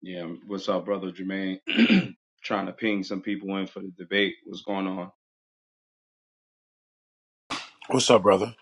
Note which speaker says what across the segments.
Speaker 1: Yeah, what's up, brother Jermaine? Trying to ping some people in for the debate. What's going on?
Speaker 2: What's up, brother?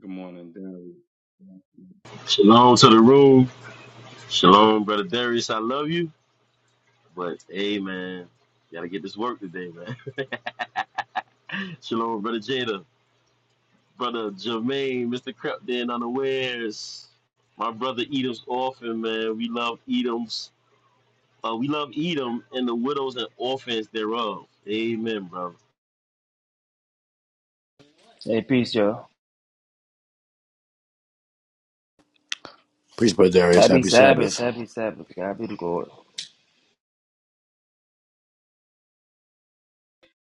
Speaker 1: Good morning, Darren.
Speaker 3: Shalom to the room. Shalom, brother Darius. I love you. But hey man, gotta get this work today, man. Shalom, brother Jada, brother Jermaine, Mr. Crept in unawares. My brother Edom's orphan, man. We love Edom's uh, we love Edom and the widows and orphans thereof. Amen, brother.
Speaker 4: Hey, peace, Joe.
Speaker 2: Peace, brother Darius.
Speaker 4: Happy
Speaker 2: Happy
Speaker 4: Sabbath.
Speaker 2: Sabbath.
Speaker 4: Happy Sabbath. God be the glory.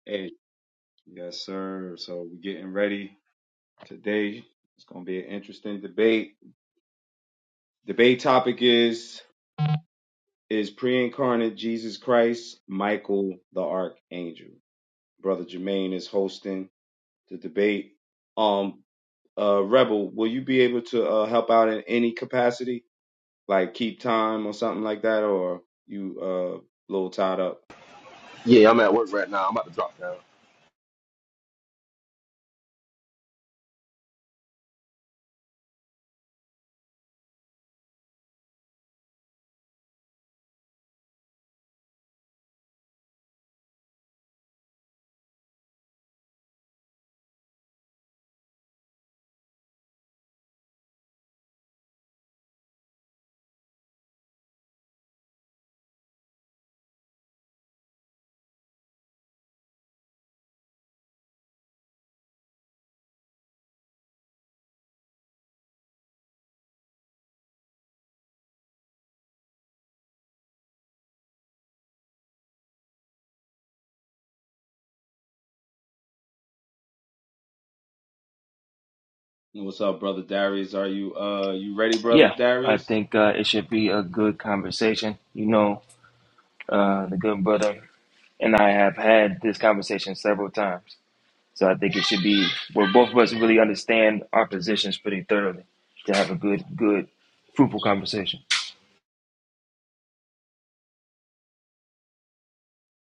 Speaker 1: Hey, yes, sir. So we're getting ready today. It's gonna be an interesting debate. Debate topic is is pre-incarnate Jesus Christ Michael the Archangel. Brother Jermaine is hosting the debate. Um, uh, Rebel, will you be able to uh, help out in any capacity? like keep time or something like that, or you uh a little tied up. What's up, brother Darius? Are you uh you ready, brother
Speaker 4: Yeah, I
Speaker 1: Darius?
Speaker 4: think uh, it should be a good conversation. You know, uh, the good brother and I have had this conversation several times. So I think it should be where both of us really understand our positions pretty thoroughly to have a good, good, fruitful conversation.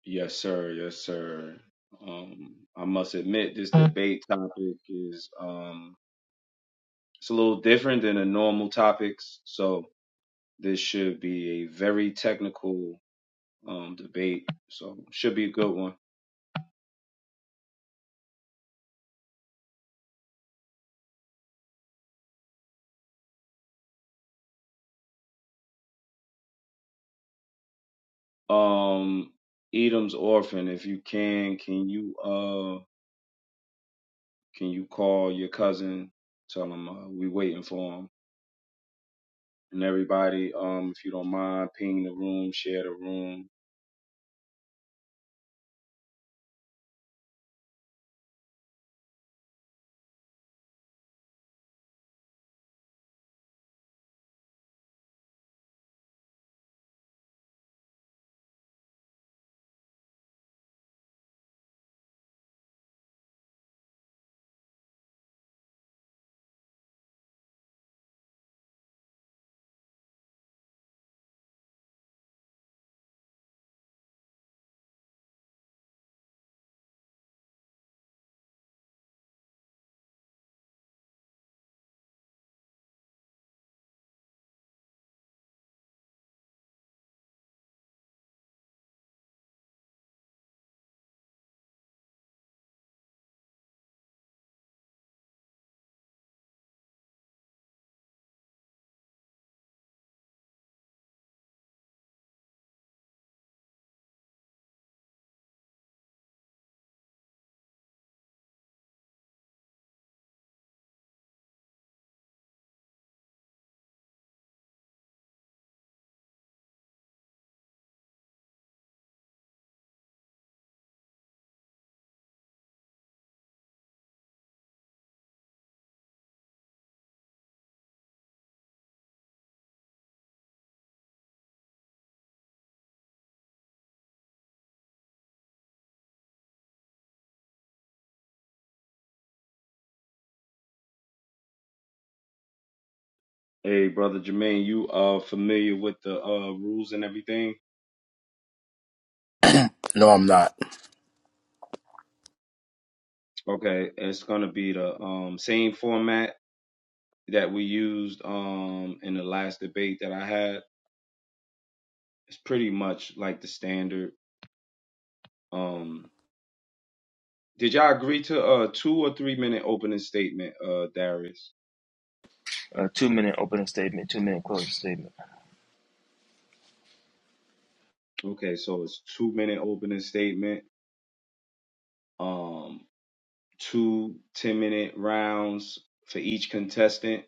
Speaker 1: Yes, sir. Yes, sir. Um, I must admit this debate topic is um it's a little different than the normal topics, so this should be a very technical um debate. So should be a good one. Um, Edom's orphan. If you can, can you uh? Can you call your cousin? Tell him uh, we waiting for him. And everybody, um, if you don't mind, ping the room, share the room. Hey, brother Jermaine, you uh familiar with the uh rules and everything?
Speaker 2: No, I'm not.
Speaker 1: Okay, it's gonna be the um same format that we used um in the last debate that I had. It's pretty much like the standard. Um, did y'all agree to a two or three minute opening statement, uh, Darius?
Speaker 4: A two minute opening statement, two minute closing statement.
Speaker 1: Okay, so it's two minute opening statement. Um, Two minute rounds for each contestant.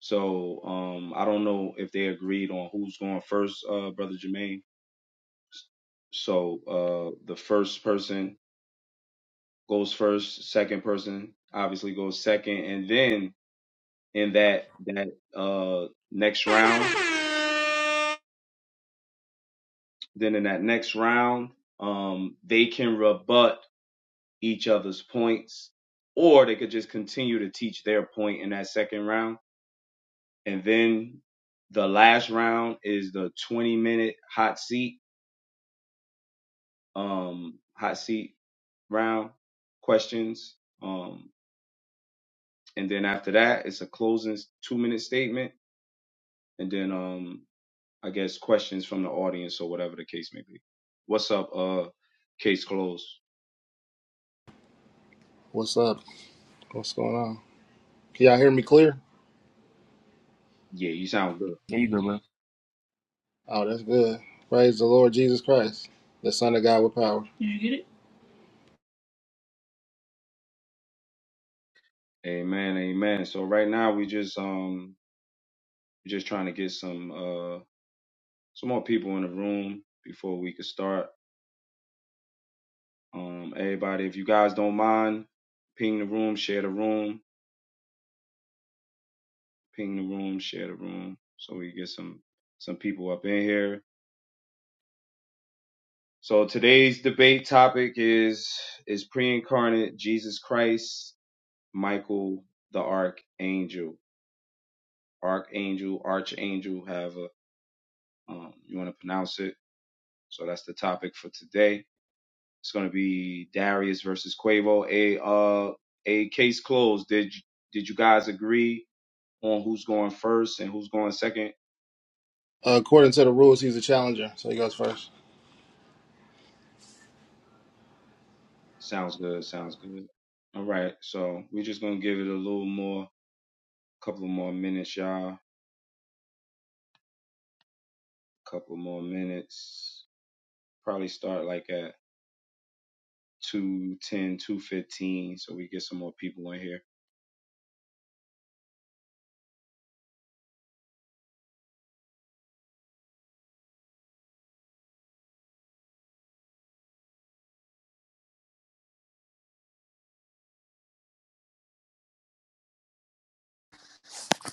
Speaker 1: So um, I don't know if they agreed on who's going first, uh, Brother Jermaine. So uh, the first person goes first, second person obviously goes second, and then in that that uh, next round, then in that next round, um, they can rebut each other's points, or they could just continue to teach their point in that second round and then the last round is the 20 minute hot seat um hot seat round questions um and then after that it's a closing two minute statement and then um i guess questions from the audience or whatever the case may be what's up uh case closed
Speaker 5: What's up? What's going on? Can y'all hear me clear?
Speaker 1: yeah you sound good
Speaker 4: There you go, man.
Speaker 5: Oh, that's good. Praise the Lord Jesus Christ, the Son of God with power.
Speaker 1: amen amen so right now we just um we're just trying to get some uh some more people in the room before we could start Um, everybody, if you guys don't mind, ping the room, share the room, ping the room, share the room, so we get some some people up in here. So today's debate topic is is pre-incarnate Jesus Christ, Michael the Archangel, Archangel, Archangel, however um, you want to pronounce it. So that's the topic for today. It's going to be Darius versus Quavo. A uh a case closed. Did did you guys agree? on who's going first and who's going second.
Speaker 5: Uh, according to the rules, he's a challenger, so he goes first.
Speaker 1: Sounds good. Sounds good. All right. So we're just gonna give it a little more, couple more minutes, y'all. Couple more minutes. Probably start like at two ten, two fifteen, so we get some more people in here.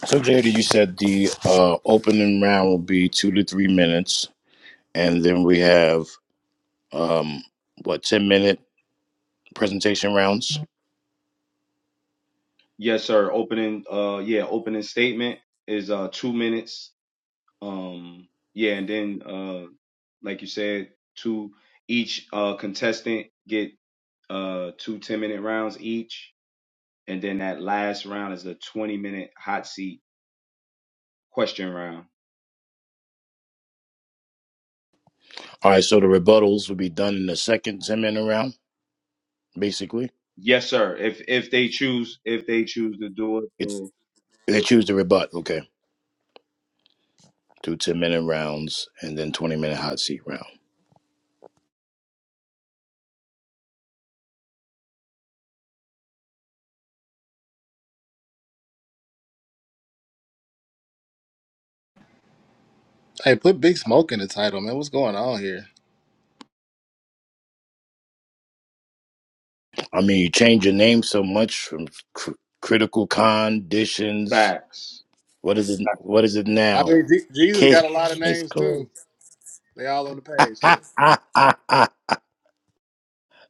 Speaker 2: So, JD, you said the uh, opening round will be two to three minutes, and then we have um, what ten minute presentation rounds.
Speaker 1: Yes, sir. Opening uh yeah, opening statement is uh two minutes. Um yeah, and then uh like you said, two each uh contestant get uh two ten minute rounds each And then that last round is a 20 minute hot seat question round.
Speaker 2: All right. So the rebuttals will be done in the second ten minute round. Basically,
Speaker 1: Yes, sir. If if they choose if they choose to do it,
Speaker 2: it's
Speaker 1: so
Speaker 2: they choose to rebut. Okay. two ten minute rounds and then 20 minute hot seat round.
Speaker 5: Hey, put Big Smoke in the title, man. What's going on here?
Speaker 2: I mean, you change your name so much from cr- critical conditions
Speaker 1: facts.
Speaker 2: What is it?
Speaker 1: Facts.
Speaker 2: What is it
Speaker 5: I
Speaker 2: now?
Speaker 5: mean, Je- Jesus
Speaker 2: Case,
Speaker 5: got a lot of
Speaker 2: case
Speaker 5: names too.
Speaker 2: closed.
Speaker 5: They all on the page too.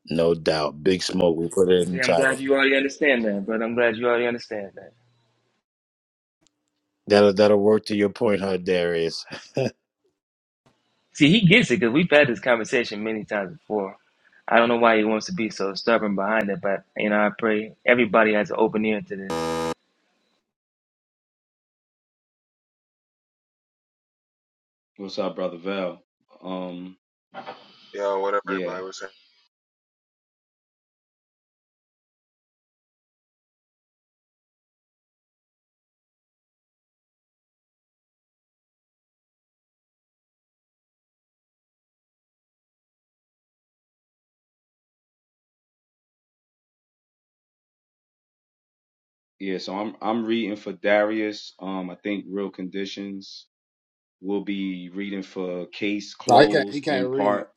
Speaker 2: no doubt. Big smoke. We put it
Speaker 4: You
Speaker 2: in
Speaker 4: see,
Speaker 2: the
Speaker 4: I'm glad
Speaker 2: title.
Speaker 4: you already understand that, brother. I'm glad you already understand that.
Speaker 2: That'll that'll work to your point, huh, Darius?
Speaker 4: See, he gets it because we've had this conversation many times before. I don't know why he wants to be so stubborn behind it, but you know, I pray everybody has an open ear to this.
Speaker 1: What's up, brother Val? Um,
Speaker 6: Yo, whatever
Speaker 1: yeah,
Speaker 6: everybody was saying.
Speaker 1: yeah. So I'm I'm reading for Darius. Um, I think real conditions. will be reading for case
Speaker 5: No, he can't. He
Speaker 1: closed
Speaker 5: can't
Speaker 1: in
Speaker 5: read.
Speaker 1: part.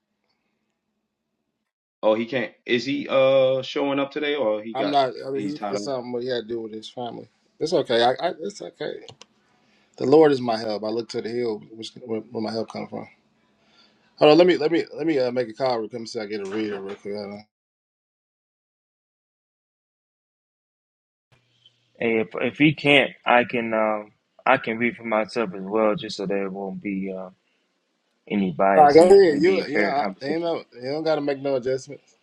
Speaker 1: Oh, he can't. Is he uh showing up today, or he
Speaker 5: I'm
Speaker 1: got
Speaker 5: not. I mean,
Speaker 1: he's
Speaker 5: he,
Speaker 1: tied up?
Speaker 5: it's something what he had to do with his family. It's okay. I, I, it's okay. The Lord is my help. I look to the hill, which where, where my help comes from. Hold on, let me let me let me uh, make a call. Real quick. Let see. I get a reader real quick. Hold on.
Speaker 4: And if if he can't, I can um, I can read for myself as well, just so there won't be uh, any
Speaker 5: All right,
Speaker 4: bias
Speaker 5: go
Speaker 4: and it will
Speaker 5: ahead.
Speaker 4: be a
Speaker 5: You you know,
Speaker 4: fair
Speaker 5: I, ain't
Speaker 4: conversation.
Speaker 5: no you don't gotta make no adjustments.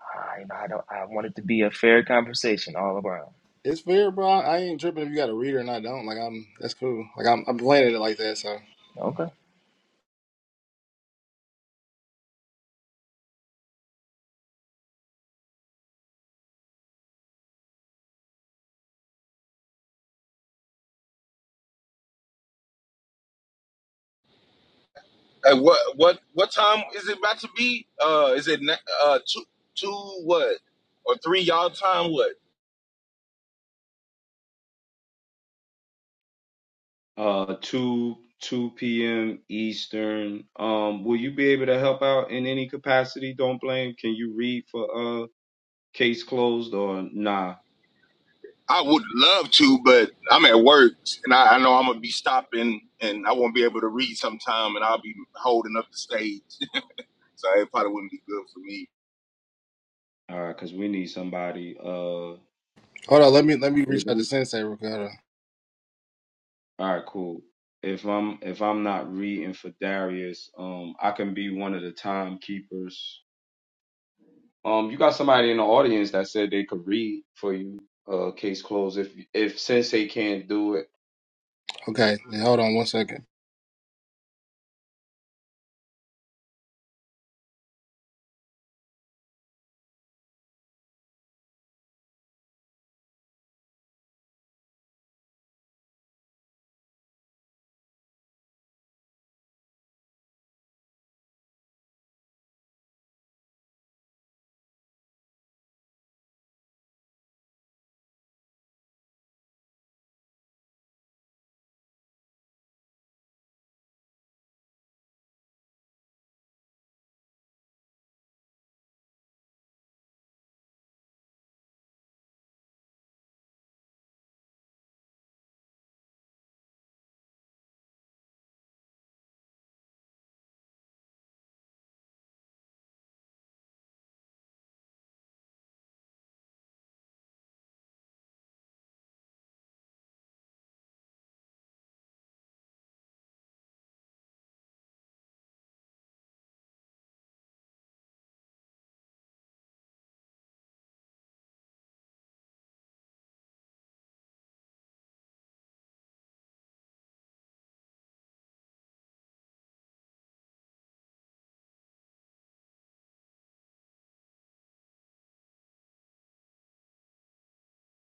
Speaker 4: I, you know, I don't. I want it to be a fair conversation all around.
Speaker 5: It's fair, bro. I ain't tripping if you got a reader and I don't. Like I'm that's cool. Like I'm I'm planning it like that. So
Speaker 4: Okay.
Speaker 7: Uh, what what what time is it about to be? Uh, is it na- uh two two what or three y'all time? What?
Speaker 1: uh 2 2 p.m. Eastern. Um will you be able to help out in any capacity? Don't blame. Can you read for uh case closed or nah?
Speaker 7: I would love to, but I'm at work and I, I know I'm gonna be stopping and I won't be able to read sometime and I'll be holding up the stage. So it probably wouldn't be good for me.
Speaker 1: All right, cuz we need somebody uh
Speaker 5: hold on. Let me let me reach
Speaker 1: if
Speaker 5: out to
Speaker 1: I'm
Speaker 5: Sensei real quick. Hold on.
Speaker 1: All right, cool. If I'm if I'm not reading for Darius, um I can be one of the timekeepers. Um you got somebody in the audience that said they could read for you uh case closed if if sensei can't do it.
Speaker 5: Okay, then hold on one second.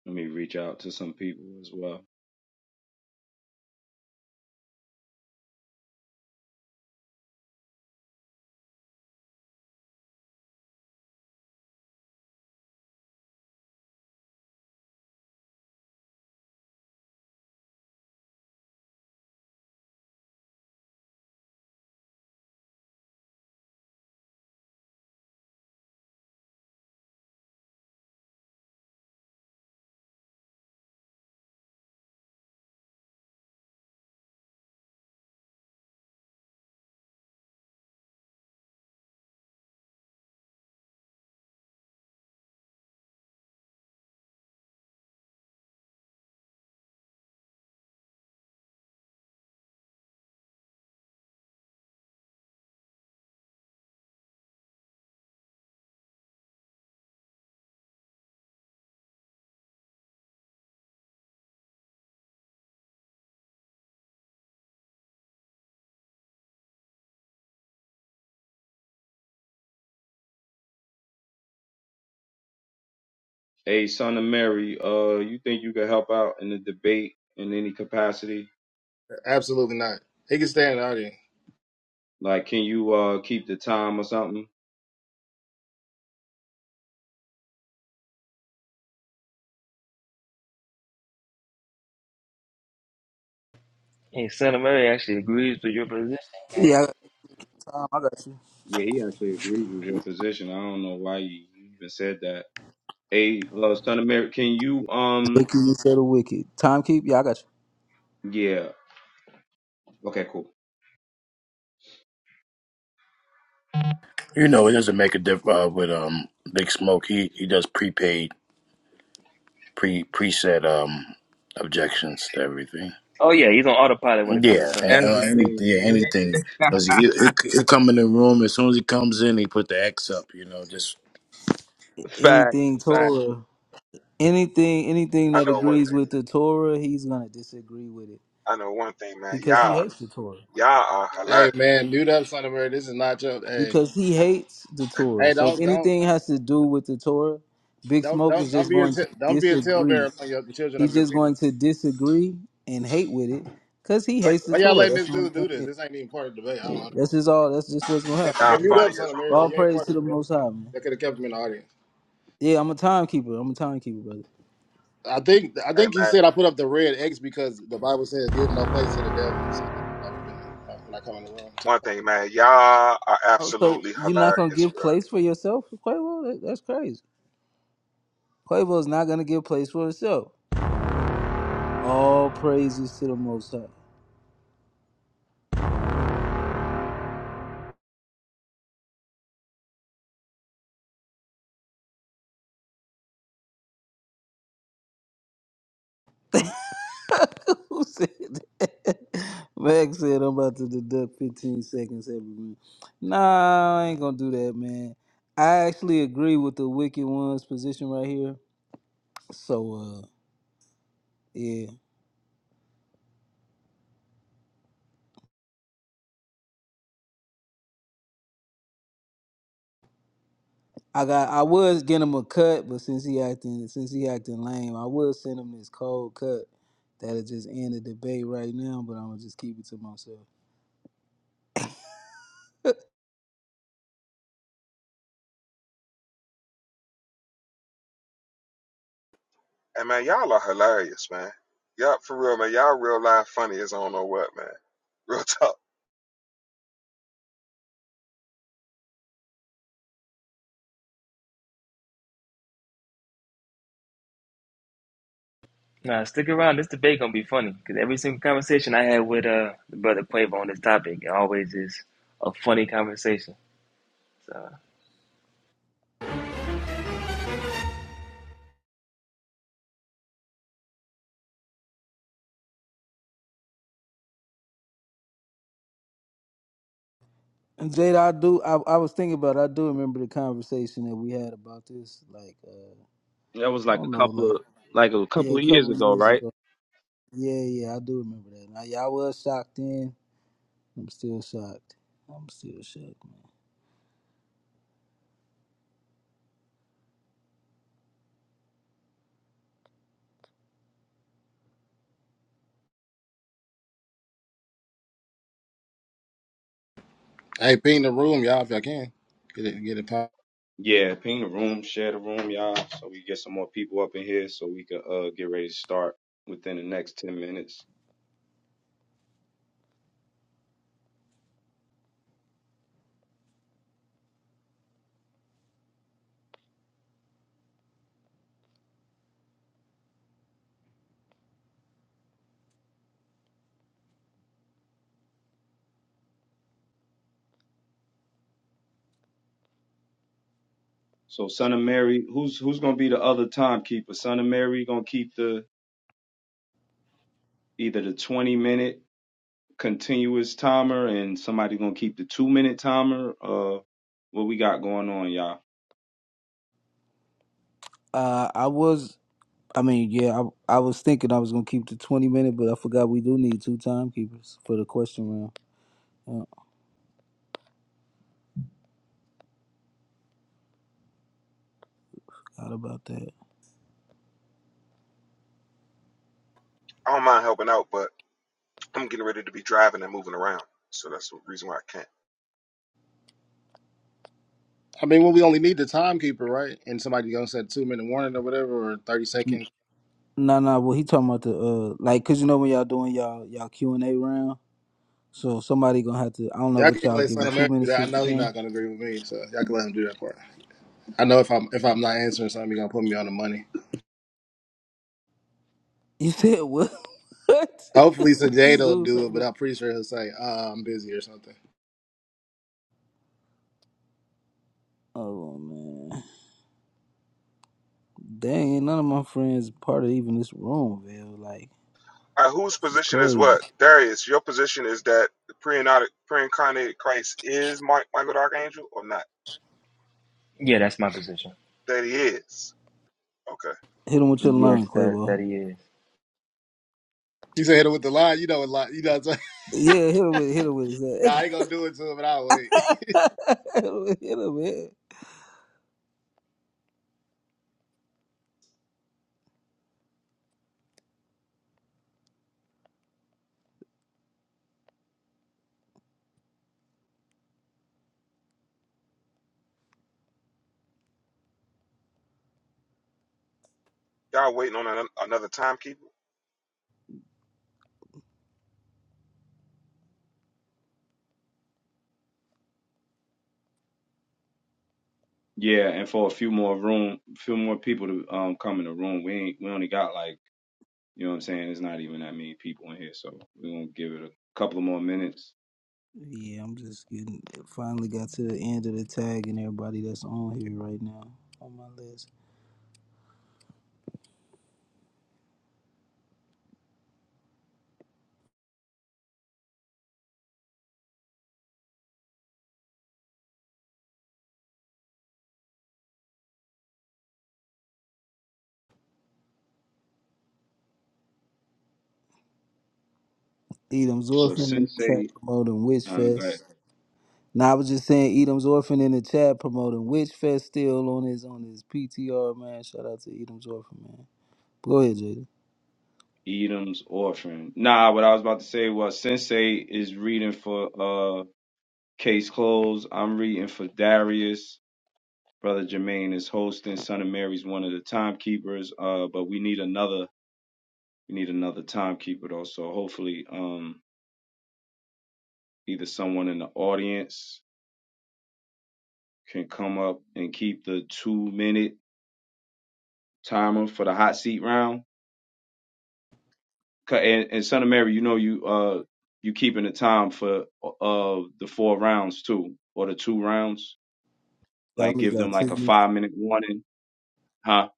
Speaker 1: Let me reach out to some people as well. Hey, son of Mary, uh, you think you could help out in the debate in any capacity?
Speaker 5: Absolutely not. He can stay in the audience.
Speaker 1: Like, can you uh keep the time or something?
Speaker 4: And Son of Mary actually agrees with your position.
Speaker 8: Yeah, I got time. I got you.
Speaker 1: Yeah, he actually agreed with your position. I don't know why you even said that. Hey, uh, son of Mary, can you um?
Speaker 8: Wicked, you said a wicked. Timekeep, yeah, I got you.
Speaker 1: Yeah. Okay. Cool.
Speaker 2: You know, it doesn't make a difference uh, with um big smoke. He he does prepaid pre preset um objections to everything.
Speaker 4: Oh yeah, he's on autopilot when it comes to
Speaker 2: Yeah,
Speaker 4: Son of
Speaker 2: a-
Speaker 4: Mary.
Speaker 2: uh, any,
Speaker 1: Everything,
Speaker 2: yeah,
Speaker 1: right?
Speaker 2: anything. Cause he, he, he come in the room as soon as he comes in, he put the X up. You know, just
Speaker 1: Fact.
Speaker 8: Anything
Speaker 1: Fact.
Speaker 8: Torah, anything, anything
Speaker 6: I
Speaker 8: that
Speaker 6: know one
Speaker 8: agrees
Speaker 6: thing.
Speaker 8: with the Torah, he's gonna disagree with it
Speaker 6: I know one thing, man.
Speaker 8: because he
Speaker 6: Y'all,
Speaker 8: hates the Torah.
Speaker 6: y'all are hilarious.
Speaker 5: Hey man, dude up, son of a. bitch. This is not your. Hey
Speaker 8: Because he hates the Torah.
Speaker 5: hey,
Speaker 8: So if
Speaker 5: don't don't.
Speaker 8: anything has to do with the Torah, Big
Speaker 5: Don't
Speaker 8: Smoke is
Speaker 5: don't don't
Speaker 8: just
Speaker 5: be a
Speaker 8: going
Speaker 5: t-
Speaker 8: to
Speaker 5: don't be a
Speaker 8: disagree.
Speaker 5: talebearer among your, the children of
Speaker 8: He's
Speaker 5: your
Speaker 8: just
Speaker 5: people.
Speaker 8: going to disagree and hate with it because he
Speaker 5: Why,
Speaker 8: hates the
Speaker 5: why y'all
Speaker 8: Torah.
Speaker 5: letting
Speaker 8: That's
Speaker 5: this
Speaker 8: the only
Speaker 5: dude
Speaker 8: thing.
Speaker 5: do
Speaker 8: It
Speaker 5: this?
Speaker 8: is.
Speaker 5: This ain't even part of the debate. I
Speaker 8: Yeah,
Speaker 5: don't.
Speaker 8: That's just all. That's just what's gonna
Speaker 5: Yeah,
Speaker 8: happen.
Speaker 5: Hey,
Speaker 6: Y'all
Speaker 5: mute
Speaker 8: Man.
Speaker 6: funny
Speaker 5: up, son
Speaker 6: as
Speaker 5: of
Speaker 6: hell.
Speaker 5: Mary.
Speaker 8: But
Speaker 5: Like
Speaker 8: all
Speaker 5: you ain't
Speaker 8: praise to
Speaker 5: funny,
Speaker 8: the
Speaker 5: bro.
Speaker 8: Most High, man.
Speaker 5: That could have kept him in the audience.
Speaker 8: Yeah, I'm a timekeeper. I'm a timekeeper, brother.
Speaker 5: I think I
Speaker 6: Hey,
Speaker 5: think he
Speaker 6: man.
Speaker 5: said I put up the red X because the Bible says give no place to the devil. So that's what I be doing like, when I come in the room.
Speaker 6: One thing, man. Y'all are
Speaker 8: Oh, so
Speaker 6: absolutely
Speaker 8: you're not gonna
Speaker 6: hilarious,
Speaker 8: give
Speaker 6: bro.
Speaker 8: place for yourself, for Quavo? That, that's crazy. Quavo's not gonna give place for himself. All praises to the Most High. Who said that? Max said I'm about to deduct 15 seconds every minute. Nah, I ain't gonna do that, man. I actually agree with the Wicked One's position right here. So, uh, yeah. I got I was getting him a cut, but since he acting since he acting lame, I will send him this cold cut. That'll just end the debate right now, but I'm gonna just keep it to myself.
Speaker 6: Hey, man. Y'all are hilarious, man. Y'all, for real, man. Y'all real life funny as I don't know what, man. Real talk.
Speaker 4: Nah, stick around. This debate gonna be funny because every single conversation I had with uh the brother Quavo on this topic, it always is a funny conversation. So
Speaker 8: And Jada, I do I, I was thinking about it, I do remember the conversation that we had about this, like uh
Speaker 1: That was
Speaker 8: I
Speaker 1: like
Speaker 8: don't
Speaker 1: a
Speaker 8: know,
Speaker 1: couple
Speaker 8: like
Speaker 1: of like a
Speaker 8: yeah,
Speaker 1: couple
Speaker 8: a
Speaker 1: of years
Speaker 8: couple
Speaker 1: ago,
Speaker 8: years
Speaker 1: right?
Speaker 8: ago. Yeah, yeah, I do remember that. Now yeah, I was shocked then. I'm still shocked. I'm still shocked, man.
Speaker 5: Hey, ping the room, y'all, if y'all can get it, get it. Pop.
Speaker 1: Yeah. Ping the room, share the room, y'all, so we get some more people up in here, so we can uh get ready to start within the next ten minutes. So Son of Mary, who's who's gonna be the other timekeeper? Son of Mary gonna keep the either the twenty minute continuous timer and somebody gonna keep the two minute timer. Uh, what we got going on, y'all?
Speaker 8: Uh I was I mean, yeah, I, I was thinking I was gonna keep the twenty minute, but I forgot we do need two timekeepers for the question round. Yeah, forgot about that.
Speaker 6: I don't mind helping out, but I'm getting ready to be driving and moving around, so that's the reason why I can't.
Speaker 5: I mean, when we only need the timekeeper, right? And somebody gonna set two minute warning or whatever, or thirty
Speaker 8: N-
Speaker 5: seconds.
Speaker 8: Nah, nah. Well, he talking about the uh, like, cause you know when y'all doing y'all y'all Q and A round, so somebody gonna have to. I don't know
Speaker 5: Y'all can
Speaker 8: what y'all
Speaker 5: let son
Speaker 8: giving
Speaker 5: of
Speaker 8: two
Speaker 5: Mary do
Speaker 8: minutes
Speaker 5: that.
Speaker 8: to
Speaker 5: I know he's not
Speaker 8: explain.
Speaker 5: gonna agree with me, so y'all can let him do that part. I know if I'm if I'm not answering something, he gonna put me on the money.
Speaker 8: You said what?
Speaker 5: Hopefully,
Speaker 8: what
Speaker 5: Sajada
Speaker 8: this
Speaker 5: will
Speaker 8: dude
Speaker 5: do
Speaker 8: said?
Speaker 5: it, but I'm pretty sure he'll say uh, I'm busy or something.
Speaker 8: Oh man, dang! Ain't none of my friends part of even this room, man. Like
Speaker 6: All right, whose
Speaker 8: this is
Speaker 6: position is
Speaker 8: crazy.
Speaker 6: what? Darius, your position is that the pre-incarnate pre-incarnated Christ is Mike, Michael the Archangel or not?
Speaker 4: yeah, that's my position.
Speaker 6: That he is. Okay.
Speaker 8: Hit him with your
Speaker 4: Yes,
Speaker 8: line,
Speaker 4: that
Speaker 8: Quavo.
Speaker 4: that he is.
Speaker 5: You said hit him with the line. You know a lot. You know. What I'm saying?
Speaker 8: Yeah, hit him with hit him with his ass.
Speaker 5: nah, I ain't gonna do it to him, but I'll wait.
Speaker 8: a little bit.
Speaker 6: Y'all waiting on an, another timekeeper?
Speaker 1: Yeah, and for a few more room, few more people to um come in the room. We ain't we only got like you know what I'm saying. It's not even that many people in here, so we're gonna give it a couple of more minutes.
Speaker 8: Yeah, I'm just getting finally got to the end of the tag and everybody that's on here right now on my list. Edom's
Speaker 1: So
Speaker 8: Orphan in the chat
Speaker 1: Sensei,
Speaker 8: promoting Witch
Speaker 1: um, got
Speaker 8: Fest. Now I was just saying Edom's Orphan in the chat promoting Witch Fest still on his on his PTR man. Shout out to Edom's Orphan man. Go ahead, Jada.
Speaker 1: Edom's orphan. Nah, what I was about to say was Sensei is reading for uh. Case closed. I'm reading for Darius. Brother Jermaine is hosting. Son of Mary's one of the timekeepers. Uh, but we need another. We need another timekeeper though. So hopefully, um, either someone in the audience can come up and keep the two minute timer for the hot seat round. And, and Son of Mary, you know you uh you keeping the time for uh the four rounds too, or the two rounds.
Speaker 8: Y'all
Speaker 1: Like
Speaker 8: only
Speaker 1: give them
Speaker 8: got two
Speaker 1: like a
Speaker 8: minutes.
Speaker 1: five minute warning, huh?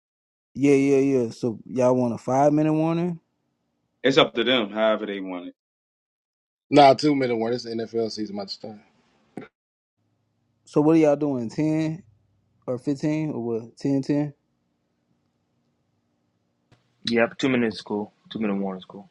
Speaker 8: Yeah, yeah, yeah. So y'all want a five minute warning?
Speaker 1: It's up to them, however they want it.
Speaker 5: Nah, two minute warning. It's the NFL season, much time.
Speaker 8: So what are y'all doing? Ten or fifteen or what? 10, 10.
Speaker 4: Yep, two minutes is cool. Two minute warning is cool.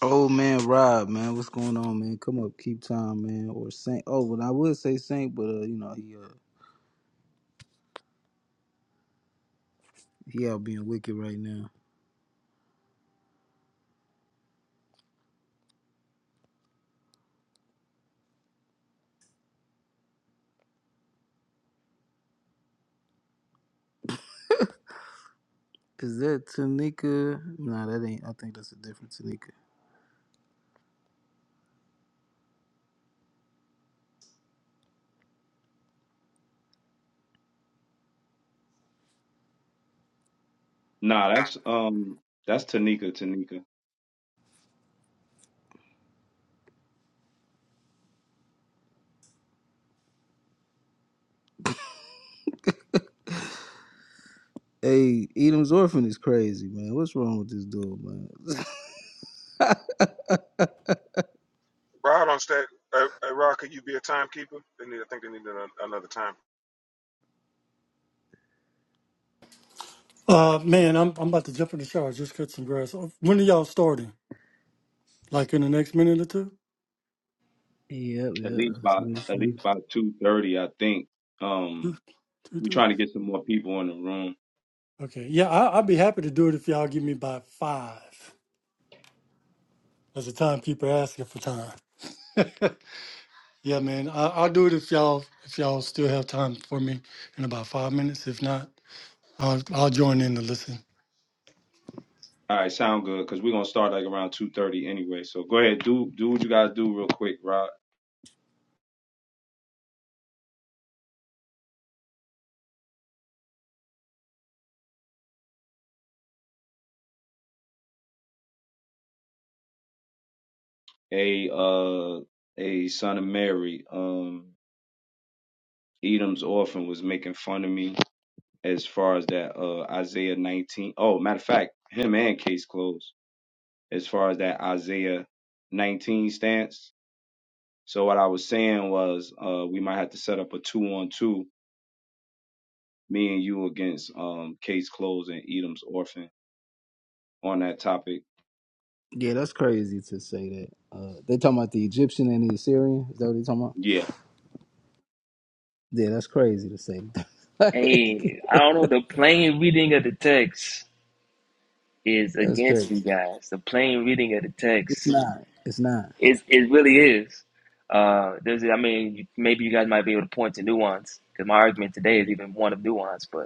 Speaker 8: Oh man, Rob, man, what's going on, man? Come up, keep time, man. Or Saint. Oh, well, I would say Saint, but uh, you know he uh he out being wicked right now. Is that Tanika? Nah, that ain't. I think that's a different Tanika.
Speaker 1: Nah, that's um that's Tanika Tanika.
Speaker 8: Hey, Edom's orphan is crazy, man. What's wrong with this dude, man?
Speaker 6: Rod on stat. Uh, uh, Rod, could you be a timekeeper? They need. I think they need an, another time.
Speaker 9: Uh, man, I'm I'm about to jump in the shower. Just cut some grass. Uh, When are y'all starting? Like in the next minute or two?
Speaker 8: Yep,
Speaker 1: At
Speaker 8: yep.
Speaker 1: least
Speaker 8: that's
Speaker 1: by
Speaker 8: what it's
Speaker 1: at
Speaker 8: saying.
Speaker 1: least by two thirty, I think. Um,
Speaker 9: Two, two,
Speaker 1: we
Speaker 9: three?
Speaker 1: trying to get some more people in the room.
Speaker 9: Okay. Yeah, I, I'd be happy to do it if y'all give me by five. As a timekeeper asking for time. Yeah, man, I, I'll do it if y'all if y'all still have time for me in about five minutes. If not, I'll I'll join in to listen.
Speaker 1: All right, sound good because we're gonna start like around two thirty anyway. So go ahead, do do what you guys do real quick, Rob. A uh a son of Mary, um, Edom's orphan was making fun of me as far as that uh Isaiah nineteen. Oh, matter of fact, him and Case Closed as far as that Isaiah nineteen stance So what I was saying was, uh, we might have to set up a two-on-two, me and you against um, Case Closed and Edom's Orphan on that topic.
Speaker 8: Yeah, that's crazy to say that. Uh, they talking about the Egyptian and the Assyrian. Is that what they talking about?
Speaker 1: Yeah.
Speaker 8: Yeah, that's crazy to say. that. Like,
Speaker 4: Hey, I don't know. The plain reading of the text is
Speaker 8: that's
Speaker 4: against
Speaker 8: crazy.
Speaker 4: you guys. The plain reading of the
Speaker 8: It's
Speaker 4: text
Speaker 8: not. It's not.
Speaker 4: is it really is. Uh, there's I mean maybe you guys might be able to point to nuance because my argument today is even one of nuance, but.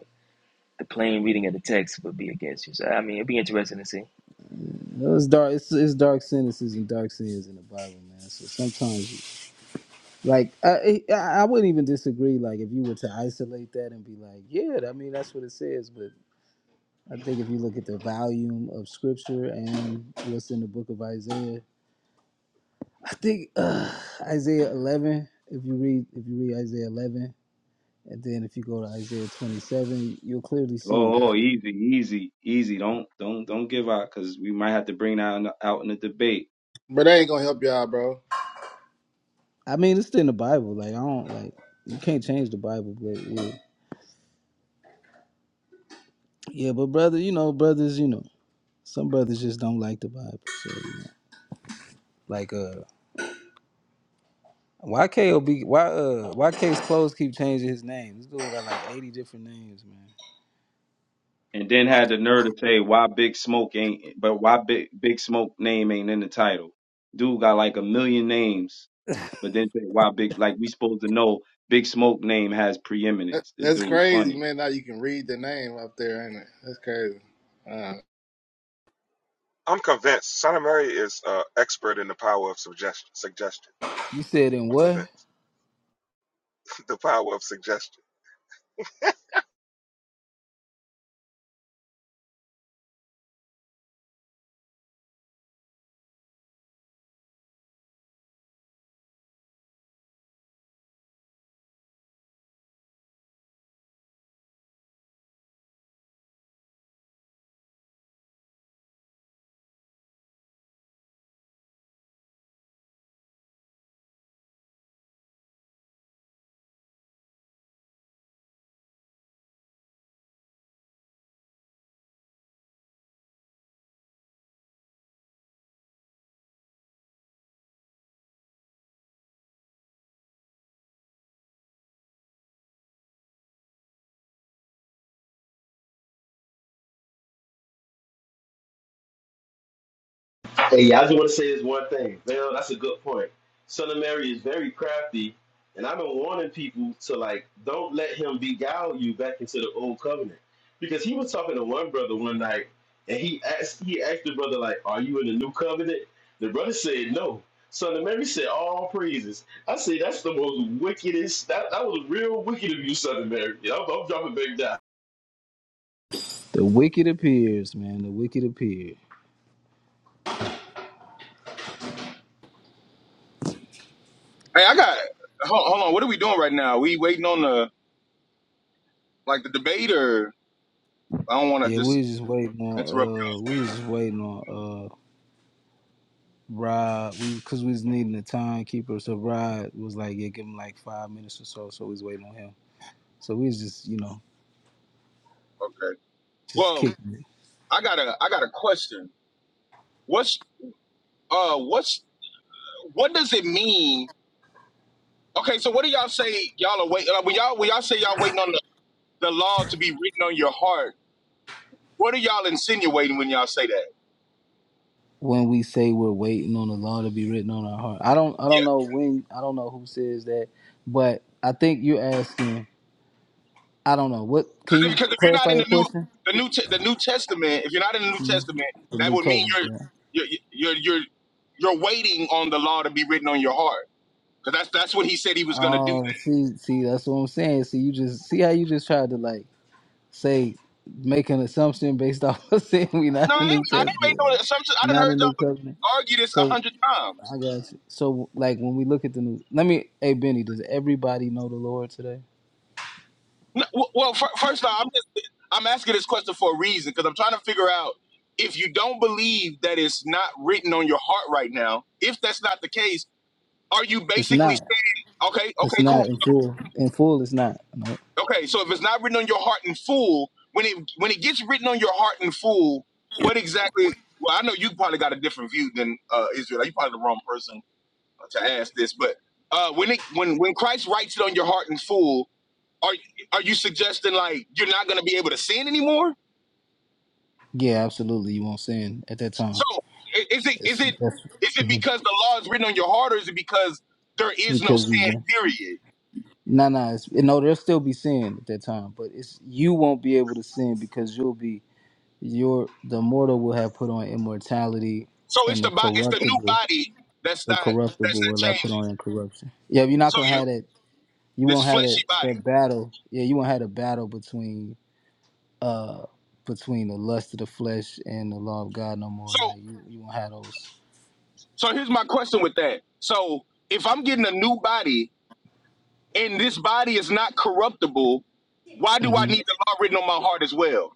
Speaker 4: the plain reading of the text would be against you. So I mean, it'd be interesting to see.
Speaker 8: No, It's dark. It's, it's dark sentences and dark sins in the Bible, man. So sometimes, you- like, I, I I wouldn't even disagree. Like, if you were to isolate that and be like, yeah, I mean, that's what it says. But I think if you look at the volume of Scripture and what's in the Book of Isaiah, I think uh, Isaiah eleven. If you read, if you read Isaiah eleven, and then if you go to Isaiah twenty seven, you'll clearly see.
Speaker 1: Oh, oh, easy, easy, easy. Don't, don't, don't give out because we might have to bring that in- the- out in the debate.
Speaker 5: But that ain't gonna help y'all, bro.
Speaker 8: I mean, it's in the Bible. Like, I don't like you can't change the Bible, but yeah, yeah. But brother, you know, brothers, you know. Some brothers just don't like the Bible. So, you know. Like uh why KOB why uh why K's clothes keep changing his name? This dude got like 80 different names, man.
Speaker 1: And then had the nerve to say why Big Smoke ain't, but why Big Big Smoke name ain't in the title? Dude got like a million names, but then say why Big like we supposed to know Big Smoke name has
Speaker 5: That-
Speaker 1: preeminence. The
Speaker 5: That's
Speaker 1: dude
Speaker 5: crazy,
Speaker 1: funny.
Speaker 5: man. Now you can read the name up there, ain't it? That's crazy. Uh,
Speaker 6: I'm convinced. Son of Mary is uh, expert in the power of suggestion. Suggestion.
Speaker 8: You said in
Speaker 6: I'm
Speaker 8: what?
Speaker 6: convinced. the power of suggestion.
Speaker 3: Hey, I just want to say this one thing. Well, that's a good point. Son of Mary is very crafty, and I've been warning people to like don't let him beguile you back into the old covenant because he was talking to one brother one night, and he asked he asked the brother like, "Are you in the new covenant?" The brother said no. Son of Mary said, "All praises." I say that's the most wickedest. That that was real wicked of you, Son of Mary. I'm, I'm dropping back down.
Speaker 8: The Wicked Appears, man. The Wicked Appears.
Speaker 7: Hey, I got hold, hold on, what are we doing right now? We waiting on the like the debate or I don't wanna
Speaker 8: Yeah, we
Speaker 7: just
Speaker 8: was just waiting on
Speaker 7: interrupt
Speaker 8: uh we was
Speaker 7: y'all.
Speaker 8: just waiting on uh Rod we cause we was needing a timekeeper, so Rod was like, Yeah, give him like five minutes or so, so we was waiting on him. So we was just, you know,
Speaker 7: Okay.
Speaker 8: just
Speaker 7: Well,
Speaker 8: kicking.
Speaker 7: I got a I got a question. What's uh what's what does it mean Okay, so what do y'all say? Y'all are waiting. Like, when y'all when y'all say y'all waiting on the, the law to be written on your heart, what are y'all insinuating when y'all say that?
Speaker 8: when we say we're waiting on the law to be written on our heart. I don't I
Speaker 7: Yeah,
Speaker 8: don't know when I don't know who says that, but I think you're asking I don't know what can
Speaker 7: because if,
Speaker 8: you
Speaker 7: 'cause if you're not
Speaker 8: clarify
Speaker 7: in
Speaker 8: your
Speaker 7: the new
Speaker 8: question?
Speaker 7: the new Te- the New Testament, if you're not in the New Testament,
Speaker 8: The
Speaker 7: that
Speaker 8: new
Speaker 7: would mean
Speaker 8: covenant,
Speaker 7: you're
Speaker 8: yeah.
Speaker 7: you're you're you're, you're waiting on the law to be written on your heart. Because that's that's what he said he was gonna do. That.
Speaker 8: Oh, see, see, that's what I'm saying. See, you just see how you just tried to like say make an assumption based off of saying we
Speaker 7: No,
Speaker 8: not
Speaker 7: I
Speaker 8: the
Speaker 7: ain't,
Speaker 8: New
Speaker 7: I ain't made
Speaker 8: Testament,
Speaker 7: no assumptions. I done
Speaker 8: not
Speaker 7: heard
Speaker 8: a new
Speaker 7: y'all
Speaker 8: covenant.
Speaker 7: argue this a
Speaker 8: So
Speaker 7: hundred times.
Speaker 8: I got you. So like when we look at the new, let me, hey Benny, does everybody know the Lord today?
Speaker 7: No, w- well, fir- first off, I'm just I'm asking this question for a reason because I'm trying to figure out if you don't believe that it's not written on your heart right now. If that's not the case, are you
Speaker 8: It's
Speaker 7: basically
Speaker 8: not.
Speaker 7: saying, okay,
Speaker 8: It's
Speaker 7: okay, cool,
Speaker 8: not in full. In full, it's not. No.
Speaker 7: okay? So if it's not written on your heart in full, when it when it gets written on your heart in full, what exactly? Well, I know you probably got a different view than uh, Israel. You probably the wrong person to ask this, but uh, when it when when Christ writes it on your heart in full, are are you suggesting like you're not going to be able to sin anymore?
Speaker 8: Yeah, absolutely. You won't sin at that time.
Speaker 7: So i- is it is
Speaker 8: It's
Speaker 7: it
Speaker 8: that's it's
Speaker 7: is it because the law is written on your heart, or is it because there is no
Speaker 8: because you've
Speaker 7: sin?
Speaker 8: been.
Speaker 7: Period.
Speaker 8: No, no, it's, no. There'll still be sin at that time, but it's you won't be able to sin because you'll be your the mortal will have put on immortality,
Speaker 7: So it's
Speaker 8: and
Speaker 7: the
Speaker 8: the
Speaker 7: body, it's the new
Speaker 8: corruptible,
Speaker 7: body that's
Speaker 8: the
Speaker 7: not that's
Speaker 8: corruptible
Speaker 7: not
Speaker 8: will have put
Speaker 7: changing.
Speaker 8: on incorruption. Yeah, you're not
Speaker 7: So
Speaker 8: gonna
Speaker 7: you
Speaker 8: have that. You
Speaker 7: this
Speaker 8: won't have
Speaker 7: fleshy
Speaker 8: that
Speaker 7: body.
Speaker 8: that battle. Yeah, you won't have a battle between uh between the lust of the flesh and the law of God no more.
Speaker 7: So
Speaker 8: Like you, you won't have those.
Speaker 7: so here's my question with that. So if I'm getting a new body and this body is not corruptible, why do I
Speaker 8: hmm
Speaker 7: need the law written on my heart as well?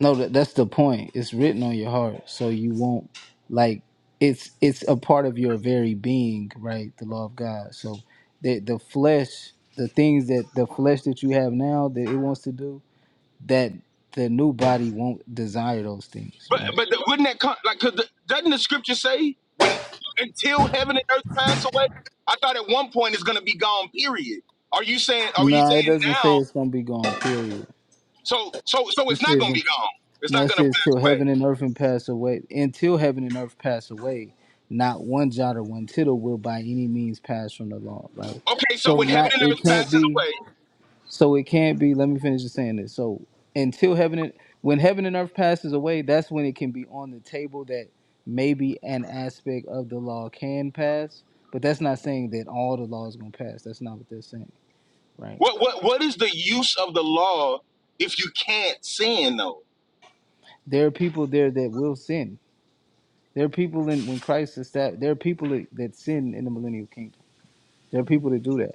Speaker 8: No, that, that's the point. It's written on your heart, so you won't like it's it's a part of your very being, right? The law of God. So the the flesh, the things that the flesh that you have now that it wants to do, that the new body won't desire those things,
Speaker 7: But
Speaker 8: right?
Speaker 7: but the, wouldn't that come like? Cause the, doesn't the scripture say when until heaven and earth pass away? I thought at one point it's gonna be gone. Period. Are you saying? Are you
Speaker 8: No,
Speaker 7: saying
Speaker 8: it doesn't
Speaker 7: now?
Speaker 8: say it's gonna be gone. Period.
Speaker 7: So so so
Speaker 8: It
Speaker 7: it's not
Speaker 8: says
Speaker 7: gonna be gone. It's
Speaker 8: No,
Speaker 7: not
Speaker 8: it
Speaker 7: gonna
Speaker 8: says till
Speaker 7: pass away.
Speaker 8: heaven and earth and pass away. Until heaven and earth pass away, not one jot or one tittle will by any means pass from the law. Right.
Speaker 7: Okay. So
Speaker 8: So
Speaker 7: when heaven
Speaker 8: not
Speaker 7: and earth
Speaker 8: it can't
Speaker 7: passes
Speaker 8: be.
Speaker 7: away,
Speaker 8: So it can't be. Let me finish just saying this. So until heaven and when heaven and earth passes away, that's when it can be on the table that maybe an aspect of the law can pass. But that's not saying that all the law is gonna pass. That's not what they're saying. Right.
Speaker 7: what what what is the use of the law if you can't sin though?
Speaker 8: There are people there that will sin There are people in when Christ is that there are people that, that sin in the millennial kingdom. There are people that do that.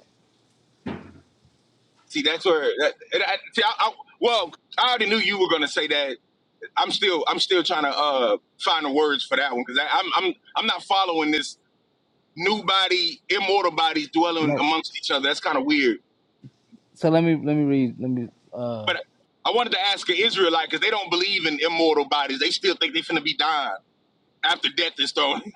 Speaker 7: See, that's where. That, and I, see, I, I, well, I already knew you were gonna say that. I'm still I'm still trying to uh find the words for that one because I'm I'm I'm not following this new body, immortal bodies dwelling
Speaker 8: No.
Speaker 7: amongst each other. That's kind of weird.
Speaker 8: So let me let me read let me uh
Speaker 7: But I wanted to ask an Israelite because they don't believe in immortal bodies. They still think they're finna be dying after death is thrown.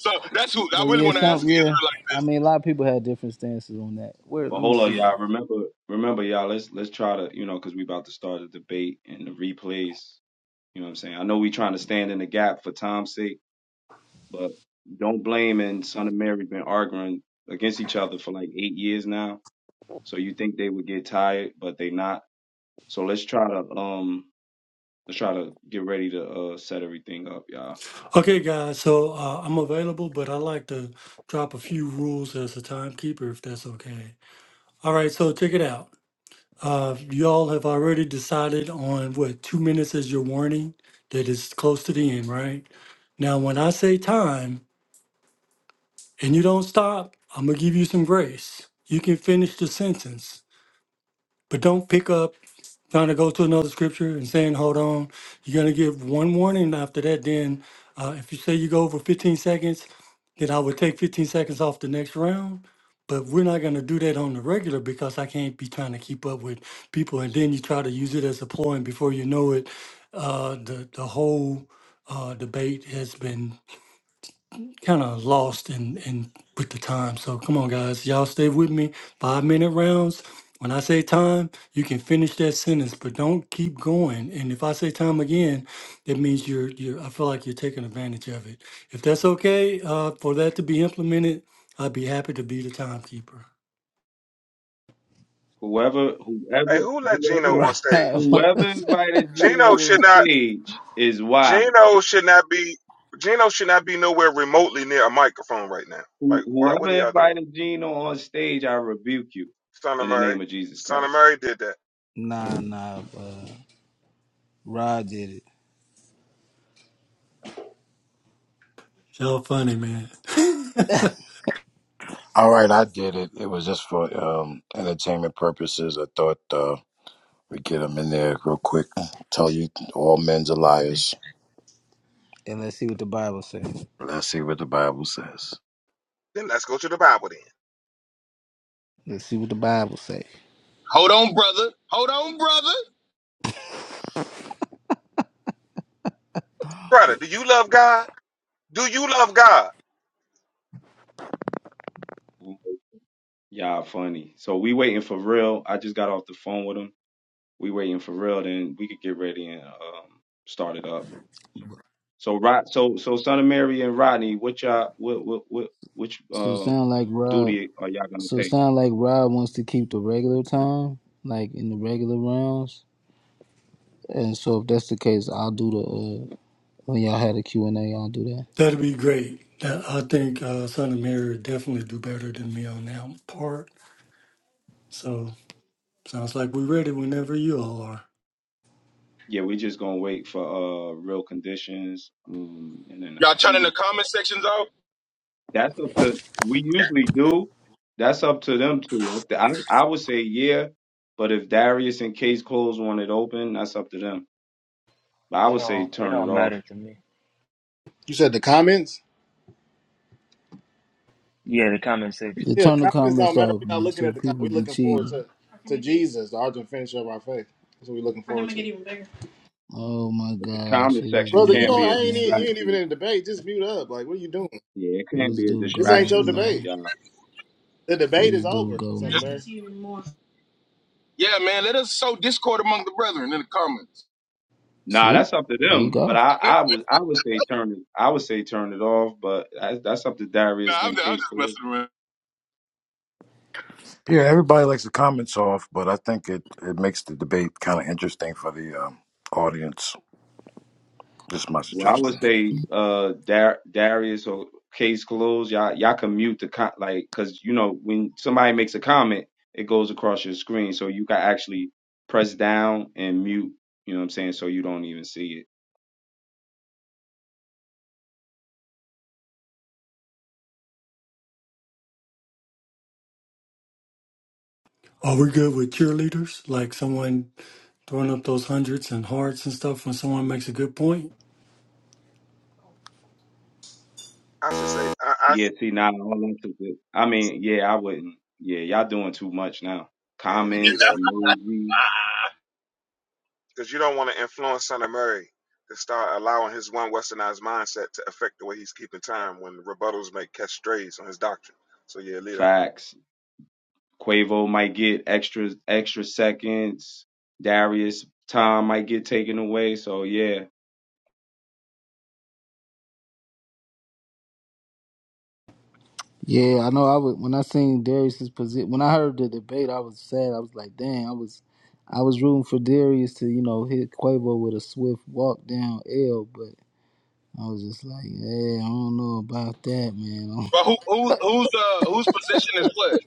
Speaker 7: So that's who I
Speaker 8: well
Speaker 7: really
Speaker 8: yeah
Speaker 7: want to ask an
Speaker 8: some yeah
Speaker 7: Israelite.
Speaker 8: I mean a lot of people had different stances on that. Where
Speaker 1: But
Speaker 8: let me
Speaker 1: hold on,
Speaker 8: see.
Speaker 1: y'all. Remember, remember, y'all. Let's let's try to, you know, because we about to start a debate and the replays. You know what I'm saying? I know we trying to stand in the gap for time's sake, but don't blame and Son of Mary been arguing against each other for like eight years now. So you think they would get tired, but they not. So let's try to um, let's try to get ready to uh set everything up, y'all.
Speaker 9: Okay, guys. So uh, I'm available, but I like to drop a few rules as a timekeeper, if that's okay. All right. So check it out. Uh, y'all have already decided on what two minutes as your warning that is close to the end, right? Now, when I say time and you don't stop, I'm gonna give you some grace. You can finish the sentence, but don't pick up trying to go to another scripture and saying, hold on, you're going to give one warning after that. Then, uh, if you say you go over 15 seconds, then I would take 15 seconds off the next round. But we're not going to do that on the regular because I can't be trying to keep up with people. And then you try to use it as a ploy, and before you know it, uh, the, the whole uh, debate has been kind of lost and and with the time. So come on, guys, y'all stay with me. Five minute rounds. When I say time, you can finish that sentence, but don't keep going. And if I say time again, that means you're you're. I feel like you're taking advantage of it. If that's okay uh, for that to be implemented, I'd be happy to be the timekeeper.
Speaker 1: Whoever, whoever,
Speaker 6: Hey, who let Gino
Speaker 1: whoever,
Speaker 6: on
Speaker 8: Rod, nah
Speaker 6: stage?
Speaker 1: whoever invited Gino
Speaker 6: Gino
Speaker 1: on
Speaker 6: should not.
Speaker 1: stage is wild.
Speaker 6: Gino should not be. Gino should not be nowhere remotely near a microphone right now.
Speaker 1: Who,
Speaker 6: Like, why would he
Speaker 1: whoever
Speaker 6: do?
Speaker 1: invited Gino on stage, I rebuke you
Speaker 6: Son of
Speaker 1: in the
Speaker 6: Mary.
Speaker 1: name of Jesus
Speaker 6: Son of
Speaker 1: Christ.
Speaker 6: Mary did that.
Speaker 8: nah uh, Rod did it.
Speaker 9: Y'all funny man.
Speaker 2: all right. I did it. It was just for um entertainment purposes. I thought. We get them in there real quick. Tell you all men's are liars.
Speaker 8: And let's see what the Bible says.
Speaker 2: Let's see what the Bible says.
Speaker 6: Then let's go to the Bible. Then,
Speaker 8: Let's see what the Bible says.
Speaker 7: Hold on, brother. Hold on, brother.
Speaker 6: brother, do you love God? Do you love God?
Speaker 1: Y'all funny. So we waiting for real. I just got off the phone with him. We waiting for real. Then we could get ready and um, start it up. So Rod, so so son of Mary and Rodney, what y'all, what what what which
Speaker 8: So it
Speaker 1: um
Speaker 8: sound like Rob.
Speaker 1: duty are y'all gonna
Speaker 8: So it
Speaker 1: take?
Speaker 8: sound like Rob wants to keep the regular time, like in the regular rounds. And so if that's the case, I'll do the. uh, When y'all had a Q and a y'all do that.
Speaker 9: That'd be great. That- I think uh, Son of Mary would definitely do better than me on that part. So sounds like we're ready whenever you all are.
Speaker 1: Yeah, we just gonna wait for uh real conditions. Um, and then
Speaker 7: Y'all turning the comment sections off?
Speaker 1: that's up to we usually do. That's up to them too. I, I I would say yeah, but if Darius and Case Close want it open, that's up to them. But I
Speaker 4: It
Speaker 1: would say
Speaker 4: don't it
Speaker 1: turn it
Speaker 4: don't
Speaker 1: off.
Speaker 4: matter to me.
Speaker 5: you said the comments.
Speaker 4: Yeah, the comment section.
Speaker 8: Yeah,
Speaker 5: Yeah, the
Speaker 8: turn the
Speaker 5: comments don't
Speaker 8: comments
Speaker 5: matter.
Speaker 8: off,
Speaker 5: We're not
Speaker 8: man,
Speaker 5: looking
Speaker 8: so
Speaker 5: at the comments.
Speaker 8: people
Speaker 5: We're
Speaker 8: be
Speaker 5: looking forward
Speaker 8: cheating.
Speaker 5: to to Jesus, the ultimate finisher of our faith. That's what we're looking forward to. Even bigger.
Speaker 8: Oh my
Speaker 1: But the
Speaker 8: gosh,
Speaker 1: comment
Speaker 8: here this
Speaker 1: section
Speaker 5: Brother,
Speaker 8: dude
Speaker 5: you
Speaker 1: can't
Speaker 5: don't,
Speaker 8: go,
Speaker 1: be a
Speaker 5: I ain't even,
Speaker 8: man.
Speaker 5: you ain't even
Speaker 1: distraction.
Speaker 5: in a debate. Just mute up. Like, what are you doing?
Speaker 1: Yeah, it
Speaker 8: Here
Speaker 1: can't
Speaker 8: this
Speaker 1: be a
Speaker 8: dude
Speaker 5: This ain't
Speaker 8: goes,
Speaker 5: your
Speaker 1: distraction on
Speaker 5: debate.
Speaker 8: man.
Speaker 1: y'all.
Speaker 5: The
Speaker 8: Here
Speaker 5: debate
Speaker 8: this
Speaker 5: is
Speaker 8: dude
Speaker 5: over.
Speaker 8: go,
Speaker 5: Son of Mary.
Speaker 8: man.
Speaker 7: Yeah, man. Let us sow discord among the brethren in the comments.
Speaker 1: Nah,
Speaker 8: See?
Speaker 1: that's up to
Speaker 8: There you
Speaker 1: them. But
Speaker 8: go.
Speaker 1: I
Speaker 7: nah,
Speaker 1: I would I would say turn it I would say turn it off. But that's that's up to Darius
Speaker 7: I'm, I'm
Speaker 1: and
Speaker 7: just
Speaker 1: Case Close.
Speaker 7: messing around.
Speaker 2: Yeah, everybody likes the comments off, but I think it, it makes the debate kind of interesting for the um, audience. Just my
Speaker 1: Well, I would
Speaker 2: suggestion.
Speaker 1: say uh Dar- Darius or case closed. Y'all y'all can mute the con- like because you know when somebody makes a comment, it goes across your screen, so you can actually press down and mute. You know what I'm saying? So you don't even see it.
Speaker 9: Are we good with cheerleaders? Like someone throwing up those hundreds and hearts and stuff when someone makes a good point?
Speaker 6: I should say, I, I
Speaker 1: Yeah. See now, all them took it. I mean, yeah, I wouldn't. Yeah, y'all doing too much now.
Speaker 6: yeah, leave
Speaker 1: Comments,
Speaker 6: that
Speaker 1: emoji,
Speaker 6: because you don't want to influence Son of Mary to start allowing his one westernized mindset to affect the way he's keeping time when rebuttals may catch strays on his doctrine. So yeah, leave that.
Speaker 1: facts. Quavo might get extra extra seconds. Darius time might get taken away. So yeah.
Speaker 8: Yeah, I know. I was when I seen Darius's position. When I heard the debate, I was sad. I was like, "Damn!" I was, I was rooting for Darius to, you know, hit Quavo with a swift walk down L. But I was just like, "Yeah, I don't know about that, man."
Speaker 7: But who, who, who's uh, whose position is what?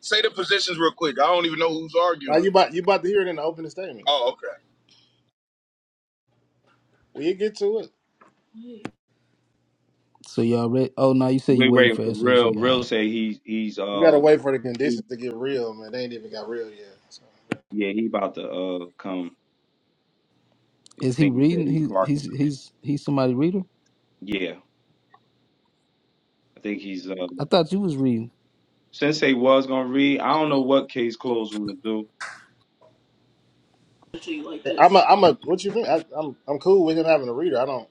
Speaker 7: Say the positions real quick. I don't even know who's
Speaker 5: Now you
Speaker 7: arguing.
Speaker 5: about you about to hear it in the opening statement.
Speaker 7: Oh, okay.
Speaker 5: We'll get to it.
Speaker 8: so y'all ready? Oh no, you said you
Speaker 1: We
Speaker 8: waiting
Speaker 1: waiting
Speaker 8: for
Speaker 1: for real. Real
Speaker 8: SOG.
Speaker 1: say he's he's
Speaker 5: We gotta
Speaker 1: uh
Speaker 5: wait for the
Speaker 1: he,
Speaker 5: conditions to get real, man. They ain't even got real yet. So.
Speaker 1: yeah he about to uh come. I
Speaker 8: Is he
Speaker 1: think he said
Speaker 8: reading?
Speaker 1: he
Speaker 8: He he's
Speaker 1: parking.
Speaker 8: he's he's somebody reader.
Speaker 1: Yeah, I think he's uh
Speaker 8: I thought you was reading.
Speaker 1: Sensei was gonna read. I don't know what case closed want to do.
Speaker 5: I'm a, I'm a. What you mean? I, I'm I'm cool with him having a reader. I don't.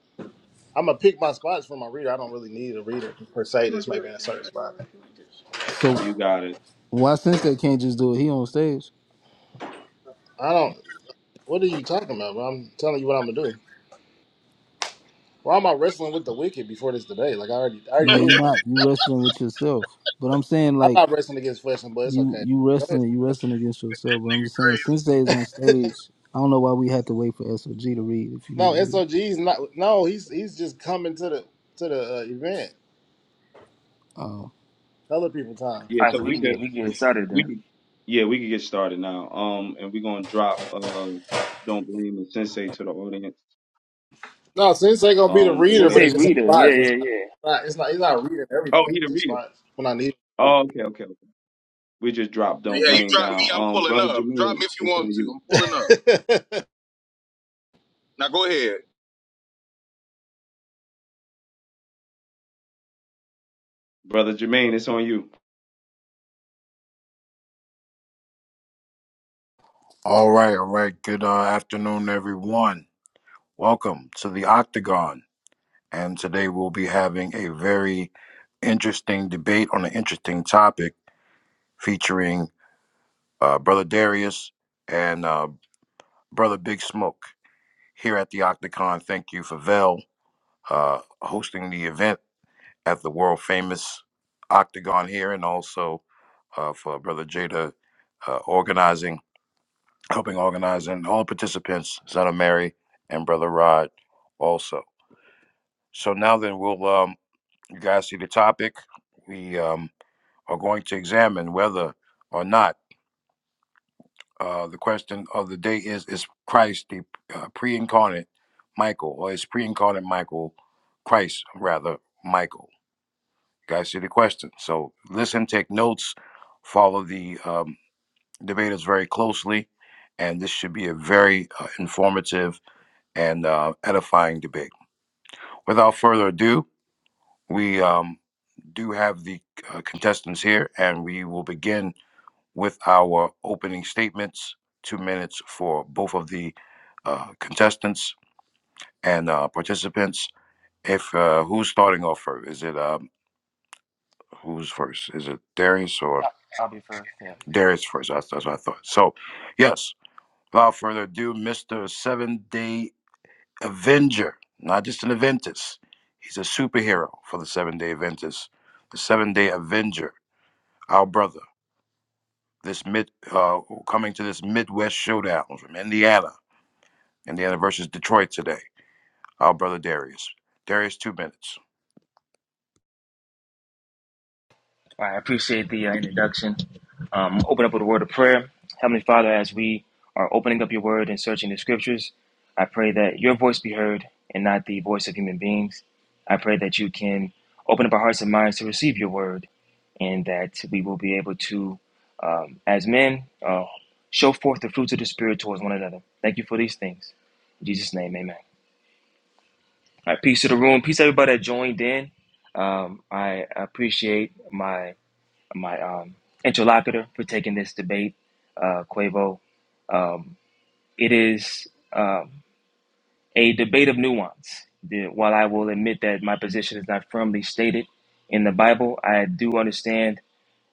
Speaker 5: I'm gonna pick my spots for my reader. I don't really need a reader per se. That's maybe in a certain spot.
Speaker 8: So
Speaker 1: You got it.
Speaker 8: why since they can't just do it? He on stage.
Speaker 5: I don't. What are you talking about? Bro? I'm telling you what I'm gonna do. Why am I wrestling with the wicked before this debate? Like I already, I already
Speaker 8: Now
Speaker 5: did
Speaker 8: you
Speaker 5: that.
Speaker 8: not you wrestling with yourself. But I'm saying
Speaker 5: I'm
Speaker 8: like
Speaker 5: not wrestling against flesh and blood. It's
Speaker 8: you
Speaker 5: okay.
Speaker 8: you
Speaker 5: Go ahead.
Speaker 8: wrestling you wrestling against yourself. But I'm just saying since they is on stage, I don't know why we had to wait for SOG to read if you need
Speaker 5: No,
Speaker 8: to read.
Speaker 5: SOG's not. No, he's he's just coming to the to the uh, event.
Speaker 8: Um,
Speaker 5: Color people time.
Speaker 1: Yeah,
Speaker 4: All right,
Speaker 1: so
Speaker 4: so we
Speaker 1: we
Speaker 4: can
Speaker 1: could
Speaker 4: get we can get started
Speaker 1: we
Speaker 4: then.
Speaker 1: could yeah we could get started now. Um, and we're gonna drop uh don't blame the Sensei to the audience.
Speaker 5: No, Sensei gonna be the
Speaker 1: Um, but
Speaker 4: So
Speaker 5: reader, but
Speaker 1: yeah.
Speaker 4: say
Speaker 5: it's just in
Speaker 4: reader. Yeah,
Speaker 5: spots. It's
Speaker 4: yeah,
Speaker 5: not.
Speaker 4: yeah.
Speaker 5: It's not. It's not he's not reading
Speaker 1: Oh,
Speaker 5: everything.
Speaker 1: he
Speaker 5: It's
Speaker 1: the
Speaker 5: in
Speaker 1: reader.
Speaker 5: spots when I need
Speaker 1: Oh, okay, okay. We just dropped don't
Speaker 7: Yeah, you
Speaker 1: blame
Speaker 7: drop me,
Speaker 1: down.
Speaker 7: I'm
Speaker 1: Um,
Speaker 7: pulling
Speaker 1: brother
Speaker 7: up. Drop
Speaker 1: Jermaine,
Speaker 7: me if you
Speaker 1: it's
Speaker 7: want
Speaker 1: on
Speaker 7: to.
Speaker 1: you.
Speaker 7: I'm pulling up.
Speaker 5: it.
Speaker 7: Now go ahead.
Speaker 1: Brother Jermaine, it's on you.
Speaker 2: All right, all right. Good uh, afternoon, everyone. Welcome to the Octagon. And today we'll be having a very interesting debate on an interesting topic featuring uh, Brother Darius and uh, Brother Big Smoke. here at the Octagon. Thank you for Vel uh, hosting the event at the world famous Octagon here, and also uh, for Brother Jada uh, organizing, helping organize, and all participants, Son of Mary and Brother Rod also. So now then, we'll um, you guys see the topic. We um, are going to examine whether or not. Uh, the question of the day is Is Christ the uh, pre incarnate Michael, or is pre incarnate Michael Christ, rather, Michael? You guys see the question. So listen, take notes, follow the um, debaters very closely, and this should be a very uh, informative and uh, edifying debate. Without further ado, we um, do have the uh, contestants here, and we will begin with our opening statements, two minutes for both of the uh, contestants and uh, participants. If uh, who's starting off first? Is it um, who's first? Is it Darius or
Speaker 4: I, I'll be first. Yeah.
Speaker 2: Darius first? That's, that's what I thought. So, yes. Without further ado, Mister Seven Day Avenger, not just an Aventus. He's a superhero for the Seven Day Aventus, the Seven Day Avenger, our brother. This mid uh, coming to this Midwest showdown from Indiana Indiana versus Detroit today. Our brother Darius. Darius, two minutes.
Speaker 4: I appreciate the uh, introduction. Um, open up with a word of prayer. Heavenly Father, as we are opening up your word and searching the scriptures, I pray that your voice be heard and not the voice of human beings. I pray that you can open up our hearts and minds to receive your word and that we will be able to, um, as men, uh, show forth the fruits of the Spirit towards one another. Thank you for these things. In Jesus' name, amen. All right, peace to the room. Peace to everybody that joined in. Um, I appreciate my my um, interlocutor for taking this debate, uh, Quavo. Um, it is um, a debate of nuance. The, while I will admit that my position is not firmly stated in the Bible, I do understand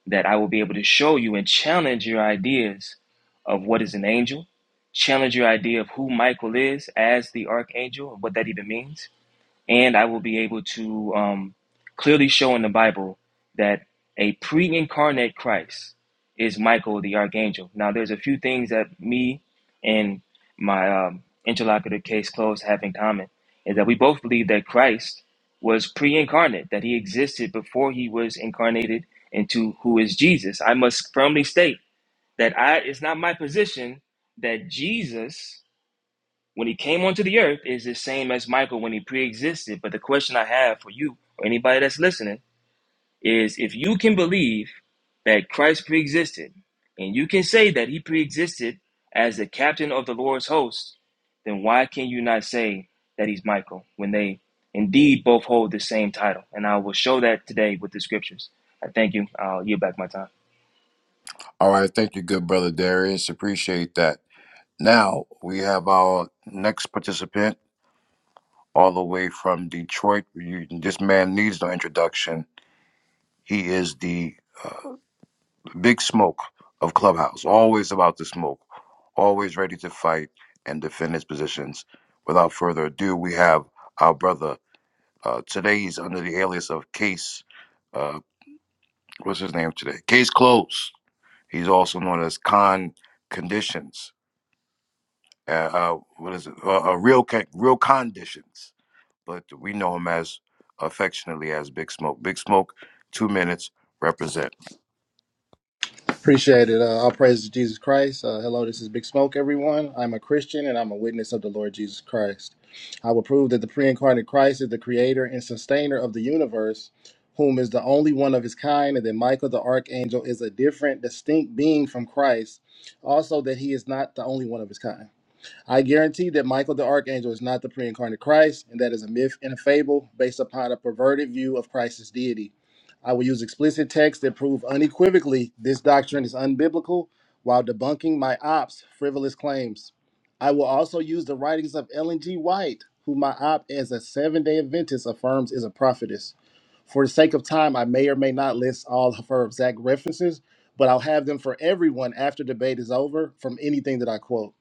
Speaker 4: that I will be able to show you and challenge your ideas of what is an angel, challenge your idea of who Michael is as the archangel and what that even means and I will be able to um, clearly show in the Bible that a pre-incarnate Christ is Michael the archangel. Now, there's a few things that me and my um, interlocutor case closed have in common is that we both believe that Christ was pre-incarnate, that he existed before he was incarnated into who is Jesus. I must firmly state that I it's not my position that Jesus when he came onto the earth is the same as Michael when he pre-existed. But the question I have for you or anybody that's listening is if you can believe that Christ pre-existed and you can say that he pre-existed as the captain of the Lord's host, then why can you not say that he's Michael when they indeed both hold the same title? And I will show that today with the scriptures. I thank you. I'll yield back my time.
Speaker 2: All right, thank you, good brother Darius. Appreciate that. Now we have our next participant, all the way from Detroit. You, this man needs no introduction. He is the big smoke of Clubhouse, always about the smoke, always ready to fight and defend his positions. Without further ado, we have our brother. Uh, today he's under the alias of Case. Uh, what's his name today? Case Close. He's also known as Con Conditions. Uh, uh, what is it? Uh, uh, real, Con- real conditions. But we know him as affectionately as Big Smoke. Big Smoke, two minutes, represent.
Speaker 5: Appreciate it. Uh, all praise to Jesus Christ. Uh, hello, this is Big Smoke, everyone. I'm a Christian and I'm a witness of the Lord Jesus Christ. I will prove that the pre-incarnate Christ is the creator and sustainer of the universe, whom is the only one of his kind, and that Michael the archangel is a different, distinct being from Christ. Also, that he is not the only one of his kind. I guarantee that Michael the Archangel is not the pre incarnate Christ, and that is a myth and a fable based upon a perverted view of Christ's deity. I will use explicit texts that prove unequivocally this doctrine is unbiblical while debunking my ops' frivolous claims. I will also use the writings of Ellen G. White, who my op as a seven day Adventist affirms is a prophetess. For the sake of time, I may or may not list all of her exact references, but I'll have them for everyone after debate is over from anything that I quote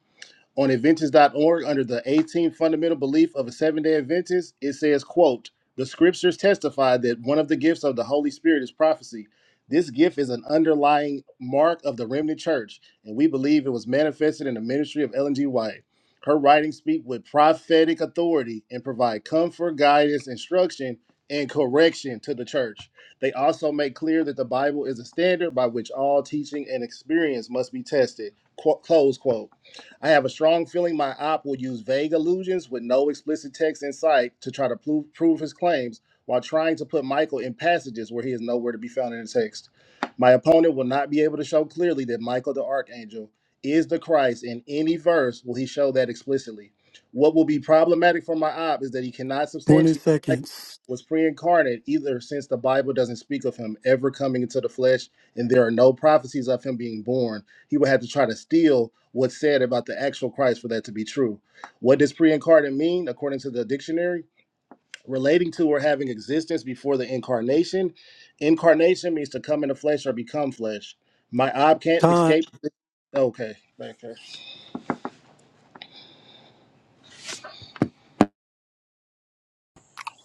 Speaker 5: on adventist.org under the 18 fundamental belief of a seven-day adventist it says quote the scriptures testify that one of the gifts of the holy spirit is prophecy this gift is an underlying mark of the remnant church and we believe it was manifested in the ministry of ellen g white her writings speak with prophetic authority and provide comfort guidance instruction and correction to the church they also make clear that the bible is a standard by which all teaching and experience must be tested Qu- close quote I have a strong feeling my op will use vague allusions with no explicit text in sight to try to prove, prove his claims while trying to put Michael in passages where he is nowhere to be found in the text. My opponent will not be able to show clearly that Michael the Archangel is the Christ in any verse will he show that explicitly. What will be problematic for my op is that he cannot
Speaker 9: 20
Speaker 5: substantiate Michael
Speaker 9: seconds.
Speaker 5: was pre-incarnate either since the Bible doesn't speak of him ever coming into the flesh and there are no prophecies of him being born he would have to try to steal what's said about the actual Christ for that to be true. What does pre incarnate mean, according to the dictionary? Relating to or having existence before the incarnation. Incarnation means to come into flesh or become flesh. My ob can't
Speaker 9: Time.
Speaker 5: escape. Okay, okay.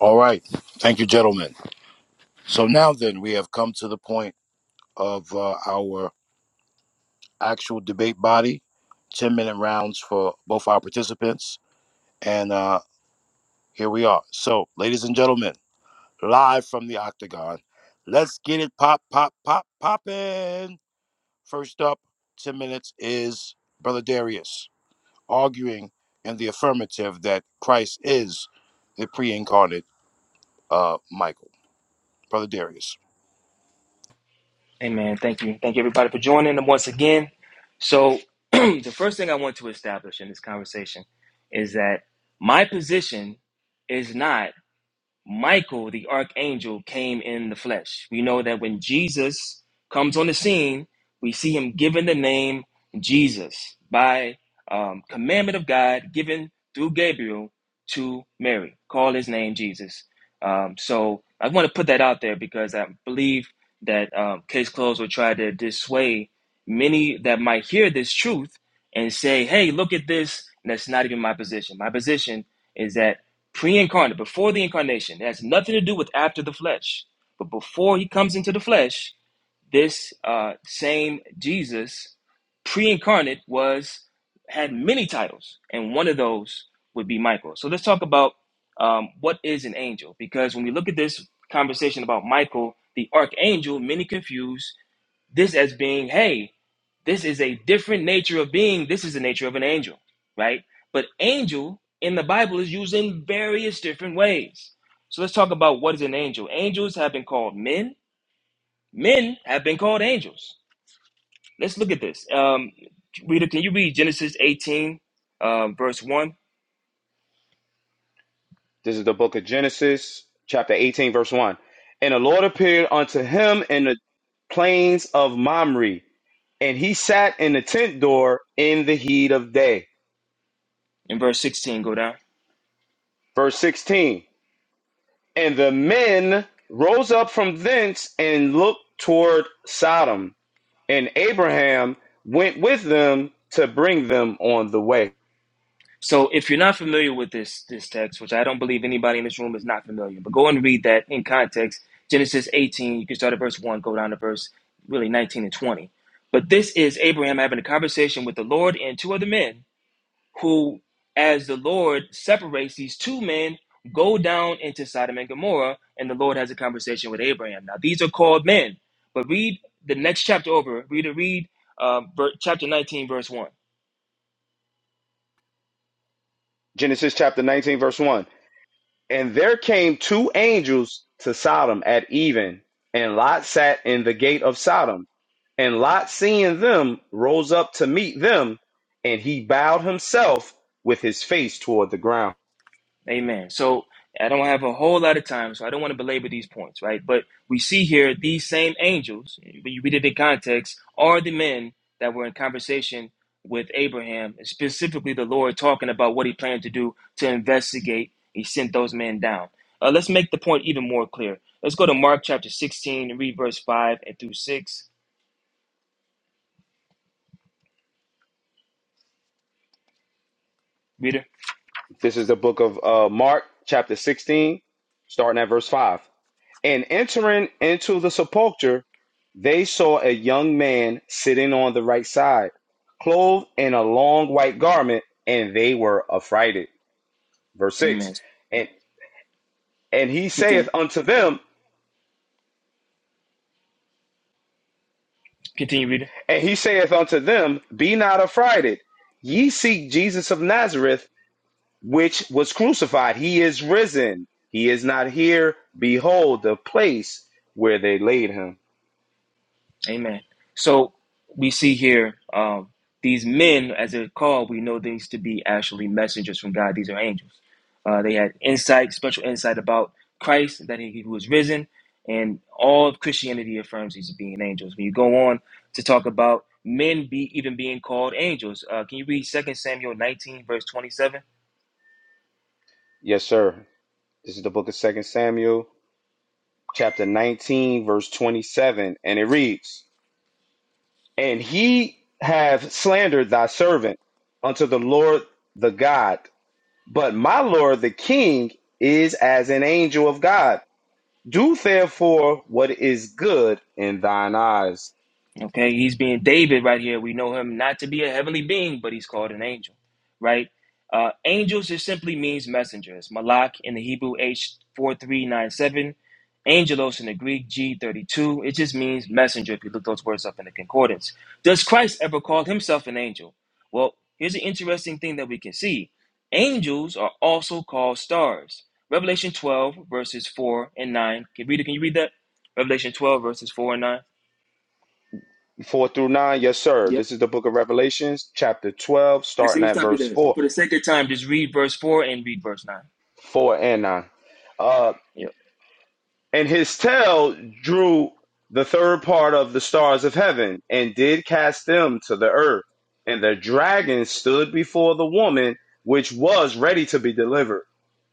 Speaker 2: All right. Thank you, gentlemen. So now then, we have come to the point of uh, our actual debate body, 10 minute rounds for both our participants. And uh, here we are. So, ladies and gentlemen, live from the octagon, let's get it pop, pop, pop, poppin'. First up, 10 minutes is Brother Darius arguing in the affirmative that Christ is the pre incarnate uh, Michael. Brother Darius.
Speaker 4: Amen. Thank you. Thank you, everybody, for joining them once again. So, the first thing I want to establish in this conversation is that my position is not Michael, the archangel, came in the flesh. We know that when Jesus comes on the scene, we see him given the name Jesus by um, commandment of God given through Gabriel to Mary. Call his name Jesus. Um, so I want to put that out there because I believe that um, Case Closed will try to dissuade many that might hear this truth and say, hey, look at this. And that's not even my position. My position is that pre-incarnate, before the incarnation. It has nothing to do with after the flesh. But before he comes into the flesh, this uh, same Jesus, pre-incarnate, was had many titles, and one of those would be Michael. So let's talk about um, what is an angel, because when we look at this conversation about Michael, the archangel, many confuse this as being, hey, this is a different nature of being. This is the nature of an angel, right? But angel in the Bible is used in various different ways. So let's talk about what is an angel. Angels have been called men. Men have been called angels. Let's look at this. Um, reader, can you read Genesis 18, um, verse 1
Speaker 1: This is the book of Genesis, chapter 18, verse 1. And the Lord appeared unto him in the plains of Mamre, and he sat in the tent door in the heat of day.
Speaker 4: and verse 16? Go down.
Speaker 1: Verse 16. And then rode toward him and him one way.
Speaker 4: So if you're not familiar with this this text, which I don't believe anybody in this room is not familiar, but go and read that in context. Genesis 18, you can start at verse 1, go down to verse really 19 and 20. But this is Abraham having a conversation with the Lord and two other men who, as the Lord separates these two men, go down into Sodom and Gomorrah, and the Lord has a conversation with Abraham. Now these are called men, but read the next chapter over. Read read uh, ver- chapter 19, verse 1.
Speaker 1: Genesis chapter 19, verse 1. And there came two angels to Sodom at even, and Lot sat in the gate of Sodom And Lot, seeing them, rose up to meet them, and he bowed himself with his face toward the ground.
Speaker 4: Amen. So I don't have a whole lot of time, so I don't want to belabor these points, right? But we see here these same angels, when you read it in context, are the men that were in conversation with Abraham, and specifically the Lord talking about what he planned to do to investigate. He sent those men down. Uh, let's make the point even more clear. Let's go to Mark chapter 16 and read verse 5 and through 6. Reader,
Speaker 1: This is the book of uh, Mark, chapter 16, starting at verse 5. And entering into the sepulchre, they saw a young man sitting on the right side, clothed in a long white garment, and they were affrighted. Verse 6.
Speaker 4: amen.
Speaker 1: And, and he saith
Speaker 4: Continue,
Speaker 1: unto them,
Speaker 4: continue, reader.
Speaker 1: and he saith unto them, Be not affrighted. Ye seek Jesus of Nazareth, which was crucified. He is risen. He is not here. Behold the place where they laid him.
Speaker 4: Amen. So we see here um, these men, as they're called, we know these to be actually messengers from God. These are angels. Uh, they had insight, special insight about Christ, that he, who was risen, and all of Christianity affirms these being angels. When you go on to talk about men be even being called angels, uh, can you read Second Samuel 19, verse 27?
Speaker 1: Yes, sir. This is the book of Second Samuel, chapter 19, verse 27, and it reads, And he have slandered thy servant unto the Lord the God, but my Lord the king is as an angel of God. Do therefore what is good in thine eyes.
Speaker 4: Okay, he's being David right here. We know him not to be a heavenly being, but he's called an angel, right? Uh, angels just simply means messengers. Malak in the Hebrew H four three nine seven, angelos in the Greek G thirty two. It just means messenger. If you look those words up in the concordance, does Christ ever call himself an angel? Well, here's an interesting thing that we can see: angels are also called stars. Revelation twelve verses four and nine. Can read it? Can you read that? Revelation twelve verses four and nine.
Speaker 1: 4 through 9, yes, sir. This is the book of Revelations, chapter 12,
Speaker 4: Actually, let
Speaker 1: starting
Speaker 4: me
Speaker 1: at
Speaker 4: stop you
Speaker 1: verse
Speaker 4: there.
Speaker 1: 4,
Speaker 4: For the second time, just read verse 4 and read verse 9.
Speaker 1: 4 and 9. Uh,
Speaker 4: Yep.
Speaker 1: and his tail drew the third part of the stars of heaven and did cast them to the earth. And the dragon stood before the woman, which was ready to be delivered,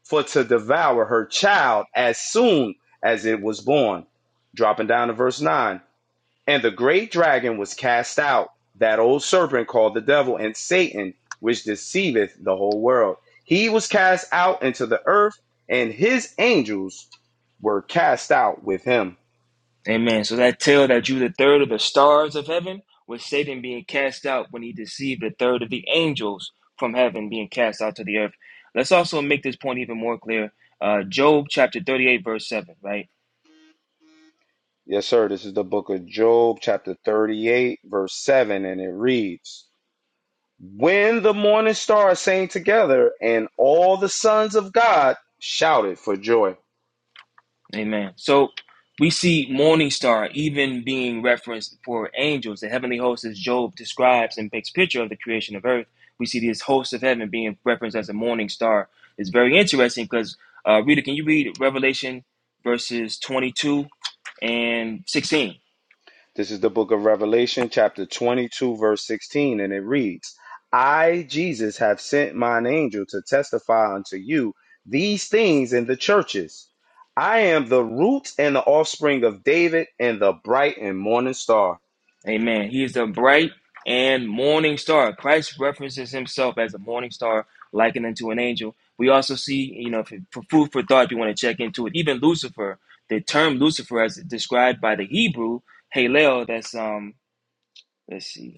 Speaker 1: for to devour her child as soon as it was born. Dropping down to verse 9. And the great dragon was cast out, that old serpent called the devil and Satan, which deceiveth the whole world. He was cast out into the earth, and his angels were cast out with him.
Speaker 4: Amen. So that tell that you the third of the stars of heaven was Satan being cast out when he deceived the third of the angels from heaven being cast out to the earth. Let's also make this point even more clear. Uh, Job chapter 38, verse 7, right?
Speaker 1: Yes, sir. This is the book of Job, chapter 38, verse 7, and it reads When the morning stars sang together, and all the sons of God shouted for joy.
Speaker 4: Amen. So we see morning star even being referenced for angels. The heavenly host, as Job describes and makes picture of the creation of earth, we see this host of heaven being referenced as a morning star. It's very interesting because, uh, Rita, can you read Revelation verses 22 and 16?
Speaker 1: This is the book of Revelation, chapter 22, verse 16, and it reads, I, Jesus, have sent mine angel to testify unto you these things in the churches. I am the root and the offspring of David and the bright and morning star.
Speaker 4: Amen. He is the bright and morning star. Christ references himself as a morning star, likened unto an angel. We also see, you know, for food for thought, if you want to check into it, even Lucifer, the term Lucifer, as described by the Hebrew, Halel, that's, um, let's see.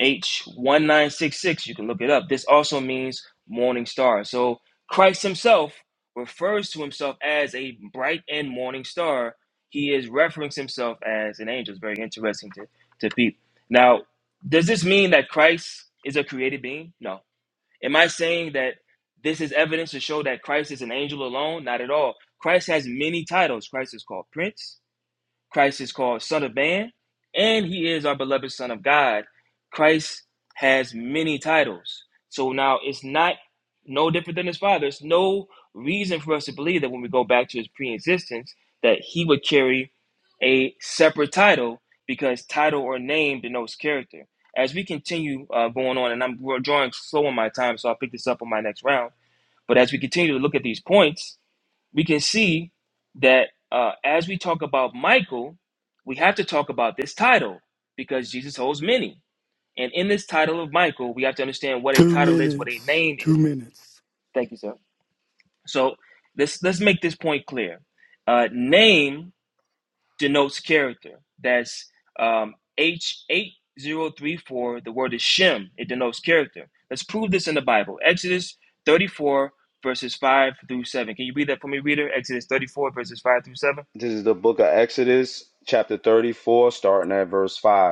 Speaker 4: H1966. You can look it up. This also means morning star. So Christ himself refers to himself as a bright and morning star. He is referencing himself as an angel. It's very interesting to, to peep. Now, does this mean that Christ is a created being? No. Am I saying that this is evidence to show that Christ is an angel alone? Not at all. Christ has many titles. Christ is called Prince. Christ is called Son of Man, and he is our beloved Son of God. Christ has many titles. So now it's not no different than his father. It's no reason for us to believe that when we go back to his pre existence, that he would carry a separate title because title or name denotes character. As we continue uh, going on, and I'm we're drawing slow on my time, so I'll pick this up on my next round. But as we continue to look at these points, we can see that uh, as we talk about Michael, we have to talk about this title because Jesus holds many. And in this title of Michael, we have to understand what a
Speaker 9: Two
Speaker 4: title is, what a
Speaker 9: minutes.
Speaker 4: name
Speaker 9: Two
Speaker 4: is.
Speaker 9: minutes.
Speaker 4: Thank you, sir. So let's let's make this point clear. Uh, name denotes character. That's um, H8034. The word is Shem. It denotes character. Let's prove this in the Bible. Exodus 34, verses 5 through 7. Can you read that for me, reader? Exodus 34, verses 5 through 7.
Speaker 1: This is the book of Exodus, chapter 34, starting at verse 5.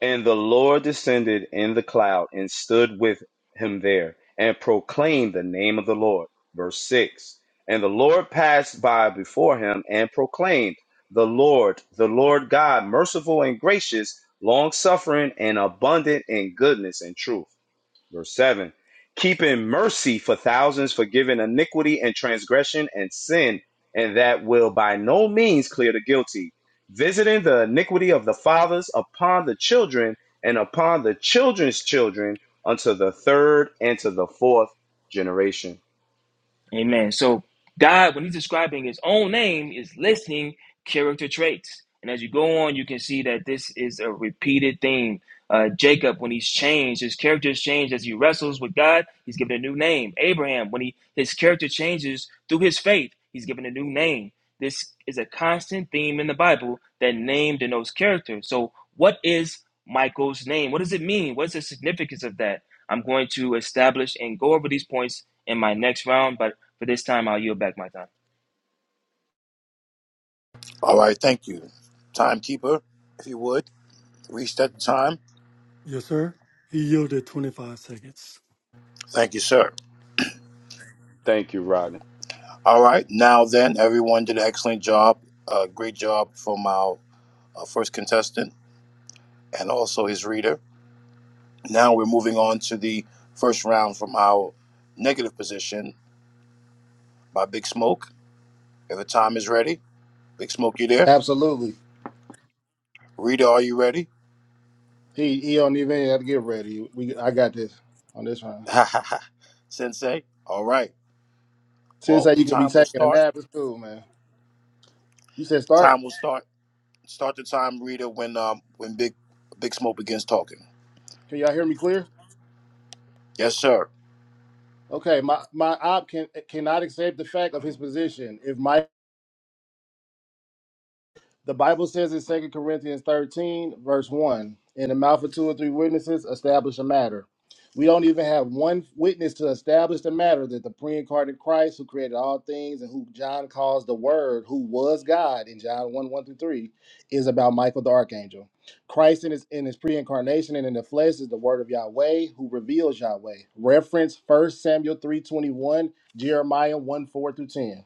Speaker 1: And the Lord descended in the cloud and stood with him there and proclaimed the name of the Lord. Verse 6 And the Lord passed by before him and proclaimed, The Lord, the Lord God, merciful and gracious, long suffering and abundant in goodness and truth Verse 7 Keeping mercy for thousands, forgiving iniquity and transgression and sin, and that will by no means clear the guilty, visiting the iniquity of the fathers upon the children and upon the children's children unto the third and to the fourth generation.
Speaker 4: Amen. So, God, when He's describing His own name, is listing character traits. And as you go on, you can see that this is a repeated theme Uh, Jacob, when he's changed, his character is changed as he wrestles with God. He's given a new name. Abraham, when he his character changes through his faith, he's given a new name. This is a constant theme in the Bible that name denotes character. So, what is Michael's name? What does it mean? What's the significance of that? I'm going to establish and go over these points in my next round, but for this time, I'll yield back my time.
Speaker 2: All right, thank you. Timekeeper, if you would, reset the time.
Speaker 9: Yes, sir. He yielded 25 seconds.
Speaker 2: Thank you, sir.
Speaker 1: Thank you, Rodney.
Speaker 2: All right, now then, everyone did an excellent job. Uh, great job from our uh, first contestant and also his reader. Now we're moving on to the first round from our negative position by Big Smoke. If the time is ready. Big Smoke, you there?
Speaker 5: Absolutely.
Speaker 2: Rita, are you ready?
Speaker 5: He he don't even have to get ready. We I got this on this one.
Speaker 2: Ha ha ha. Sensei. All right.
Speaker 5: Since
Speaker 2: Well,
Speaker 5: that
Speaker 2: the
Speaker 5: you could be
Speaker 2: time will
Speaker 5: taking a
Speaker 2: start.
Speaker 5: nap, it's cool, man. You said start.
Speaker 2: Time will start. Start the time, Rita, when um when Big Big Smoke begins talking.
Speaker 5: Can y'all hear me clear?
Speaker 2: Yes, sir.
Speaker 5: Okay, my my op can cannot accept the fact of his position. If my The Bible says in Second Corinthians 13, verse 1, in the mouth of two or three witnesses, establish a matter. We don't even have one witness to establish the matter that the pre incarnate Christ, who created all things and who John calls the Word, who was God in John 1 1 through 3, is about Michael the Archangel. Christ in his, in his pre incarnation and in the flesh is the Word of Yahweh, who reveals Yahweh. Reference 1 Samuel three twenty First samuel 321 Jeremiah 1 4 through 10.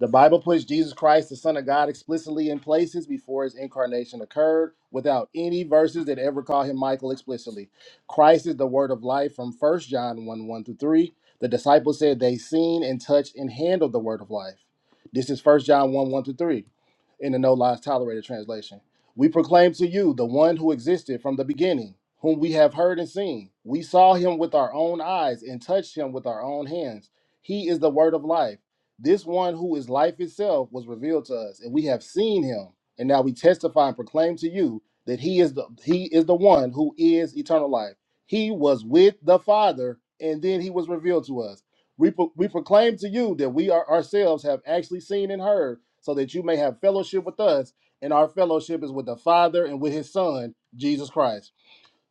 Speaker 5: The Bible puts Jesus Christ, the Son of God, explicitly in places before his incarnation occurred, without any verses that ever call him Michael explicitly. Christ is the word of life from First John 1 1 through 3. The disciples said they seen and touched and handled the word of life. This is First John 1 1 through 3 in the No Lies Tolerated translation. We proclaim to you the one who existed from the beginning, whom we have heard and seen. We saw him with our own eyes and touched him with our own hands. He is the word of life. This one who is life itself was revealed to us, and we have seen him, and now we testify and proclaim to you that he is the he is the one who is eternal life. He was with the Father, and then he was revealed to us. We, pro- we proclaim to you that we are ourselves have actually seen and heard, so that you may have fellowship with us, and our fellowship is with the Father and with his Son, Jesus Christ.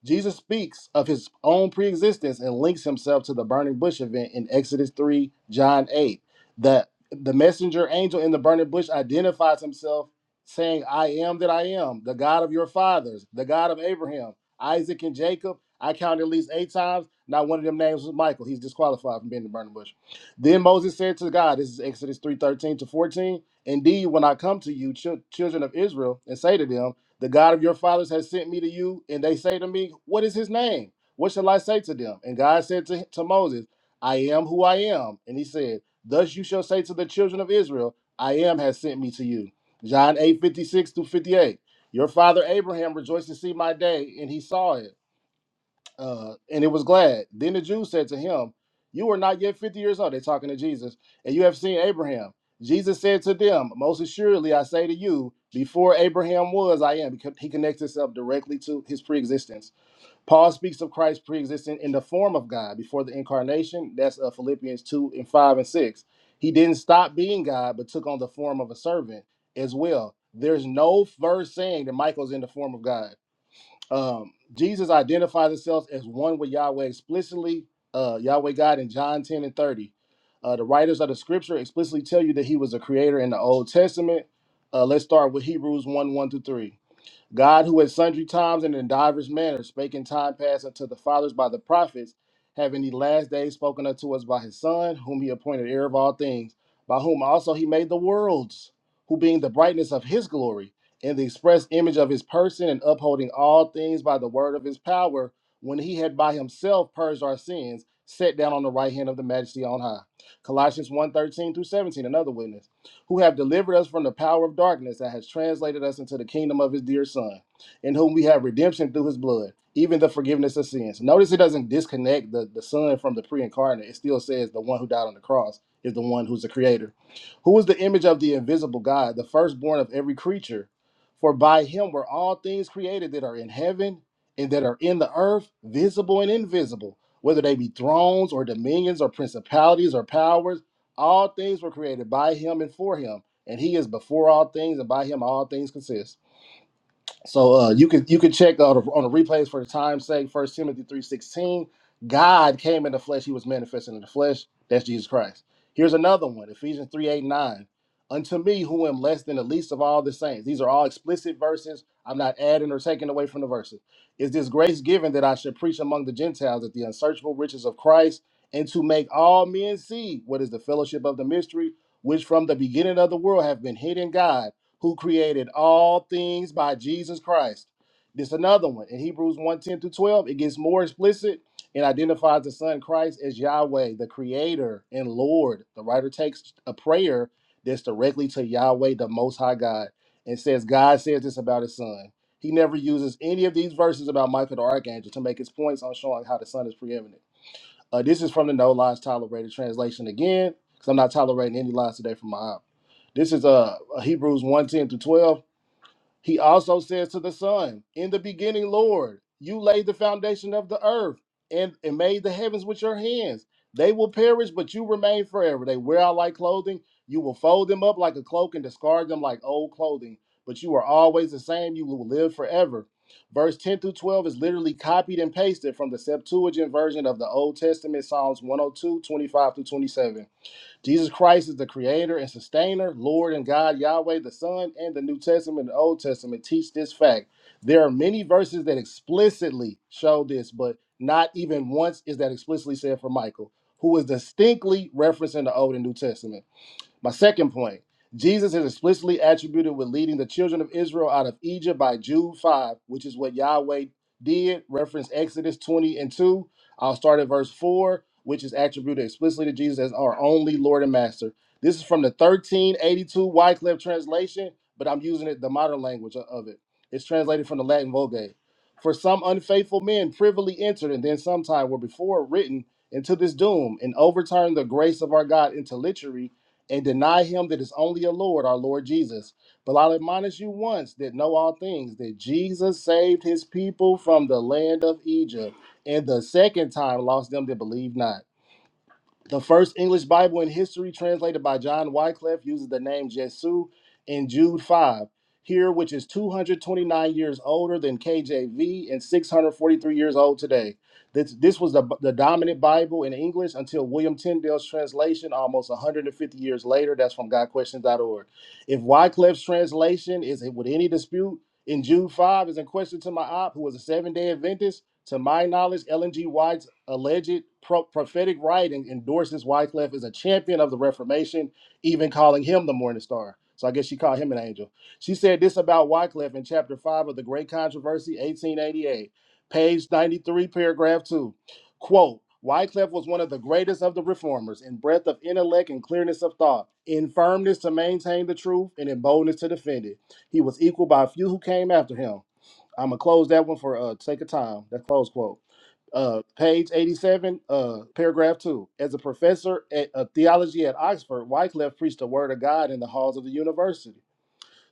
Speaker 5: Jesus speaks of his own preexistence and links himself to the burning bush event in Exodus 3, John 8. That the messenger angel in the burning bush identifies himself, saying, I am that I am, the God of your fathers, the God of Abraham, Isaac, and Jacob. I counted at least eight times. Not one of them names was Michael. He's disqualified from being in the burning bush. Then Moses said to God, This is Exodus 3:13 to 14. Indeed, when I come to you, chil- children of Israel, and say to them, the God of your fathers has sent me to you, and they say to me, What is his name? What shall I say to them? And God said to, to Moses, I am who I am. And he said, Thus you shall say to the children of Israel, I am has sent me to you. John 856 through 58. Your father Abraham rejoiced to see my day, and he saw it uh, and it was glad. Then the Jews said to him, You are not yet 50 years old. They're talking to Jesus, and you have seen Abraham. Jesus said to them, Most assuredly, I say to you, before Abraham was, I am. Because He connects himself directly to his preexistence. Paul speaks of Christ preexistent in the form of God before the incarnation. That's uh, Philippians 2 and 5 and 6. He didn't stop being God, but took on the form of a servant as well. There's no verse saying that Michael's in the form of God um, Jesus identifies himself as one with Yahweh explicitly, uh, Yahweh God in John 10 and 30. Uh, the writers of the scripture explicitly tell you that he was a creator in the Old Testament. Uh, let's start with Hebrews 1 1 through 3. God, who at sundry times and in divers manners spake in time past unto the fathers by the prophets, having the last days spoken unto us by his Son, whom he appointed heir of all things, by whom also he made the worlds, who being the brightness of his glory, and the express image of his person, and upholding all things by the word of his power, when he had by himself purged our sins, sat down on the right hand of the majesty on high. Colossians 1 through 17, another witness who have delivered us from the power of darkness that has translated us into the kingdom of his dear son, in whom we have redemption through his blood, even the forgiveness of sins. Notice it doesn't disconnect the, the son from the pre incarnate. It still says the one who died on the cross is the one who's the creator. Who is the image of the invisible God, the firstborn of every creature? For by him were all things created that are in heaven and that are in the earth, visible and invisible, whether they be thrones or dominions or principalities or powers all things were created by him and for him, and he is before all things, and by him all things consist. So uh, you could you could check out on the replays for the time's sake. First Timothy three sixteen, God came in the flesh; He was manifested in the flesh. That's Jesus Christ. Here's another one: Ephesians three eight nine. Unto me, who am less than the least of all the saints. These are all explicit verses. I'm not adding or taking away from the verses. Is this grace given that I should preach among the Gentiles at the unsearchable riches of Christ, and to make all men see what is the fellowship of the mystery, which from the beginning of the world have been hidden in God? who created all things by Jesus Christ. This another one. In Hebrews one ten 10 through 12, it gets more explicit and identifies the Son Christ as Yahweh, the Creator and Lord. The writer takes a prayer that's directly to Yahweh, the Most High God, and says, God says this about his Son. He never uses any of these verses about Michael the Archangel to make his points on showing how the Son is preeminent. Uh, this is from the No Lies Tolerated translation again, because I'm not tolerating any lies today from my app. This is uh, Hebrews one ten through 12. He also says to the Son, In the beginning, Lord, you laid the foundation of the earth and, and made the heavens with your hands. They will perish, but you remain forever. They wear out like clothing. You will fold them up like a cloak and discard them like old clothing. But you are always the same. You will live forever. Verse 10 through 12 is literally copied and pasted from the Septuagint version of the Old Testament, Psalms 102, 25 through 27. Jesus Christ is the creator and sustainer, Lord and God, Yahweh, the Son, and the New Testament and the Old Testament teach this fact. There are many verses that explicitly show this, but not even once is that explicitly said for Michael, who is distinctly referencing the Old and New Testament. My second point Jesus is explicitly attributed with leading the children of Israel out of Egypt by Jude 5, which is what Yahweh did, reference Exodus 20 and 2. I'll start at verse 4, which is attributed explicitly to Jesus as our only Lord and Master. This is from the 1382 Wycliffe translation, but I'm using it the modern language of it. It's translated from the Latin Vulgate. For some unfaithful men privily entered and then sometime were before written into this doom and overturned the grace of our God into literary and deny him that is only a Lord, our Lord Jesus. But I'll admonish you once that know all things, that Jesus saved his people from the land of Egypt, and the second time lost them that believe not. The first English Bible in history, translated by John Wycliffe, uses the name Jesu in Jude 5, here, which is 229 years older than KJV and 643 years old today. This, this was the, the dominant Bible in English until William Tyndale's translation almost 150 years later. That's from GodQuestions.org. If Wycliffe's translation is with any dispute in Jude 5 is in question to my op, who was a seven day Adventist, to my knowledge, Ellen G. White's alleged pro- prophetic writing endorses Wycliffe as a champion of the Reformation, even calling him the Morning Star. So I guess she called him an angel. She said this about Wycliffe in chapter 5 of The Great Controversy, 1888, page 93, paragraph 2. Quote, Wycliffe was one of the greatest of the reformers in breadth of intellect and clearness of thought, in firmness to maintain the truth, and in boldness to defend it. He was equal by few who came after him. I'm gonna close that one for uh sake of time. That's close quote. Uh, page 87, uh, paragraph two. As a professor at, of theology at Oxford, Wycliffe preached the word of God in the halls of the university.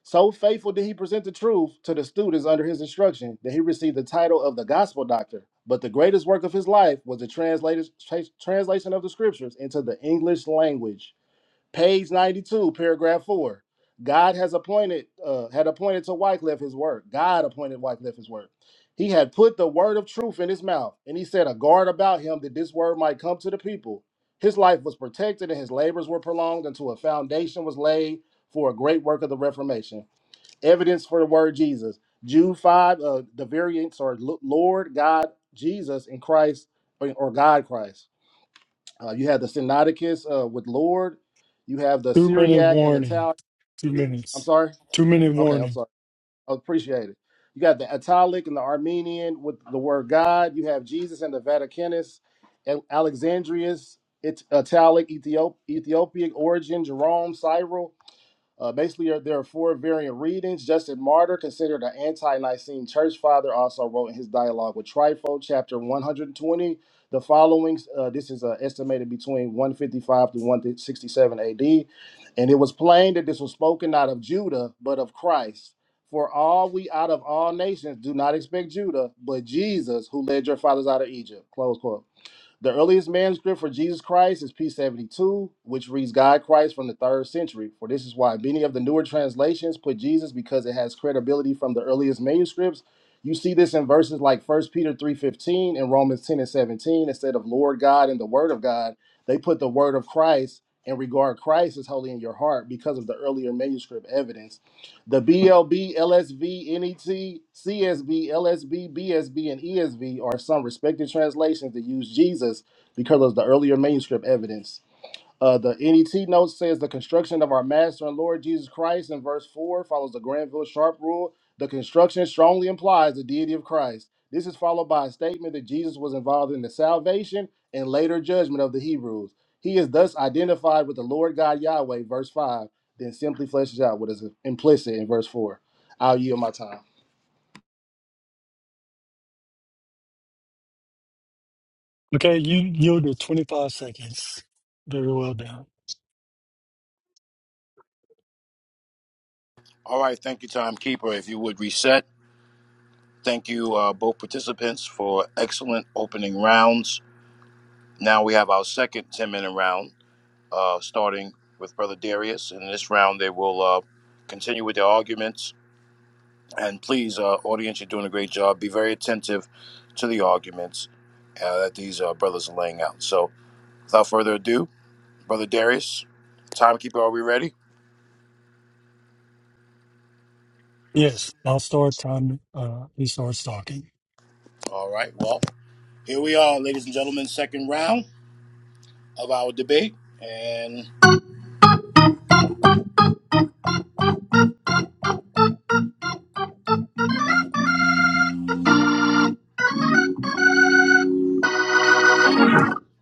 Speaker 5: So faithful did he present the truth to the students under his instruction that he received the title of the gospel doctor. But the greatest work of his life was the translators- tra- translation of the scriptures into the English language. Page 92, paragraph 4. God has appointed, uh, had appointed to Wycliffe his work. God appointed Wycliffe his work. He had put the word of truth in his mouth, and he set a guard about him that this word might come to the people. His life was protected and his labors were prolonged until a foundation was laid for a great work of the Reformation. Evidence for the word Jesus. Jude 5, uh, the variants are Lord, God, Jesus, and Christ, or or God, Christ. Uh, you have the Sinaiticus uh, with Lord. You have the
Speaker 9: Two minute
Speaker 5: Syriac and
Speaker 9: warning.
Speaker 5: Italian.
Speaker 9: Two
Speaker 5: I'm
Speaker 9: minutes.
Speaker 5: sorry.
Speaker 9: Two minute
Speaker 5: Okay, I'm
Speaker 9: warning.
Speaker 5: sorry. I appreciate it. You got the Italic and the Armenian with the word God. You have Jesus and the Vaticanus, Al- Alexandrius, it's Italic, Ethiop- Ethiopic origin, Jerome, Cyril. Uh, basically, there are four variant readings. Justin Martyr, considered an anti-Nicene church father, also wrote in his dialogue with Trifo, chapter 120, the following. Uh, this is uh, estimated between 155 to 167 AD. And it was plain that this was spoken not of Judah, but of Christ. For all we out of all nations do not expect Judah, but Jesus, who led your fathers out of Egypt. Close quote. The earliest manuscript for Jesus Christ is P72, which reads God Christ from the third century. For this is why many of the newer translations put Jesus because it has credibility from the earliest manuscripts. You see this in verses like First Peter 3:15 and Romans 10 and 17. Instead of Lord God and the Word of God, they put the Word of Christ and regard Christ as holy in your heart because of the earlier manuscript evidence the BLB, and ESV are some respected translations that use Jesus because of the earlier manuscript evidence. Uh, the NET note says the construction of our Master and Lord Jesus Christ in verse 4 follows the Granville Sharp rule. The construction strongly implies the deity of Christ. This is followed by a statement that Jesus was involved in the salvation and later judgment of the Hebrews. He is thus identified with the Lord God Yahweh, verse 5, then simply fleshes out what is implicit in verse 4. I'll yield my time.
Speaker 9: Okay, you yielded 25 seconds. Very well done.
Speaker 2: All right. Thank you, timekeeper. If you would reset. Thank you, uh, both participants, for excellent opening rounds. Now we have our second ten-minute round, uh, starting with Brother Darius. In this round, they will uh, continue with their arguments And please, uh, audience, you're doing a great job. Be very attentive to the arguments uh, that these uh, brothers are laying out. So, without further ado, Brother Darius, timekeeper, are we ready?
Speaker 9: Yes, I'll start time. Uh, he starts talking.
Speaker 2: All right. Well, here we are, ladies and gentlemen, second round of our debate. And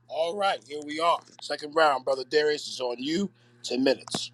Speaker 2: all right, here we are. Second round, Brother Darius is on you. 10 minutes.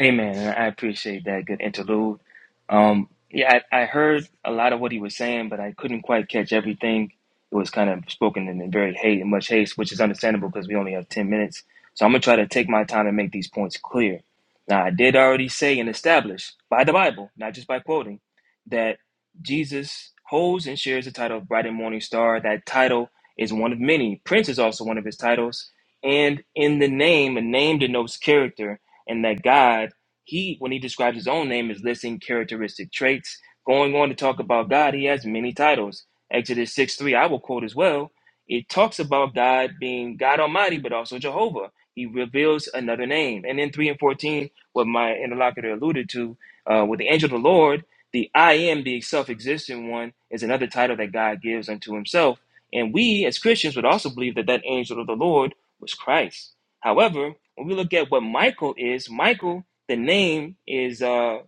Speaker 4: Amen. And I appreciate that good interlude. Um, yeah, I, I heard a lot of what he was saying, but I couldn't quite catch everything. It was kind of spoken in very haste, in much haste, which is understandable because we only have 10 minutes. So I'm going to try to take my time and make these points clear. Now, I did already say and establish by the Bible, not just by quoting, that Jesus holds and shares the title of Bright and Morning Star. That title is one of many. Prince is also one of his titles. And in the name, a name denotes character and that God, he when he describes his own name is listing characteristic traits. Going on to talk about God, he has many titles. Exodus 6 3, I will quote as well. It talks about God being God Almighty, but also Jehovah. He reveals another name. And in 3 and 14, what my interlocutor alluded to, uh, with the angel of the Lord, the I am, the self existent one, is another title that God gives unto himself. And we as Christians would also believe that that angel of the Lord was Christ. However, when we look at what Michael is, Michael, the name is uh,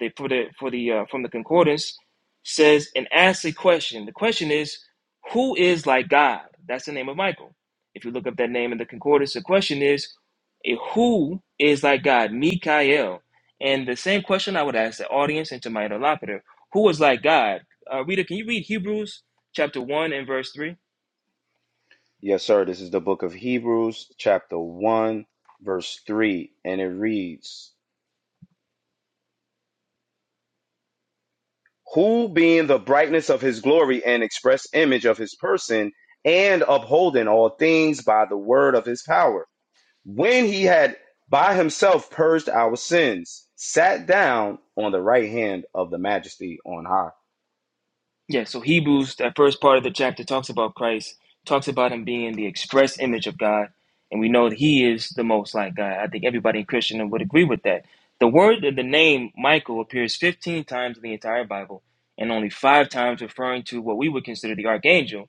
Speaker 4: the for the for the uh, from the concordance says and asks a question. The question is, who is like God? That's the name of Michael. If you look up that name in the concordance, the question is, eh, who is like God? Mikael. And the same question I would ask the audience and to my interlocutor, who is like God? Uh, reader, can you read Hebrews chapter one and verse three?
Speaker 1: Yes, sir. This is the book of Hebrews, chapter 1, verse 3, and it reads. who being the brightness of his glory and express image of his person, and upholding all things by the word of his power, when he had by himself purged our sins, sat down on the right hand of the majesty on high.
Speaker 4: Yeah, so Hebrews, that first part of the chapter talks about Christ, talks about him being the express image of God, and we know that he is the most like God. I think everybody in Christendom would agree with that. The word the name Michael appears 15 times in the entire Bible and only 5 times referring to what we would consider the archangel,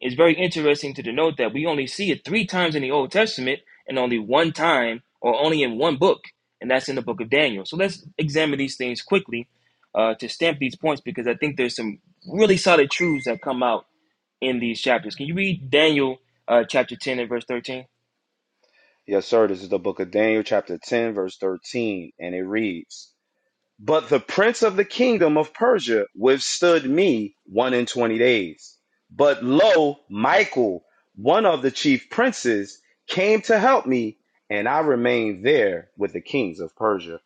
Speaker 4: it's very interesting to denote that we only see it three times in the Old Testament and only one time or only in one book, and that's in the book of Daniel. So let's examine these things quickly uh, to stamp these points because I think there's some really solid truths that come out in these chapters. Can you read Daniel uh, chapter 10 and verse 13?
Speaker 1: Yes, sir, this is the book of Daniel, chapter 10, verse 13, and it reads. But the prince of the kingdom of Persia withstood me one and twenty days. But lo, Michael, one of the chief princes, came to help me, and I remained there with the kings of Persia.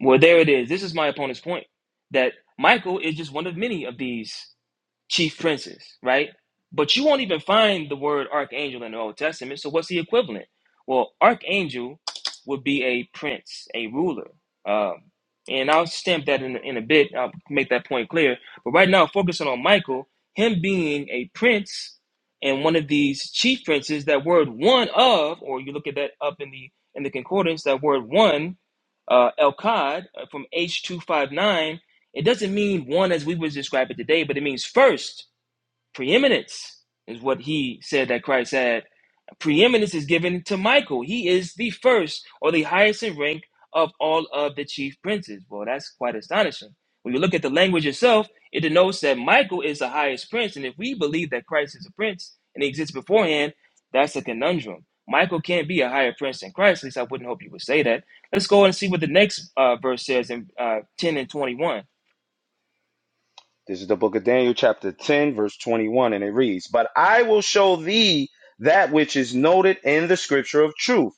Speaker 4: Well, there it is. This is my opponent's point that Michael is just one of many of these. chief princes, right? But you won't even find the word archangel in the Old Testament. So what's the equivalent? Well, archangel would be a prince, a ruler. Um, and I'll stamp that in, in a bit. I'll make that point clear. But right now, focusing on Michael, him being a prince and one of these chief princes, that word one of, or you look at that up in the in the concordance, that word one, uh, Elkad uh, from H259 it doesn't mean one as we would describe it today, but it means first, preeminence is what he said that Christ had. Preeminence is given to Michael. He is the first or the highest in rank of all of the chief princes. Well, that's quite astonishing. When you look at the language itself, it denotes that Michael is the highest prince. And if we believe that Christ is a prince and he exists beforehand, that's a conundrum. Michael can't be a higher prince than Christ. At least I wouldn't hope you would say that. Let's go and see what the next uh, verse says in uh, 10 and 21.
Speaker 1: This is the book of Daniel, chapter 10, verse 21, and it reads But I will show thee that which is noted in the scripture of truth.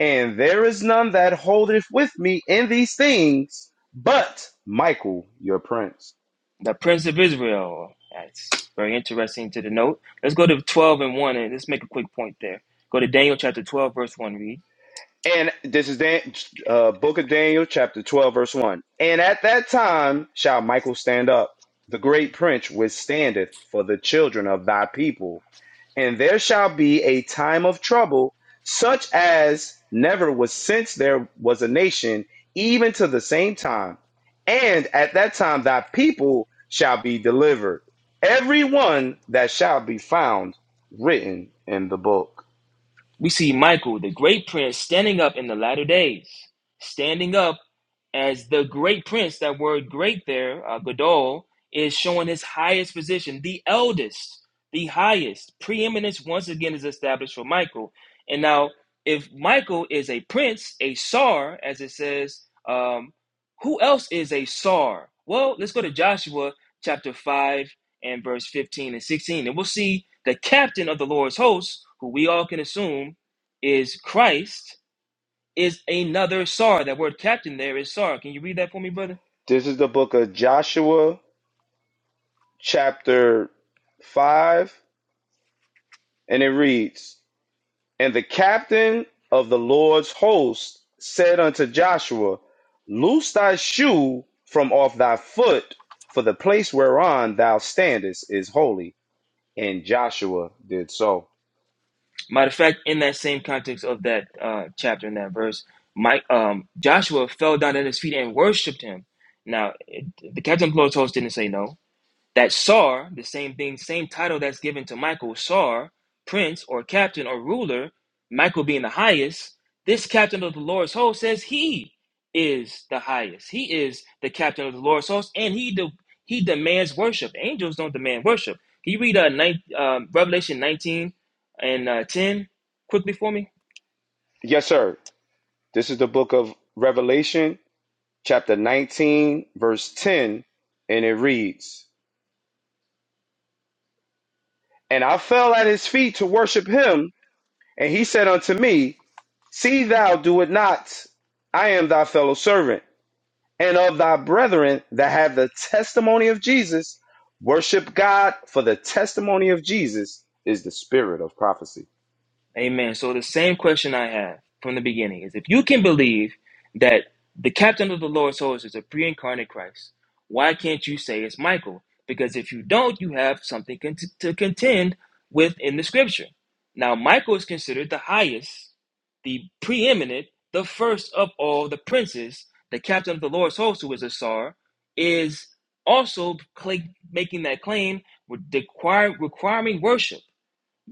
Speaker 1: And there is none that holdeth with me in these things, but Michael, your prince.
Speaker 4: The Prince of Israel. That's very interesting to the note. Let's go to 12 and 1 and let's make a quick point there. Go to Daniel chapter 12, verse 1. Read.
Speaker 1: And this is Dan, uh, Book of Daniel, chapter 12, verse 1. And at that time shall Michael stand up, the great prince which standeth for the children of thy people. And there shall be a time of trouble, such as never was since there was a nation, even to the same time. And at that time thy people shall be delivered, every one that shall be found written in the book.
Speaker 4: We see Michael, the great prince, standing up in the latter days, standing up as the great prince. That word great there, uh, Gadol, is showing his highest position, the eldest, the highest. Preeminence once again is established for Michael. And now, if Michael is a prince, a sar, as it says, um, who else is a sar? Well, let's go to Joshua chapter 5 and verse 15 and 16. And we'll see the captain of the Lord's hosts, who we all can assume is Christ, is another Sar. That word captain there is Sar. Can you read that for me, brother?
Speaker 1: This is the book of Joshua chapter 5, and it reads And the captain of the Lord's host said unto Joshua, Loose thy shoe from off thy foot, for the place whereon thou standest is holy. And Joshua did so.
Speaker 4: Matter of fact, in that same context of that uh, chapter in that verse, Mike, um, Joshua fell down at his feet and worshipped him. Now, it- the captain of the Lord's hosts didn't say no. That Sar, the same thing, same title that's given to Michael, Sar, prince or captain or ruler, Michael being the highest, this captain of the Lord's host says he is the highest. He is the captain of the Lord's host, and he de- he demands worship. Angels don't demand worship. Can you read uh, nine, um, Revelation 19 and uh, 10 quickly for me?
Speaker 1: Yes, sir. This is the book of Revelation, chapter 19, verse 10, and it reads, And I fell at his feet to worship him. And he said unto me, See thou do it not. I am thy fellow servant, and of thy brethren that have the testimony of Jesus. Worship God, for the testimony of Jesus is the spirit of prophecy.
Speaker 4: Amen. So the same question I have from the beginning is if you can believe that the captain of the Lord's hosts is a pre-incarnate Christ, why can't you say it's Michael? Because if you don't, you have something cont- to contend with in the scripture. Now, Michael is considered the highest, the preeminent, the first of all the princes. The captain of the Lord's hosts who is a czar, is also cla making that claim, require, requiring worship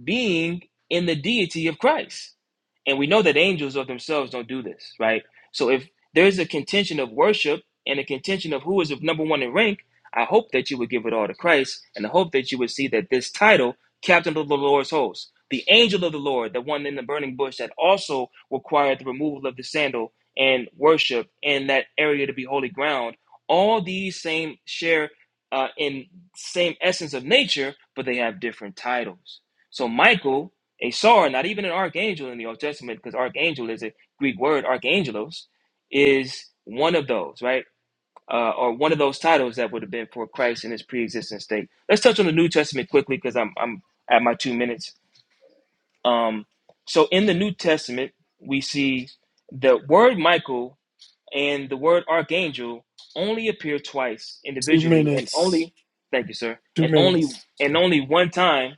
Speaker 4: being in the deity of Christ. And we know that angels of themselves don't do this, right? So if there's a contention of worship and a contention of who is of number one in rank, I hope that you would give it all to Christ, and I hope that you would see that this title, Captain of the Lord's host, the angel of the Lord, the one in the burning bush that also required the removal of the sandal and worship and that area to be holy ground, all these same share uh, in same essence of nature, but they have different titles. So Michael, a czar, not even an archangel in the Old Testament, because archangel is a Greek word, archangelos, is one of those, right? Uh, or one of those titles that would have been for Christ in his pre-existent state. Let's touch on the New Testament quickly, because I'm I'm at my two minutes. Um, so in the New Testament, we see the word Michael and the word archangel only appear twice
Speaker 9: Two
Speaker 4: individually, and
Speaker 9: minutes.
Speaker 4: only thank you, sir,
Speaker 9: Two
Speaker 4: and only
Speaker 9: minutes.
Speaker 4: and only one time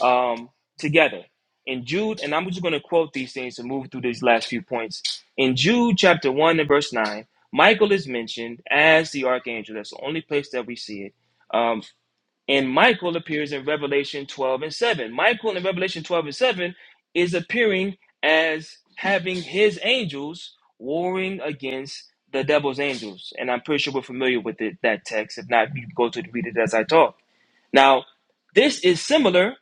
Speaker 4: um, together. In Jude, and I'm just going to quote these things to move through these last few points. In Jude chapter 1 and verse 9, Michael is mentioned as the archangel. That's the only place that we see it. Um, and Michael appears in Revelation 12 and 7. Michael in Revelation 12 and 7 is appearing as having his angels warring against the devil's angels. And I'm pretty sure we're familiar with it, that text. If not, you can go to read it as I talk now, this is similar,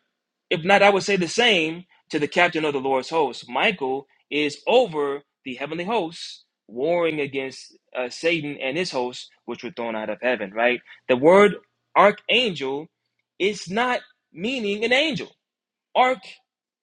Speaker 4: if not, I would say the same to the captain of the Lord's host. Michael is over the heavenly hosts, warring against uh, Satan and his hosts, which were thrown out of heaven, right? The word archangel is not meaning an angel. Arch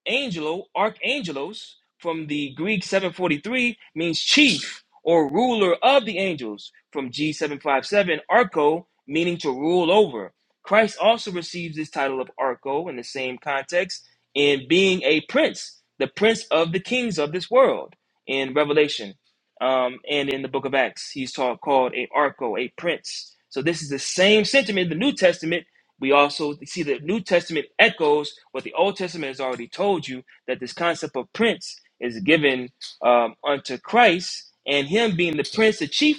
Speaker 4: angelo, archangelos, from the Greek 743, means chief or ruler of the angels. From G757, archo, meaning to rule over. Christ also receives this title of archo in the same context in being a prince, the prince of the kings of this world in Revelation. Um, and in the book of Acts, he's taught, called a archo, a prince. So this is the same sentiment in the New Testament we also see the New Testament echoes what the Old Testament has already told you that this concept of prince is given um, unto Christ, and him being the prince, the chief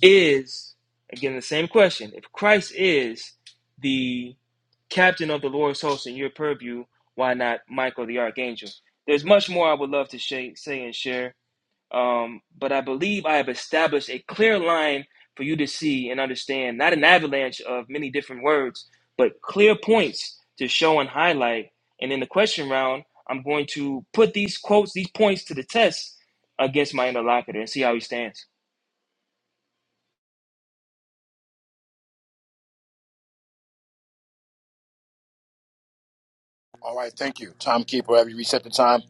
Speaker 4: is, again, the same question. If Christ is the captain of the Lord's host in your purview, why not Michael the archangel? There's much more I would love to shay- say and share Um, but I believe I have established a clear line for you to see and understand, not an avalanche of many different words, but clear points to show and highlight. And in the question round, I'm going to put these quotes, these points to the test against my interlocutor and see how he stands.
Speaker 2: All right. Thank you. Timekeeper, have you reset the time?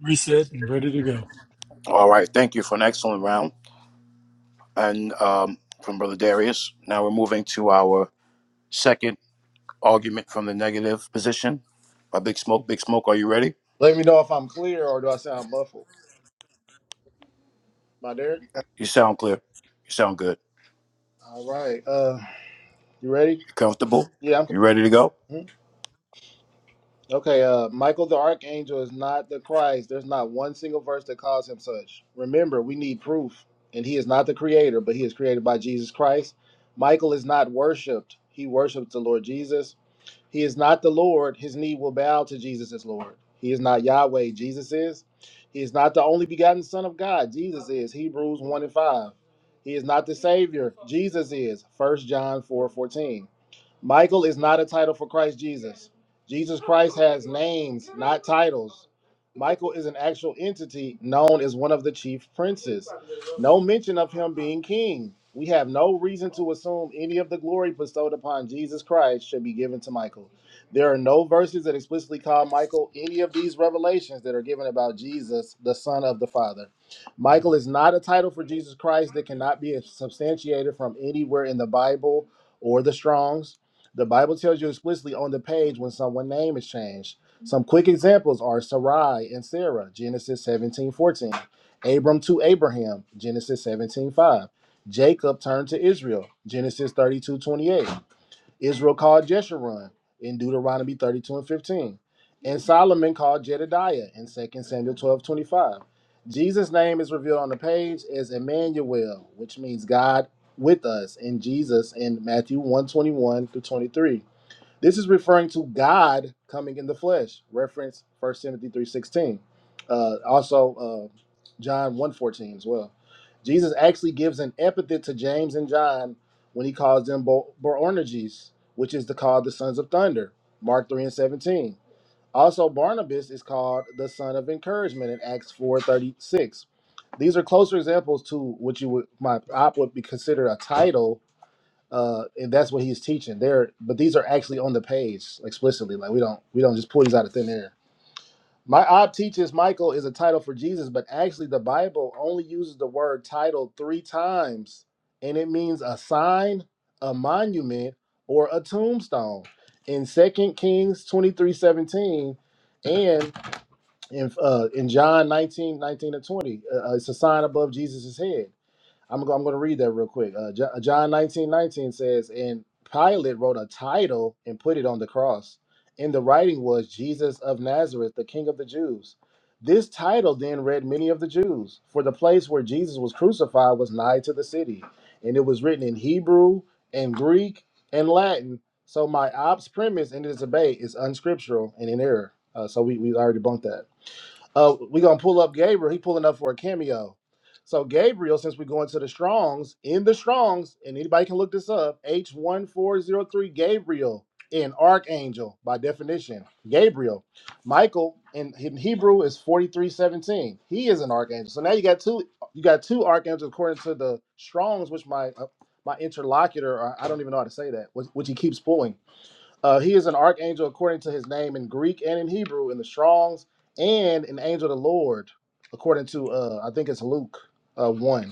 Speaker 9: Reset and ready to go.
Speaker 2: All right. Thank you for an excellent round. And um, from Brother Darius, now we're moving to our second. argument from the negative position by Big Smoke. Big Smoke, are you ready?
Speaker 5: Let me know if I'm clear or do I sound muffled. My Derek?
Speaker 2: You sound clear. You sound good.
Speaker 5: All right. Uh, you ready?
Speaker 2: You comfortable?
Speaker 5: Yeah,
Speaker 2: You
Speaker 5: I'm.
Speaker 2: ready to go?
Speaker 5: Okay, uh, Michael the Archangel is not the Christ. There's not one single verse that calls him such. Remember, we need proof. And he is not the creator, but he is created by Jesus Christ. Michael is not worshiped. He worships the Lord Jesus. He is not the Lord. His knee will bow to Jesus as Lord. He is not Yahweh. Jesus is. He is not the only begotten Son of God. Jesus is. Hebrews 1 and 5. He is not the Savior. Jesus is. First John 4 14. Michael is not a title for Christ Jesus. Jesus Christ has names, not titles. Michael is an actual entity known as one of the chief princes. No mention of him being king. We have no reason to assume any of the glory bestowed upon Jesus Christ should be given to Michael. There are no verses that explicitly call Michael any of these revelations that are given about Jesus, the Son of the Father. Michael is not a title for Jesus Christ that cannot be substantiated from anywhere in the Bible or the Strongs. The Bible tells you explicitly on the page when someone's name is changed. Some quick examples are Sarai and Sarah, Genesis 17 14; Abram to Abraham, Genesis 17 5; Jacob turned to Israel, Genesis 32 28. Israel called Jeshurun in Deuteronomy 32 and 15. And Solomon called Jedediah in Second Samuel 12 25. Jesus' name is revealed on the page as Emmanuel, which means God with us in Jesus in Matthew one 21 through 23. This is referring to God coming in the flesh. Reference First Timothy 3.16. Uh, also, uh, John one fourteen as well. Jesus actually gives an epithet to James and John when he calls them Bo- Boanerges, which is the called the sons of thunder. Mark 3 and 17. Also, Barnabas is called the son of encouragement in Acts 4.36. These are closer examples to what you would my I would be considered a title uh, and that's what he's teaching there. But these are actually on the page explicitly. Like we don't we don't just pull these out of thin air. My op teaches Michael is a title for Jesus, but actually the Bible only uses the word title three times, and it means a sign, a monument, or a tombstone. In Second Kings 23 17, and in uh, in John nineteen nineteen 19 to 20, uh, uh, it's a sign above Jesus' head. I'm go, I'm going to read that real quick. Uh, Jo- John 19 19 says, and Pilate wrote a title and put it on the cross. And the writing was Jesus of Nazareth, the King of the Jews. This title then read many of the Jews, for the place where Jesus was crucified was nigh to the city, and it was written in Hebrew and Greek and Latin. So my ops premise in this debate is unscriptural and in error. Uh, so we we already bumped that. Uh, we gonna pull up Gabriel. He pulling up for a cameo. So Gabriel, since we go into the Strong's, in the Strong's, and anybody can look this up, H one four zero three Gabriel in Archangel by definition. Gabriel, Michael in, in Hebrew is forty three seventeen. He is an archangel. So now you got two. You got two archangels according to the Strong's, which my uh, my interlocutor, or I don't even know how to say that, which, which he keeps pulling. Uh, he is an archangel according to his name in Greek and in Hebrew in the Strong's, and an angel of the Lord according to uh, I think it's Luke uh, one.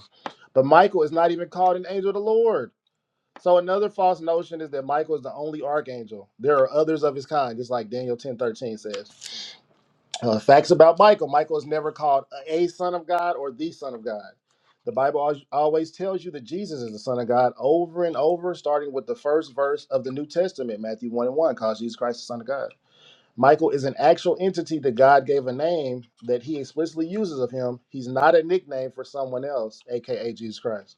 Speaker 5: But Michael is not even called an angel of the Lord. So another false notion is that Michael is the only archangel. There are others of his kind, just like Daniel ten thirteen says. Uh, facts about Michael. Michael is never called a son of God or the son of God. The Bible al- always tells you that Jesus is the son of God over and over, starting with the first verse of the New Testament, Matthew 1 and 1, calls Jesus Christ the son of God. Michael is an actual entity that God gave a name that he explicitly uses of him. He's not a nickname for someone else, aka Jesus Christ.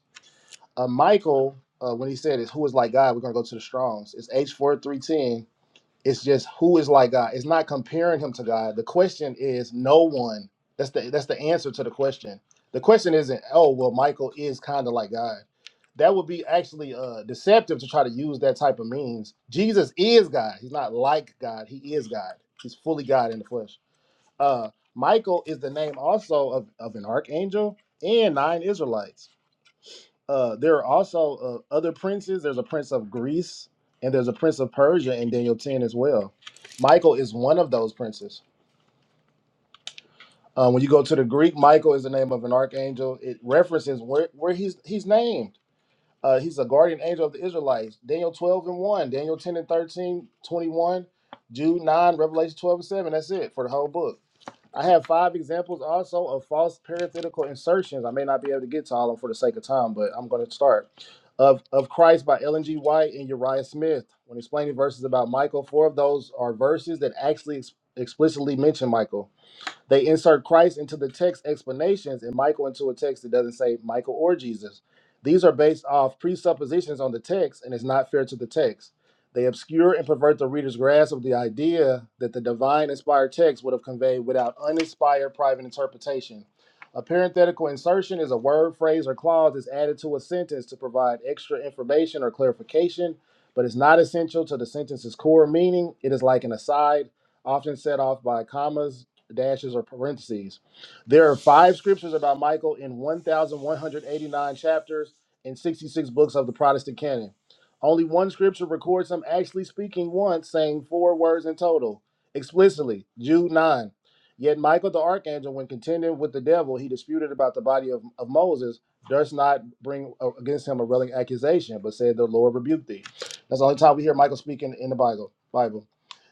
Speaker 5: Uh, Michael, uh, when he said is who is like God, we're gonna go to the Strongs. It's h four three ten. It's just who is like God. It's not comparing him to God. The question is no one. That's the that's the answer to the question. The question isn't, oh well, Michael is kind of like God. That would be actually uh, deceptive to try to use that type of means. Jesus is God. He's not like God. He is God. He's fully God in the flesh. Uh, Michael is the name also of, of an archangel and nine Israelites uh, there are also uh, other princes. There's a prince of Greece and there's a prince of Persia in Daniel 10 as well. Michael is one of those princes. Uh, when you go to the Greek, Michael is the name of an archangel. It references where, where he's he's named. Uh, he's a guardian angel of the Israelites. Daniel 12 and 1, Daniel 10 and 13, 21, Jude 9, Revelation 12 and 7. That's it for the whole book. I have five examples also of false parenthetical insertions. I may not be able to get to all of them for the sake of time, but I'm going to start. Of, of Christ by Ellen G. White and Uriah Smith. When explaining verses about Michael, four of those are verses that actually ex- explicitly mention Michael. They insert Christ into the text explanations and Michael into a text that doesn't say Michael or Jesus. These are based off presuppositions on the text and it's not fair to the text. They obscure and pervert the reader's grasp of the idea that the divine inspired text would have conveyed without uninspired private interpretation. A parenthetical insertion is a word, phrase, or clause that's added to a sentence to provide extra information or clarification, but it's not essential to the sentence's core meaning. It is like an aside, often set off by commas dashes or parentheses. There are five scriptures about Michael in 1,189 chapters and 66 books of the Protestant canon. Only one scripture records him actually speaking once, saying four words in total, explicitly, Jude 9. Yet Michael the archangel, when contending with the devil, he disputed about the body of, of Moses, durst not bring uh, against him a railing accusation, but said, The Lord rebuked thee. That's the only time we hear Michael speaking in the Bible. Bible.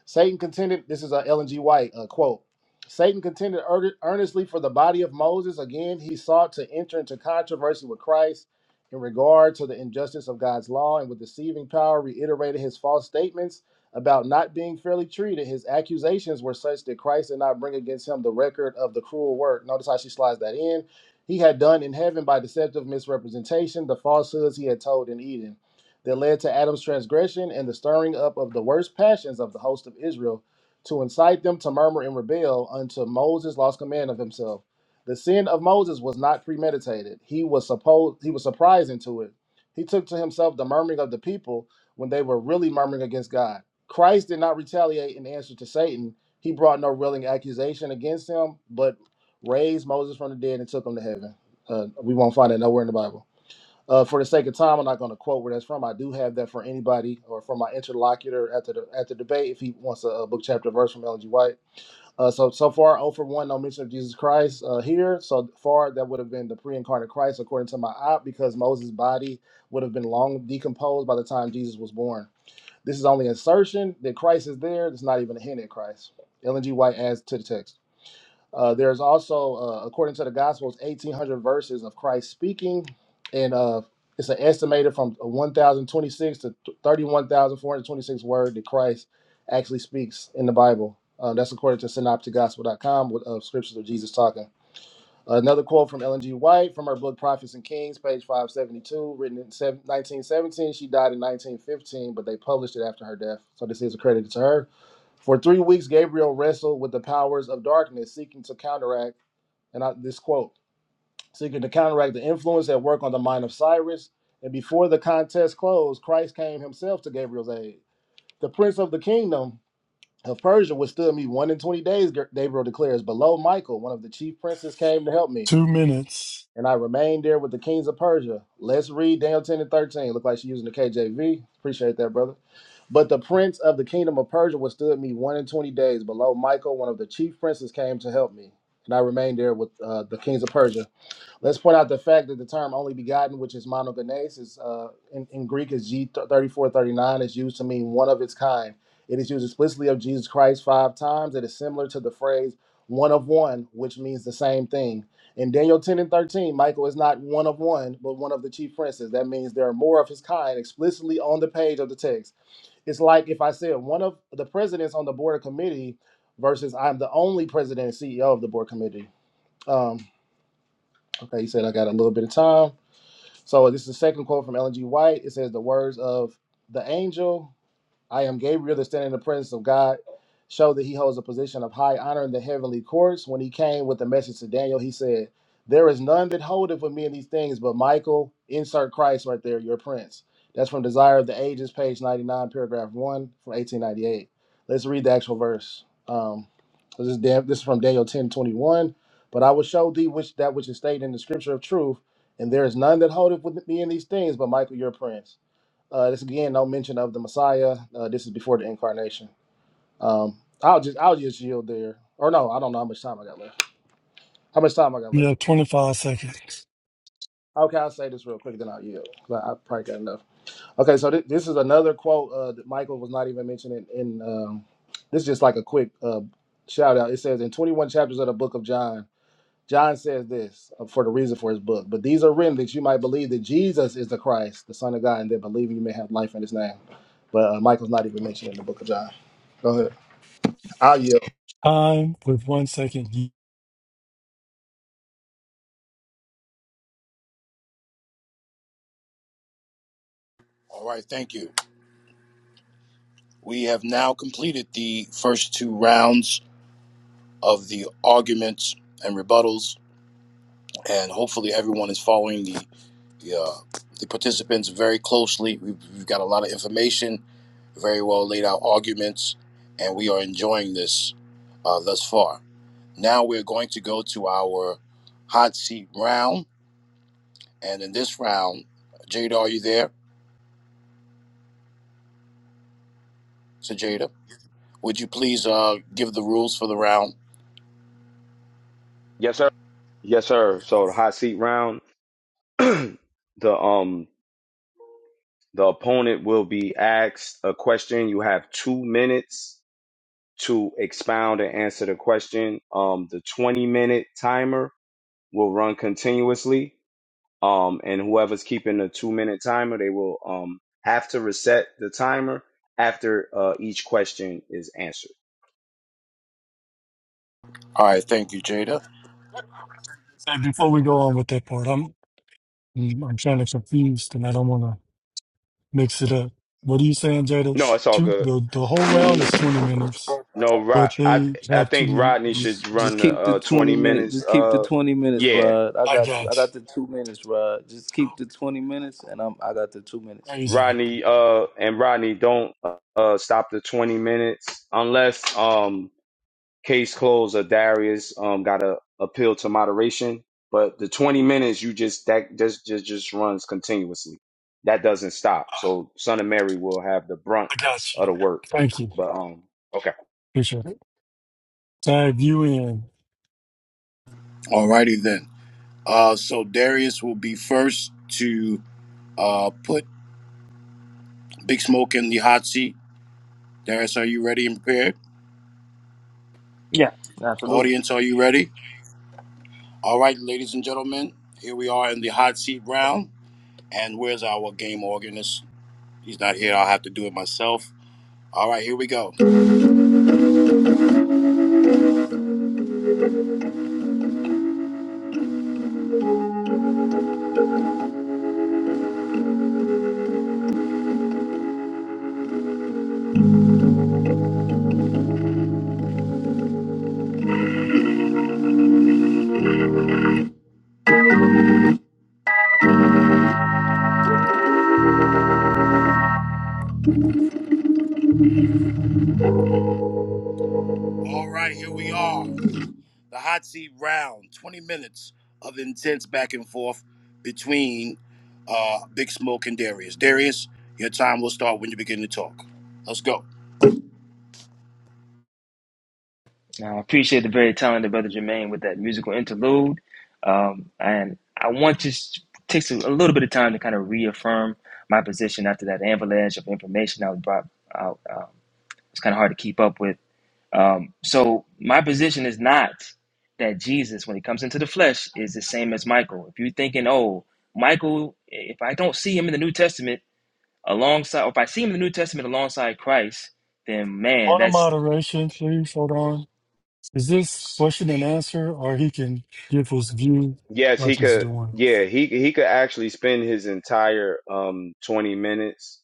Speaker 5: Satan contended, this is a Ellen G. White uh, quote. Satan contended ear- earnestly for the body of Moses. Again, he sought to enter into controversy with Christ in regard to the injustice of God's law, and with deceiving power, reiterated his false statements about not being fairly treated. His accusations were such that Christ did not bring against him the record of the cruel work. Notice how she slides that in. He had done in heaven by deceptive misrepresentation the falsehoods he had told in Eden that led to Adam's transgression and the stirring up of the worst passions of the host of Israel to incite them to murmur and rebel until Moses lost command of himself. The sin of Moses was not premeditated. He was supposed he was surprised into it. He took to himself the murmuring of the people when they were really murmuring against God. Christ did not retaliate in answer to Satan. He brought no railing accusation against him, but raised Moses from the dead and took him to heaven. Uh, we won't find it nowhere in the Bible. Uh, for the sake of time, I'm not going to quote where that's from. I do have that for anybody or for my interlocutor at the at the debate if he wants a, a book chapter verse from Ellen G. White. Uh, so so far, 0 for one, no mention of Jesus Christ uh, here. So far, that would have been the pre-incarnate Christ according to my op, because Moses' body would have been long decomposed by the time Jesus was born. This is only assertion that Christ is there. It's not even a hint at Christ. Ellen G. White adds to the text. Uh, there's also, uh, according to the Gospels, 1,800 verses of Christ speaking, and uh, it's an estimated from 1,026 to 31,426 word that Christ actually speaks in the Bible. Uh, that's according to synopticgospel.com with uh, scriptures of Jesus talking. Another quote from Ellen G. White from her book Prophets and Kings, page 572, written in 1917. She died in 1915, but they published it after her death. So this is accredited to her. For three weeks, Gabriel wrestled with the powers of darkness, seeking to counteract, and I, this quote, seeking to counteract the influence at work on the mind of Cyrus. And before the contest closed, Christ came himself to Gabriel's aid. The prince of the kingdom of Persia withstood me one in 20 days, Gabriel declares. Below Michael, one of the chief princes, came to help me.
Speaker 9: Two minutes.
Speaker 5: And I remained there with the kings of Persia. Let's read Daniel 10 and 13. Look like she's using the KJV. Appreciate that, brother. But the prince of the kingdom of Persia withstood me one and twenty days. Below Michael, one of the chief princes, came to help me. And I remained there with uh, the kings of Persia Let's point out the fact that the term only begotten, which is monogenes, is uh, in, in Greek is G3439, is used to mean one of its kind. It is used explicitly of Jesus Christ five times. It is similar to the phrase one of one, which means the same thing. In Daniel 10 and 13, Michael is not one of one, but one of the chief princes. That means there are more of his kind explicitly on the page of the text. It's like if I said one of the presidents on the board of committee versus I'm the only president and CEO of the board committee. Um, okay, you said I got a little bit of time. So this is the second quote from Ellen G. White. It says, "The words of the angel I am Gabriel, the standing in the presence of God. Show that he holds a position of high honor in the heavenly courts. When he came with the message to Daniel, he said, There is none that holdeth with me in these things, but Michael, insert Christ right there, your prince. That's from Desire of the Ages, page 99, paragraph 1 from 1898. Let's read the actual verse. Um, this, is Dan- this is from Daniel 10 21. But I will show thee which that which is stated in the scripture of truth, and there is none that holdeth with me in these things, but Michael, your prince. Uh, this again, no mention of the Messiah. Uh, this is before the incarnation. Um, I'll just I'll just yield there. Or no, I don't know how much time I got left. How much time I got
Speaker 9: You
Speaker 5: left?
Speaker 9: have 25 seconds.
Speaker 5: Okay, I'll say this real quick, then I'll yield. 'cause I, I probably got enough. Okay, so thi- this is another quote uh, that Michael was not even mentioning. In um, this is just like a quick uh, shout out. It says in 21 chapters of the book of John. John says this uh, for the reason for his book, but these are written that you might believe that Jesus is the Christ, the Son of God, and that believing you may have life in his name. But uh, Michael's not even mentioned in the book of John. Go ahead. I'll yield.
Speaker 9: Time with one second.
Speaker 2: All right, thank you. We have now completed the first two rounds of the arguments and rebuttals, and hopefully everyone is following the the, uh, the participants very closely. We've, we've got a lot of information, very well laid out arguments, and we are enjoying this uh, thus far. Now we're going to go to our hot seat round And in this round, Jada, are you there? So Jada, would you please uh give the rules for the round?
Speaker 1: Yes, sir. Yes, sir. So the hot seat round, the um the opponent will be asked a question. You have two minutes to expound and answer the question. Um, the twenty minute timer will run continuously um, and whoever's keeping the two minute timer, they will um, have to reset the timer after uh, each question is answered.
Speaker 2: All right, thank you, Jada.
Speaker 9: And before we go on with that part, I'm I'm trying to confuse and I don't want to mix it up. What are you saying, Jada?
Speaker 1: No, it's all
Speaker 9: Two,
Speaker 1: good.
Speaker 9: the, the whole round is 20 minutes,
Speaker 1: No, Rod,
Speaker 9: but
Speaker 1: I
Speaker 9: they
Speaker 1: I
Speaker 9: have two
Speaker 1: think
Speaker 9: minutes.
Speaker 1: Rodney should
Speaker 8: just just
Speaker 1: run the
Speaker 8: keep the
Speaker 1: uh,
Speaker 8: twenty
Speaker 1: twenty
Speaker 8: minute.
Speaker 1: minutes.
Speaker 8: Just keep the
Speaker 1: Uh,
Speaker 8: twenty minutes,
Speaker 1: yeah,
Speaker 8: Rod. I
Speaker 9: I
Speaker 8: got you. I
Speaker 9: got you.
Speaker 8: got the two minutes, Rod. Just keep the twenty minutes, and I'm I got the two minutes.
Speaker 9: Amazing.
Speaker 1: Rodney. Uh, and Rodney, don't uh, uh, stop the twenty minutes unless um Case closed. Uh, Darius um got a appeal to moderation, but the 20 minutes you just that just just just runs continuously. That doesn't stop. So Son of Mary will have the brunt
Speaker 9: I got you.
Speaker 1: of the work.
Speaker 9: Thank you.
Speaker 1: But um okay.
Speaker 9: Appreciate it. Tag you in.
Speaker 2: All righty then. Uh, so Darius will be first to uh put Big Smoke in the hot seat. Darius, are you ready and prepared?
Speaker 4: Yeah, absolutely.
Speaker 2: Audience, are you ready? All right, ladies and gentlemen, here we are in the hot seat round. And where's our game organist? He's not here. I'll have to do it myself. All right, here we go. All right, here we are. the hot seat round, 20 minutes of intense back and forth between uh, Big Smoke and Darius. Darius, your time will start when you begin to talk. Let's go.
Speaker 4: Now, I appreciate the very talented brother Jermaine with that musical interlude. Um, and I want to s- take some, a little bit of time to kind of reaffirm my position after that avalanche of information I was brought out. uh, it's kind of hard to keep up with. Um, so my position is not that Jesus, when he comes into the flesh, is the same as Michael. If you're thinking, oh, Michael, if I don't see him in the New Testament alongside, or if I see him in the New Testament alongside Christ, then man,
Speaker 9: On a
Speaker 4: that's
Speaker 9: moderation, please. Hold on. Is this question and answer, or he can give his view
Speaker 1: Yes,
Speaker 9: like
Speaker 1: he
Speaker 9: he's
Speaker 1: could
Speaker 9: doing?
Speaker 1: yeah, he he could actually spend his entire um 20 minutes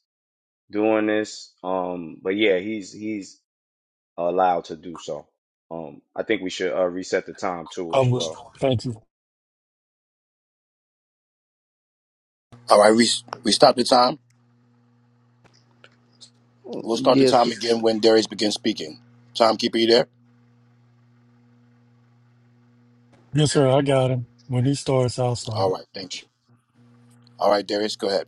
Speaker 1: doing this. Um but yeah, he's he's allowed to do so. Um I think we should uh, reset the time too
Speaker 9: I
Speaker 1: as
Speaker 9: will.
Speaker 1: well.
Speaker 9: Thank you.
Speaker 2: All right, we, we stop the time.
Speaker 8: Mm,
Speaker 2: We'll start the
Speaker 8: Yes.
Speaker 2: time again when Darius begins speaking. Timekeeper, you there?
Speaker 9: Yes, sir. I got him. When he starts, I'll start
Speaker 2: All
Speaker 9: it.
Speaker 2: right, thank you. All right, Darius, go ahead.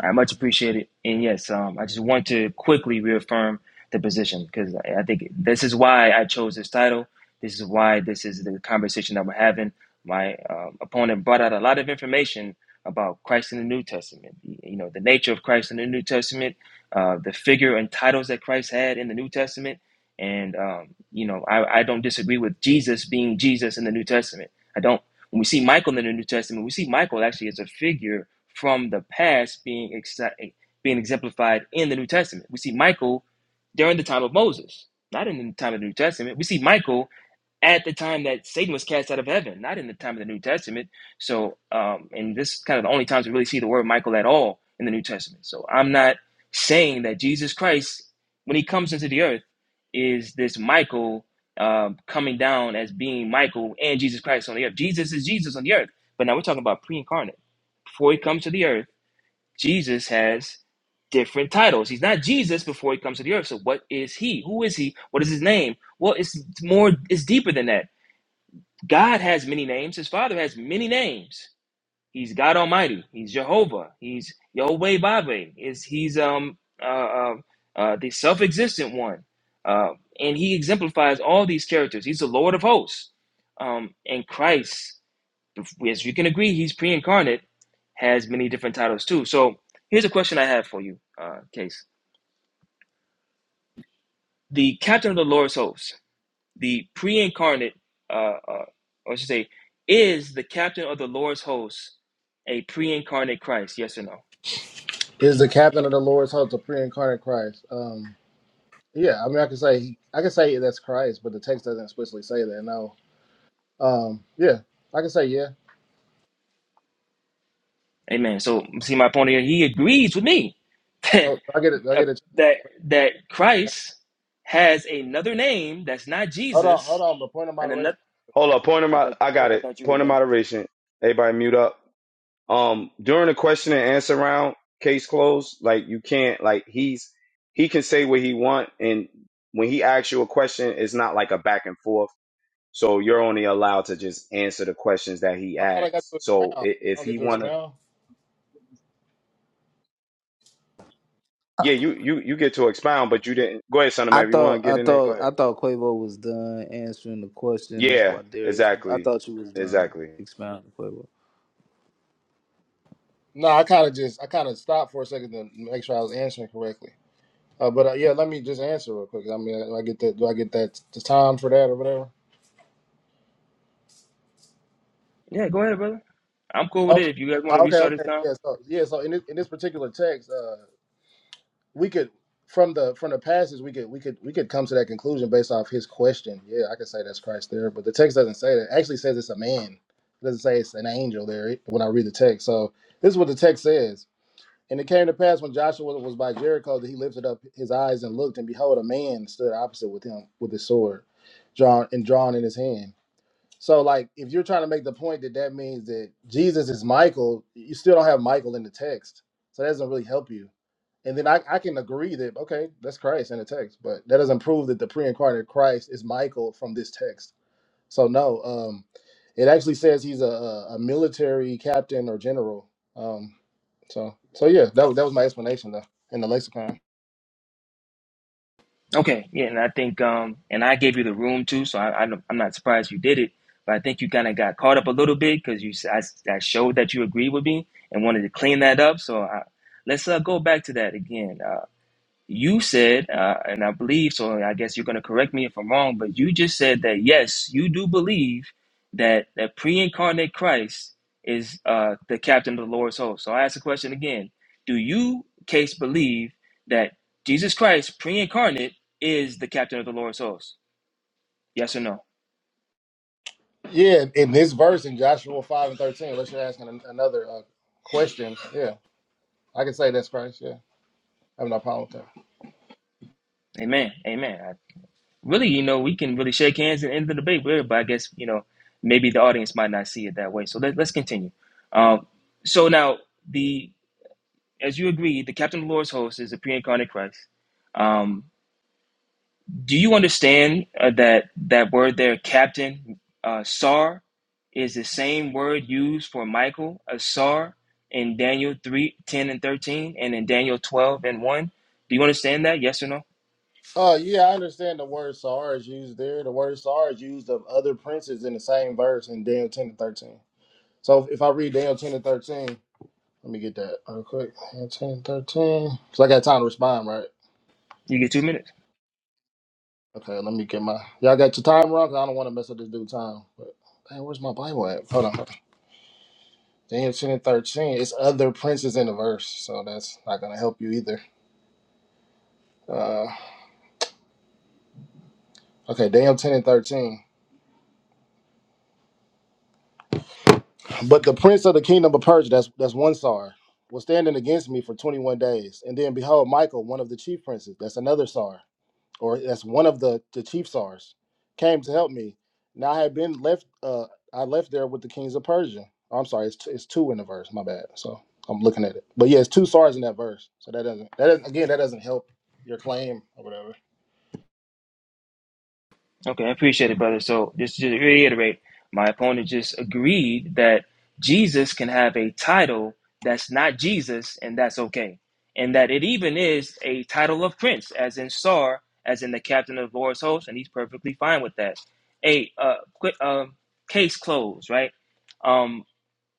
Speaker 4: I much appreciate it. And yes, um, I just want to quickly reaffirm the position because I I think this is why I chose this title. This is why this is the conversation that we're having. My um, opponent brought out a lot of information about Christ in the New Testament. You know, the nature of Christ in the New Testament, uh, the figure and titles that Christ had in the New Testament. And, um, you know, I, I don't disagree with Jesus being Jesus in the New Testament. I don't. When we see Michael in the New Testament, we see Michael actually as a figure from the past being ex- being exemplified in the New Testament. We see Michael during the time of Moses, not in the time of the New Testament. We see Michael at the time that Satan was cast out of heaven, not in the time of the New Testament. So, um, and this is kind of the only times we really see the word Michael at all in the New Testament. So, I'm not saying that Jesus Christ, when he comes into the earth, is this Michael um, coming down as being Michael and Jesus Christ on the earth. Jesus is Jesus on the earth, but now we're talking about pre-incarnate before he comes to the earth, Jesus has different titles. He's not Jesus before he comes to the earth. So what is he? Who is he? What is his name? Well, it's more it's deeper than that. God has many names. His father has many names. He's God Almighty. He's Jehovah. He's Yahweh Babe. Is he's um uh, uh, uh the self-existent one. Uh, and he exemplifies all these characters. He's the Lord of hosts. Um, and Christ as you can agree, he's pre-incarnate, has many different titles too. So here's a question I have for you, uh, Case. The captain of the Lord's hosts, the pre-incarnate, uh, uh, or I should say, is the captain of the Lord's hosts a pre-incarnate Christ? Yes or no?
Speaker 5: Is the captain of the Lord's host a pre incarnate Christ? Um, yeah, I mean, I can say I can say that's Christ, but the text doesn't explicitly say that. No. Um, yeah, I can say yeah.
Speaker 4: Amen. So see my point here. He agrees with me that
Speaker 5: Oh, I get it. I
Speaker 4: uh,
Speaker 5: get it.
Speaker 4: that that Christ has another name that's not
Speaker 5: Hold on, hold
Speaker 4: Jesus,
Speaker 5: on. The point of
Speaker 4: and
Speaker 5: moderation.
Speaker 4: another.
Speaker 1: Hold up, point of
Speaker 4: I
Speaker 1: my
Speaker 4: thought
Speaker 1: I
Speaker 5: yeah.
Speaker 1: got
Speaker 4: I
Speaker 1: it.
Speaker 4: thought you were
Speaker 1: Point of
Speaker 4: done.
Speaker 1: moderation. Everybody mute up. Um during the question and answer round, case closed, like you can't like he's he can say what he want and when he asks you a question, it's not like a back and forth. So you're only allowed to just answer the questions that he
Speaker 5: I thought I got
Speaker 1: asks.
Speaker 5: to
Speaker 1: So
Speaker 5: expound.
Speaker 1: if,
Speaker 5: I
Speaker 1: if
Speaker 5: don't
Speaker 1: he
Speaker 5: get to
Speaker 1: wanna
Speaker 5: expound.
Speaker 1: Yeah, you you you get to expound, but you didn't go ahead, son of
Speaker 8: I
Speaker 1: man, if you wanna
Speaker 8: thought
Speaker 1: get
Speaker 8: I
Speaker 1: in there, go
Speaker 8: thought
Speaker 1: ahead.
Speaker 8: I thought Quavo was done answering the question. That's
Speaker 1: Yeah,
Speaker 8: why Darius. I
Speaker 1: exactly.
Speaker 8: thought you was done
Speaker 1: Exactly.
Speaker 8: expounding Quavo.
Speaker 5: No, I kind of just I kind of stopped for a second to make sure I was answering correctly. Uh, but uh, yeah, let me just answer real quick. I mean, do I get that? Do I get that the time for that or whatever?
Speaker 4: Yeah, go ahead, brother. I'm cool with
Speaker 5: Oh,
Speaker 4: it. If you guys want to
Speaker 5: okay,
Speaker 4: restart this
Speaker 5: okay,
Speaker 4: time,
Speaker 5: yeah. So yeah, so in this, in this particular text, uh, we could from the from the passage we could we could we could come to that conclusion based off his question. Yeah, I could say that's Christ there, but the text doesn't say that. It actually says it's a man. It doesn't say it's an angel there when I read the text. So this is what the text says. And it came to pass when Joshua was by Jericho that he lifted up his eyes and looked, and behold, a man stood opposite with him with his sword drawn and drawn in his hand. So, like, if you're trying to make the point that that means that Jesus is Michael, you still don't have Michael in the text. So that doesn't really help you. And then I, I can agree that, okay, that's Christ in the text, but that doesn't prove that the pre incarnate Christ is Michael from this text. So no, um, it actually says he's a, a, a military captain or general. Um, so so yeah, that, was- that was my explanation though in the lexicon.
Speaker 4: okay. Yeah, and I think um, and I gave you the room too, so I, I don't- I'm not surprised you did it. But I think you kind of got caught up a little bit because you s- I, s- I showed that you agreed with me and wanted to clean that up. So I, let's uh, go back to that again. Uh, You said, uh, and I believe so. and I guess you're going to correct me if I'm wrong, but you just said that yes, you do believe that that pre-incarnate Christ is uh, the captain of the Lord's host. So I ask the question again: Do you, Case, believe that Jesus Christ, pre-incarnate, is the captain of the Lord's host? Yes or no?
Speaker 5: Yeah, in this verse in Joshua five and thirteen, unless you're asking an- another uh, question, yeah, I can say that's Christ. Yeah, I have no problem with that.
Speaker 4: Amen. Amen. I, really, you know, we can really shake hands and end the debate with but I guess you know maybe the audience might not see it that way. So let, let's continue. Um, so now the as you agree, the captain of the Lord's host is the pre-incarnate Christ. Um, do you understand uh, that that word there, captain, uh, sar, is the same word used for Michael, a sar, in Daniel 3, 10, and 13, and in Daniel 12 and 1? Do you understand that? Yes or no?
Speaker 5: Uh, yeah, I understand the word "sar" is used there. The word "sar" is used of other princes in the same verse in Daniel ten and thirteen. So if I read Daniel ten and thirteen, let me get that real quick. Daniel ten and thirteen, so I got time to respond, right?
Speaker 4: You get two minutes.
Speaker 5: Okay, let me get my. Y'all got your time wrong. 'Cause I don't want to mess up this dude time. But man, where's my Bible at? Hold on. hold on. Daniel ten and thirteen. It's other princes in the verse, so that's not gonna help you either. Uh, okay, Daniel ten and thirteen. But the prince of the kingdom of Persia, that's that's one sar, was standing against me for twenty one days, and then behold, Michael, one of the chief princes, that's another sar. or as one of the, the chief SARs, came to help me. Now I had been left, uh, I left there with the kings of Persia. I'm sorry, it's, t- it's two in the verse, my bad. So I'm looking at it. But yeah, it's two SARs in that verse. So that doesn't, that doesn't again, that doesn't help your claim or whatever.
Speaker 4: Okay, I appreciate it, brother. So just to reiterate, my opponent just agreed that Jesus can have a title that's not Jesus, and that's okay. And that it even is a title of prince, as in Sar, as in the captain of Lord's host, and he's perfectly fine with that. A uh, quick, uh, case closed, right? Um,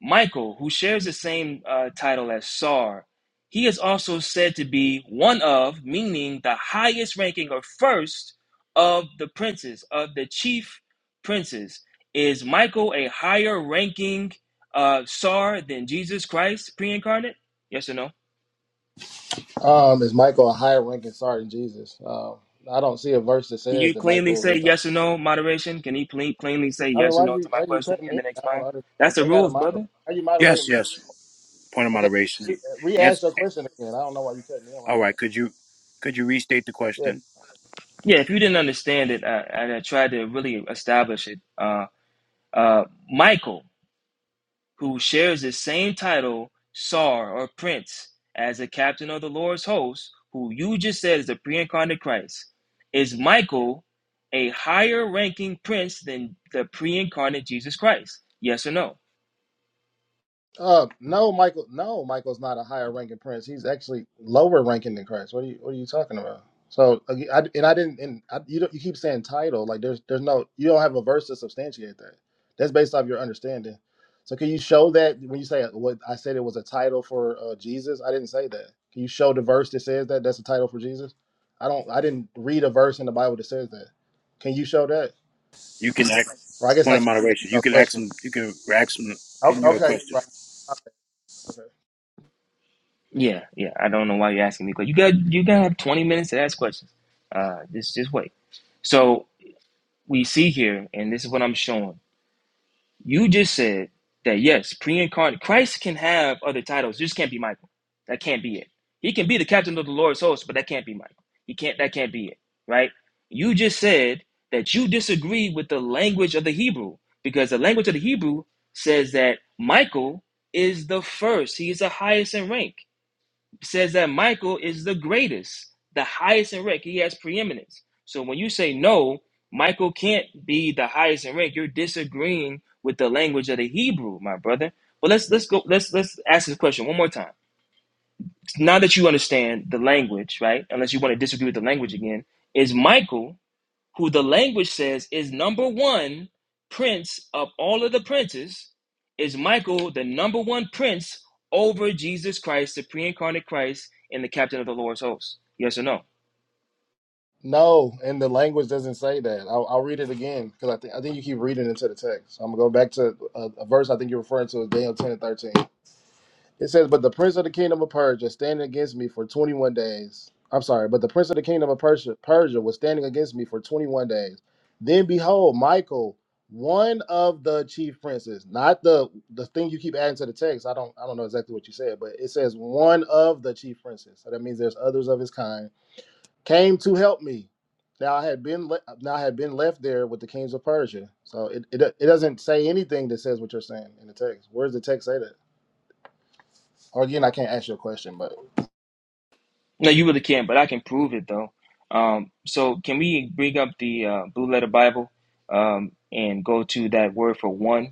Speaker 4: Michael, who shares the same uh, title as Sar, he is also said to be one of, meaning the highest ranking or first of the princes, of the chief princes. Is Michael a higher ranking uh, Sar than Jesus Christ pre incarnate? Yes or no?
Speaker 5: Um, is Michael a higher ranking SAR than Jesus? Um, I don't see a verse that
Speaker 4: Can
Speaker 5: says
Speaker 4: you
Speaker 5: that
Speaker 4: cleanly
Speaker 5: Michael
Speaker 4: say
Speaker 5: is the
Speaker 4: yes or no, moderation? Can he ple- cleanly say
Speaker 5: I mean,
Speaker 4: yes or
Speaker 5: why
Speaker 4: no
Speaker 5: you
Speaker 4: to my
Speaker 5: why you
Speaker 4: question
Speaker 5: cutting
Speaker 4: and
Speaker 5: in?
Speaker 4: then
Speaker 5: I don't
Speaker 4: expound? That's
Speaker 5: understand.
Speaker 4: the
Speaker 5: They got to
Speaker 4: rules,
Speaker 5: moderate.
Speaker 4: brother.
Speaker 5: How you
Speaker 2: Yes,
Speaker 5: moderating?
Speaker 2: yes. Point of
Speaker 5: Okay,
Speaker 2: moderation.
Speaker 5: re,
Speaker 2: You-
Speaker 5: re-ask
Speaker 2: Answer.
Speaker 5: your question again. I don't know why you cutting in. While
Speaker 2: All
Speaker 5: I'm trying
Speaker 2: right,
Speaker 5: to.
Speaker 2: could you could you restate the
Speaker 5: yeah.
Speaker 2: question?
Speaker 4: Yeah, if you didn't understand it, I, I I tried to really establish it. uh, Uh, Michael, who shares the same title, Tsar or Prince, as the captain of the Lord's host, who you just said is the pre incarnate Christ, is Michael a higher ranking prince than the pre incarnate Jesus Christ? Yes or no?
Speaker 5: Uh, no, Michael. No, Michael's not a higher ranking prince. He's actually lower ranking than Christ. What are you What are you talking about? So, ag- I, and I didn't. And I, you don't, you keep saying title. Like there's there's no you don't have a verse to substantiate that. That's based off your understanding. So, can you show that when you say what I said it was a title for uh, Jesus? I didn't say that. Can you show the verse that says that that's a title for Jesus? I don't. I didn't read a verse in the Bible that says that. Can you show that?
Speaker 2: You can ask
Speaker 5: Or I guess
Speaker 2: point
Speaker 5: I
Speaker 2: of
Speaker 5: can't ask
Speaker 2: moderation.
Speaker 5: you
Speaker 2: You
Speaker 5: a
Speaker 2: can ask
Speaker 5: question.
Speaker 2: them. You can ask them
Speaker 5: O-
Speaker 2: in your
Speaker 5: Okay, you're
Speaker 2: question.
Speaker 5: right. Okay, okay.
Speaker 4: Yeah, yeah. I don't know why you're asking me, because you got you gotta have 20 minutes to ask questions. Uh, just just wait. So we see here, and this is what I'm showing. You just said that yes, pre-incarnate Christ can have other titles. This can't be Michael. That can't be it. He can be the captain of the Lord's host, but that can't be Michael. He can't. That can't be it. Right? You just said that you disagree with the language of the Hebrew because the language of the Hebrew says that Michael is the first. He is the highest in rank says that Michael is the greatest, the highest in rank. He has preeminence. So when you say no, Michael can't be the highest in rank, you're disagreeing with the language of the Hebrew, my brother. But let's let's go let's let's ask this question one more time. Now that you understand the language, right? Unless you want to disagree with the language again, is Michael who the language says is number one prince of all of the princes, is Michael the number one prince over Jesus Christ, the pre incarnate Christ, and the captain of the Lord's host? Yes or no?
Speaker 5: No, and the language doesn't say that. I'll, I'll read it again because I think I think you keep reading into the text. So I'm gonna go back to a, a verse I think you're referring to is Daniel 10 and 13. It says, "But the prince of the kingdom of Persia standing against me for 21 days. I'm sorry, but the prince of the kingdom of Persia, Persia was standing against me for 21 days. Then behold, Michael, one of the chief princes, not the the thing you keep adding to the text. I don't I don't know exactly what you said, but it says one of the chief princes. So that means there's others of his kind." came to help me. Now I had been le- now I had been left there with the kings of Persia. So it, it it doesn't say anything that says what you're saying in the text. Where does the text say that? Or again, I can't ask you a question, but
Speaker 4: No, you really can't, but I can prove it though. Um, so, can we bring up the uh, blue letter Bible um, and go to that word for one?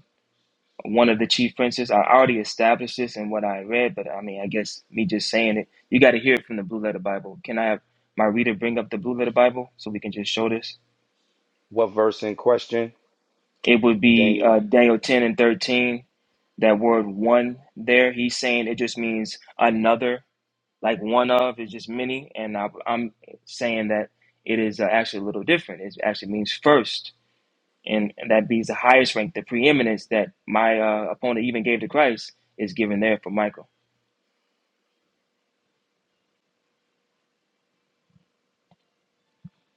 Speaker 4: one of the chief princes. I already established this in what I read, but I mean, I guess me just saying it, you got to hear it from the Blue Letter Bible. Can I have my reader bring up the Blue Letter Bible so we can just show this?
Speaker 1: What verse in question?
Speaker 4: It would be
Speaker 1: Daniel?
Speaker 4: uh, Daniel 10 and 13. That word one there, he's saying it just means another, like one of, is just many. And I, I'm saying that it is uh, actually a little different. It actually means first. And, and that means the highest rank, the preeminence that my uh, opponent even gave to Christ is given there for Michael.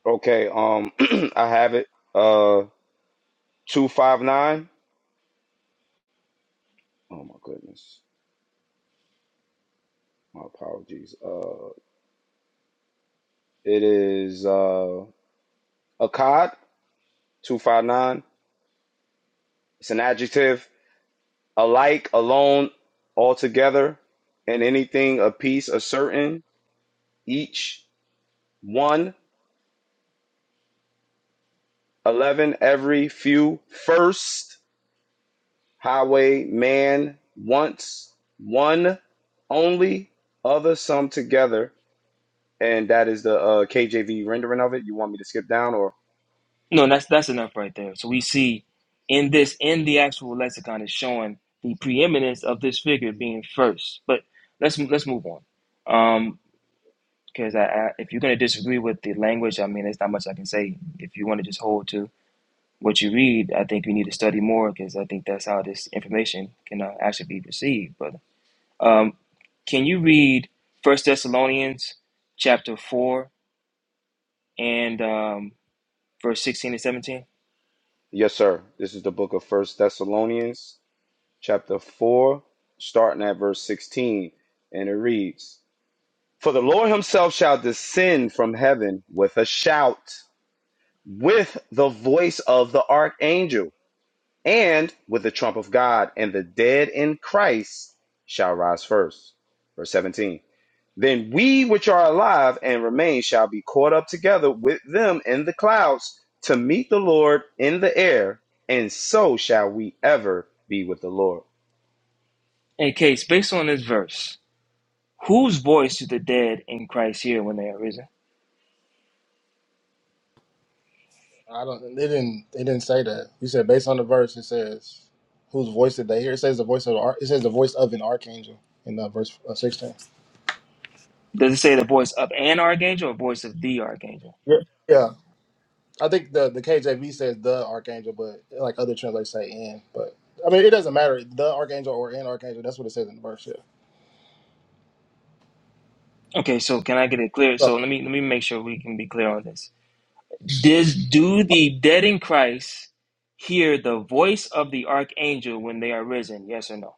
Speaker 1: Okay, um, I have it. Uh, two five nine. Oh my goodness, my apologies. Uh, it is uh a cod two five nine. It's an adjective. Alike, alone, altogether, and anything, a piece, a certain, each, one, eleven, every, few, first, highway, man, once, one, only, other, some together. And that is the uh, KJV rendering of it. You want me to skip down or?
Speaker 4: No, that's that's enough right there. So we see in this in the actual lexicon is showing the preeminence of this figure being first. But let's let's move on. Um because I, I, if you're going to disagree with the language, I mean, there's not much I can say. If you want to just hold to what you read, I think you need to study more because I think that's how this information can uh, actually be received. But um, can you read First Thessalonians chapter four and um, verse sixteen and seventeen?
Speaker 1: Yes, sir. This is the book of First Thessalonians, chapter 4, starting at verse 16. And it reads For the Lord himself shall descend from heaven with a shout, with the voice of the archangel And with the trump of God, and the dead in Christ shall rise first. Verse 17. Then we which are alive and remain shall be caught up together with them in the clouds to meet the Lord in the air, and so shall we ever be with the Lord.
Speaker 4: In case based on this verse, Whose voice do the dead in Christ hear when they are risen?
Speaker 5: I don't. It didn't. It didn't say that. You said based on the verse, it says whose voice did they hear? It says the voice of the, ar- it says the voice of an archangel in uh, verse uh, sixteen.
Speaker 4: Does it say the voice of an archangel or voice of the archangel?
Speaker 5: Yeah. yeah, I think the the KJV says the archangel, but like other translators say in. But I mean, it doesn't matter the archangel or an archangel. That's what it says in the verse. Yeah.
Speaker 4: Okay, so can I get it clear?
Speaker 5: So,
Speaker 4: So let me let me make sure we can be clear on this. Does do the dead in Christ hear the voice of the archangel when they are risen? Yes or no?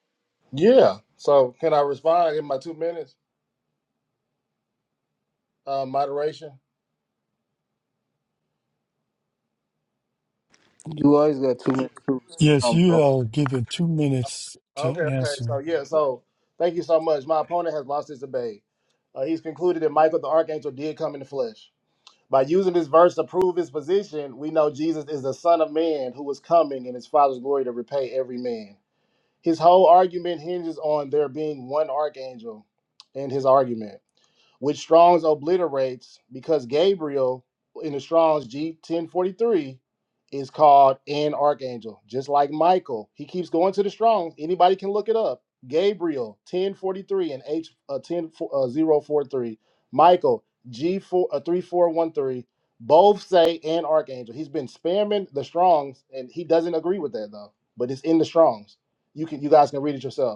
Speaker 5: Yeah. So can I respond in my two minutes? Uh, moderation.
Speaker 8: You always got too much to
Speaker 9: Yes,
Speaker 8: expound,
Speaker 9: you
Speaker 8: bro.
Speaker 9: are given two minutes to
Speaker 5: Okay. Okay. So
Speaker 9: answer.
Speaker 5: yeah. So thank you so much. My opponent has lost his debate. Uh, he's concluded that Michael the archangel did come in the flesh. By using this verse to prove his position, we know Jesus is the Son of Man who was coming in His Father's glory to repay every man. His whole argument hinges on there being one archangel in his argument. which Strong's obliterates because Gabriel in the Strong's G ten forty three is called an archangel, just like Michael. He keeps going to the Strong's. Anybody can look it up. Gabriel ten forty three and H uh, ten oh forty-three. Michael G four uh, three four one three. Both say an archangel. He's been spamming the Strong's, and he doesn't agree with that though. But it's in the Strong's. You can you guys can read it yourself.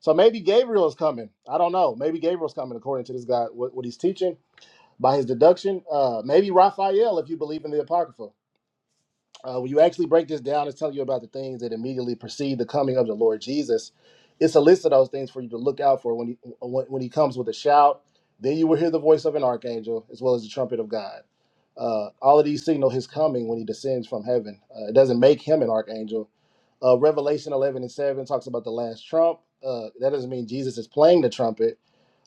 Speaker 5: So maybe Gabriel is coming. I don't know. Maybe Gabriel's coming according to this guy, what, what he's teaching by his deduction. Uh, maybe Raphael, if you believe in the Apocrypha uh, when you actually break this down, it's telling you about the things that immediately precede the coming of the Lord Jesus. It's a list of those things for you to look out for when he when, when he comes with a shout. Then you will hear the voice of an archangel as well as the trumpet of God. Uh, all of these signal his coming when he descends from heaven. Uh, it doesn't make him an archangel. Uh, Revelation 11 and 7 talks about the last trump. Uh, that doesn't mean Jesus is playing the trumpet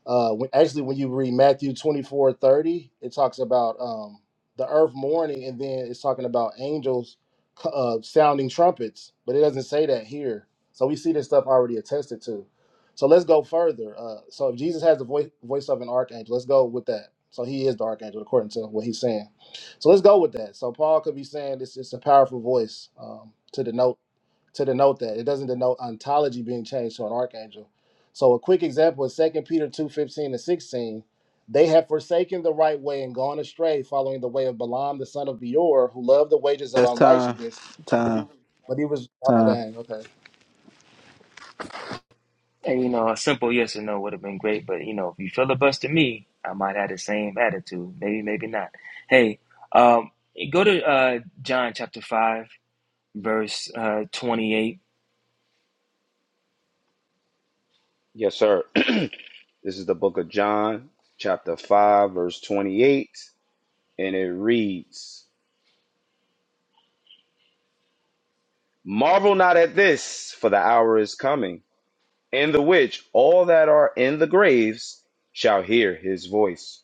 Speaker 5: uh, when, actually, when you read Matthew 24 30, it talks about um, the earth mourning, and then it's talking about angels uh, sounding trumpets, but it doesn't say that here. So we see this stuff already attested to. So let's go further. Uh, so if Jesus has the voice, voice of an archangel, let's go with that. So he is the archangel according to what he's saying. So let's go with that. So Paul could be saying this is a powerful voice um, to denote to denote that. It doesn't denote ontology being changed to an archangel. So a quick example is Second Peter 2:15 to 16. They have forsaken the right way and gone astray, following the way of Balaam the son of Beor, who loved the wages of
Speaker 8: That's time,
Speaker 5: unrighteousness.
Speaker 8: time,
Speaker 5: But he was oh
Speaker 8: time.
Speaker 5: dang, okay.
Speaker 4: And you know, a simple yes or no would have been great, but you know, if you filibuster me, I might have the same attitude. Maybe, maybe not. Hey, um, go to uh, John chapter five, verse uh, twenty-eight
Speaker 1: Yes, sir. this is the book of John, chapter 5, verse 28, and it reads Marvel not at this, for the hour is coming In the which all that are in the graves shall hear his voice.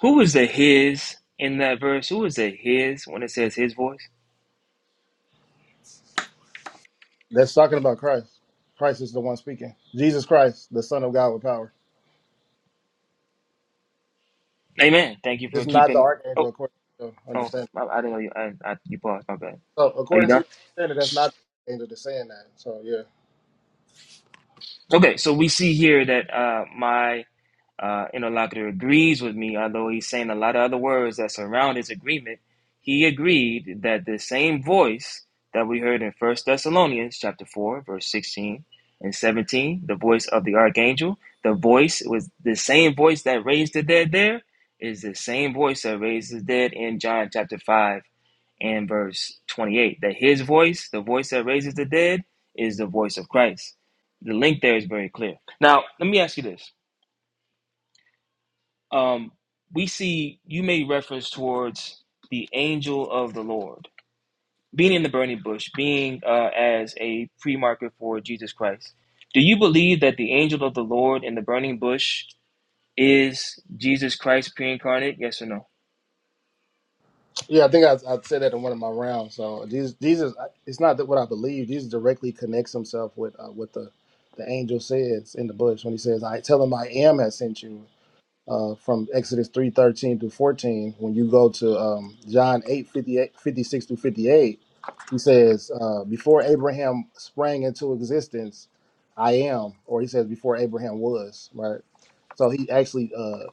Speaker 4: Who was the his in that verse? Who was the his when it says his voice?
Speaker 5: That's talking about Christ. Christ is the one speaking. Jesus Christ, the Son of God with power.
Speaker 4: Amen. Thank you for
Speaker 5: It's not the
Speaker 4: keeping.
Speaker 5: archangel
Speaker 4: Oh,
Speaker 5: according to your
Speaker 4: oh, okay.
Speaker 5: understanding.
Speaker 4: I, I didn't know you. I, I, you paused. My bad.
Speaker 5: So
Speaker 4: Are you
Speaker 5: according to
Speaker 4: done?
Speaker 5: your understanding, that's not the angel that's saying that. So yeah.
Speaker 4: Okay. So we see here that uh, my uh, interlocutor agrees with me, although he's saying a lot of other words that surround his agreement, he agreed that the same voice that we heard in First Thessalonians chapter 4, verse 16 and 17, the voice of the archangel, the voice was the same voice that raised the dead there, is the same voice that raised the dead in John chapter 5 and verse 28. That his voice, the voice that raises the dead, is the voice of Christ. The link there is very clear. Now, let me ask you this um, we see you made reference towards the angel of the Lord being in the burning bush, being uh, as a pre market for Jesus Christ. Do you believe that the angel of the Lord in the burning bush is Jesus Christ pre incarnate? Yes or no?
Speaker 5: Yeah, I think I, I said that in one of my rounds. So these these is it's not that what I believe. Jesus directly connects himself with uh, what the the angel says in the bush when he says, "I tell him I am has sent you." uh, from Exodus three thirteen through fourteen. When you go to um, John 8 56 58, through fifty eight, he says, uh, "Before Abraham sprang into existence, I am," or he says, "Before Abraham was." Right. So he actually uh,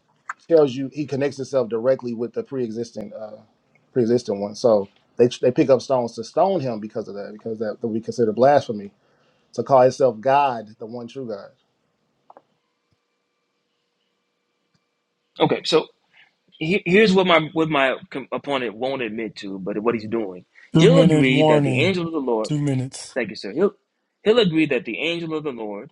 Speaker 5: tells you he connects himself directly with the pre existing uh, pre existing one. So they they pick up stones to stone him because of that, because that, that we consider blasphemy to call himself God, the one true God.
Speaker 4: Okay, so he- here's what my what my com- opponent won't admit to, but what he's doing,
Speaker 9: Two
Speaker 4: he'll
Speaker 9: minute
Speaker 4: agree that the
Speaker 9: warning.
Speaker 4: angel of the Lord.
Speaker 9: Two minutes.
Speaker 4: Thank you, sir. He'll he'll agree that the angel of the Lord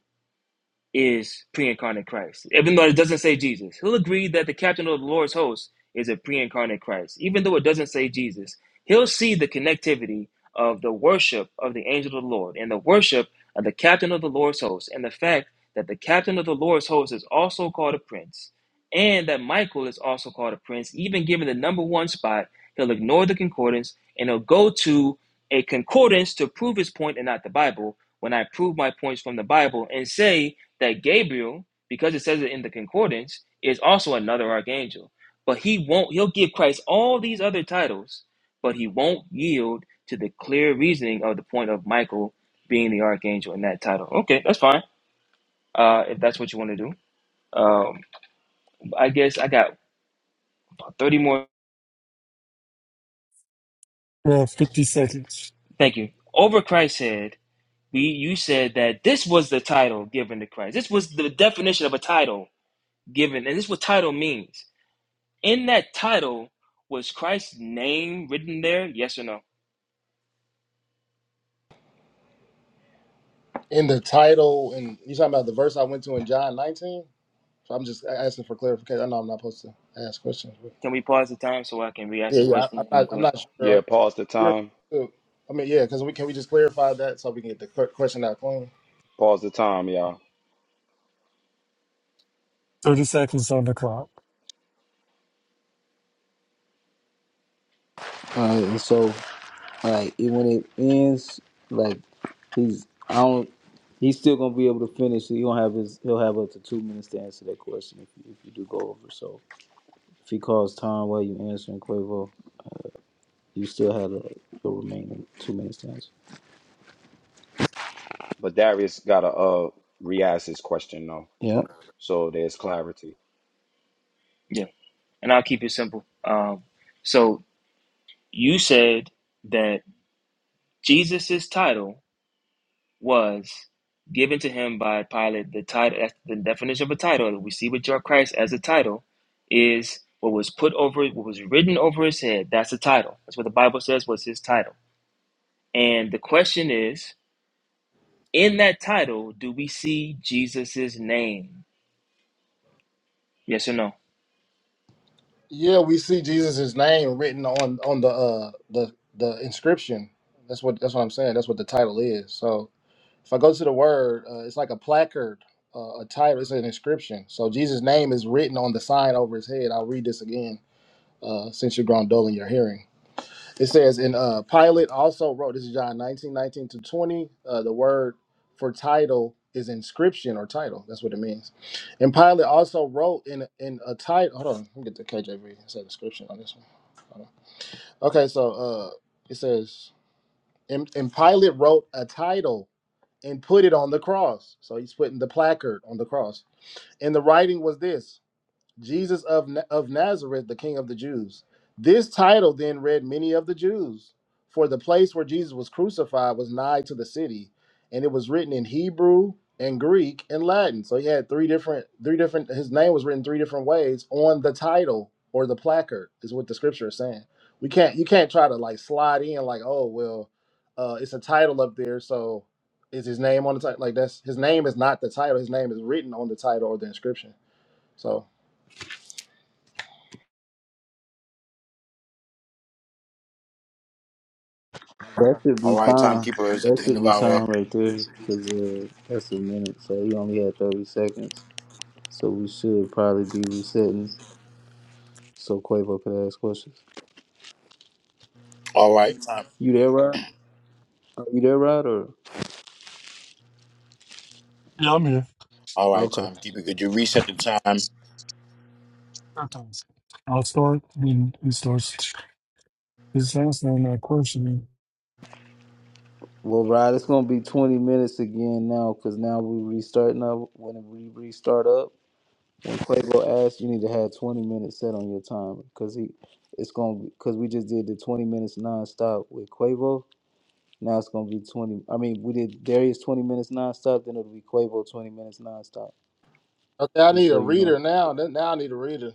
Speaker 4: is pre-incarnate Christ. Even though it doesn't say Jesus, he'll agree that the captain of the Lord's host is a pre-incarnate Christ. Even though it doesn't say Jesus, he'll see the connectivity of the worship of the angel of the Lord and the worship of the captain of the Lord's host and the fact that the captain of the Lord's host is also called a prince and that Michael is also called a prince, even given the number one spot, he'll ignore the concordance and he'll go to a concordance to prove his point and not the Bible. When I prove my points from the Bible and say that Gabriel, because it says it in the concordance, is also another archangel. But he won't, he'll give Christ all these other titles, but he won't yield to the clear reasoning of the point of Michael being the archangel in that title. Okay, that's fine. Uh, if that's what you want to do. Um, I guess I got about 30 more.
Speaker 9: Yeah, 50 seconds.
Speaker 4: Thank you. Over Christ's head, we, you said that this was the title given to Christ. This was the definition of a title given, and this is what title means. In that title, was Christ's name written there? Yes or no?
Speaker 5: in the title, and you talking about the verse I went to in John 19. So I'm just asking for clarification. I know I'm not supposed to ask questions, but
Speaker 4: Can we pause the time so I can re-ask
Speaker 5: yeah,
Speaker 4: the
Speaker 5: yeah, I, I'm
Speaker 4: question and you
Speaker 5: not. I'm
Speaker 4: clarify?
Speaker 5: not sure. Are
Speaker 1: Yeah, pause the
Speaker 5: you
Speaker 1: time.
Speaker 5: referring to? I mean, yeah, because we can we just clarify that so we can get the que- question out clean.
Speaker 1: Pause the time, y'all.
Speaker 9: 30 seconds on the clock.
Speaker 8: All right, and so like it- when it ends, like he's I don't. He's still gonna be able to finish. He gonna have his. He'll have up to two minutes to answer that question if you, if you do go over. So if he calls time while you answering Quavo, you still have a, a remaining two minutes to answer.
Speaker 1: But Darius gotta uh re-ask his question though,
Speaker 8: Yeah.
Speaker 1: so there's clarity.
Speaker 4: Yeah, and I'll keep it simple. Um, so you said that Jesus's title was given to him by Pilate. The title, that's the definition of a title. We see with your Christ as a title is what was put over, what was written over his head. That's a title. That's what the Bible says was his title. And the question is. In that title, do we see Jesus' name? Yes or no?
Speaker 5: Yeah, we see Jesus' name written on on the uh the the inscription. That's what that's what I'm saying. That's what the title is. So if I go to the word, uh, it's like a placard, uh, a title. It's an inscription. So Jesus' name is written on the sign over his head. I'll read this again. uh, since you're grown dull in your hearing. It says, and uh, Pilate also wrote, this is John 19:19 to 20. Uh, the word for title is inscription or title. That's what it means. And Pilate also wrote in in a title. Hold on, let me get the KJV. It said inscription on this one. Hold on. Okay, so uh, it says, and, and Pilate wrote a title and put it on the cross. So he's putting the placard on the cross. And the writing was this. Jesus of, Na- of Nazareth, the King of the Jews. This title then read many of the Jews, for the place where Jesus was crucified was nigh to the city, and it was written in Hebrew and Greek and Latin. So he had three different, three different. His name was written three different ways on the title or the placard, is what the scripture is saying. We can't, you can't try to like slide in like, oh well, uh, it's a title up there, so is his name on the title? Like that's his name is not the title. His name is written on the title or the inscription. So.
Speaker 8: That should be
Speaker 2: All right,
Speaker 8: time.
Speaker 2: timekeeper is at
Speaker 8: That
Speaker 2: the end
Speaker 8: should
Speaker 2: of
Speaker 8: be
Speaker 2: our
Speaker 8: time right there because uh, that's a minute. So he only had 30 seconds. So we should probably be resetting so Quavo could ask questions.
Speaker 2: All right, time.
Speaker 8: You there, Rod? Are you there, Rod? Or
Speaker 9: Yeah, I'm here.
Speaker 2: All right,
Speaker 8: okay.
Speaker 2: timekeeper. Could you reset the time?
Speaker 9: Sometimes. I'll start when he starts his answering that question.
Speaker 8: Well, Rod, it's gonna be 20 minutes again now because now we restarting up. When we restart up, when Quavo asks, you need to have 20 minutes set on your time because he, it's gonna because we just did the 20 minutes nonstop with Quavo. Now it's gonna be twenty. I mean, we did Darius twenty minutes nonstop. Then it'll be Quavo twenty minutes nonstop.
Speaker 5: Okay, I
Speaker 8: Just
Speaker 5: need
Speaker 8: so
Speaker 5: a
Speaker 8: you know,
Speaker 5: reader now. Then- Now I need a reader.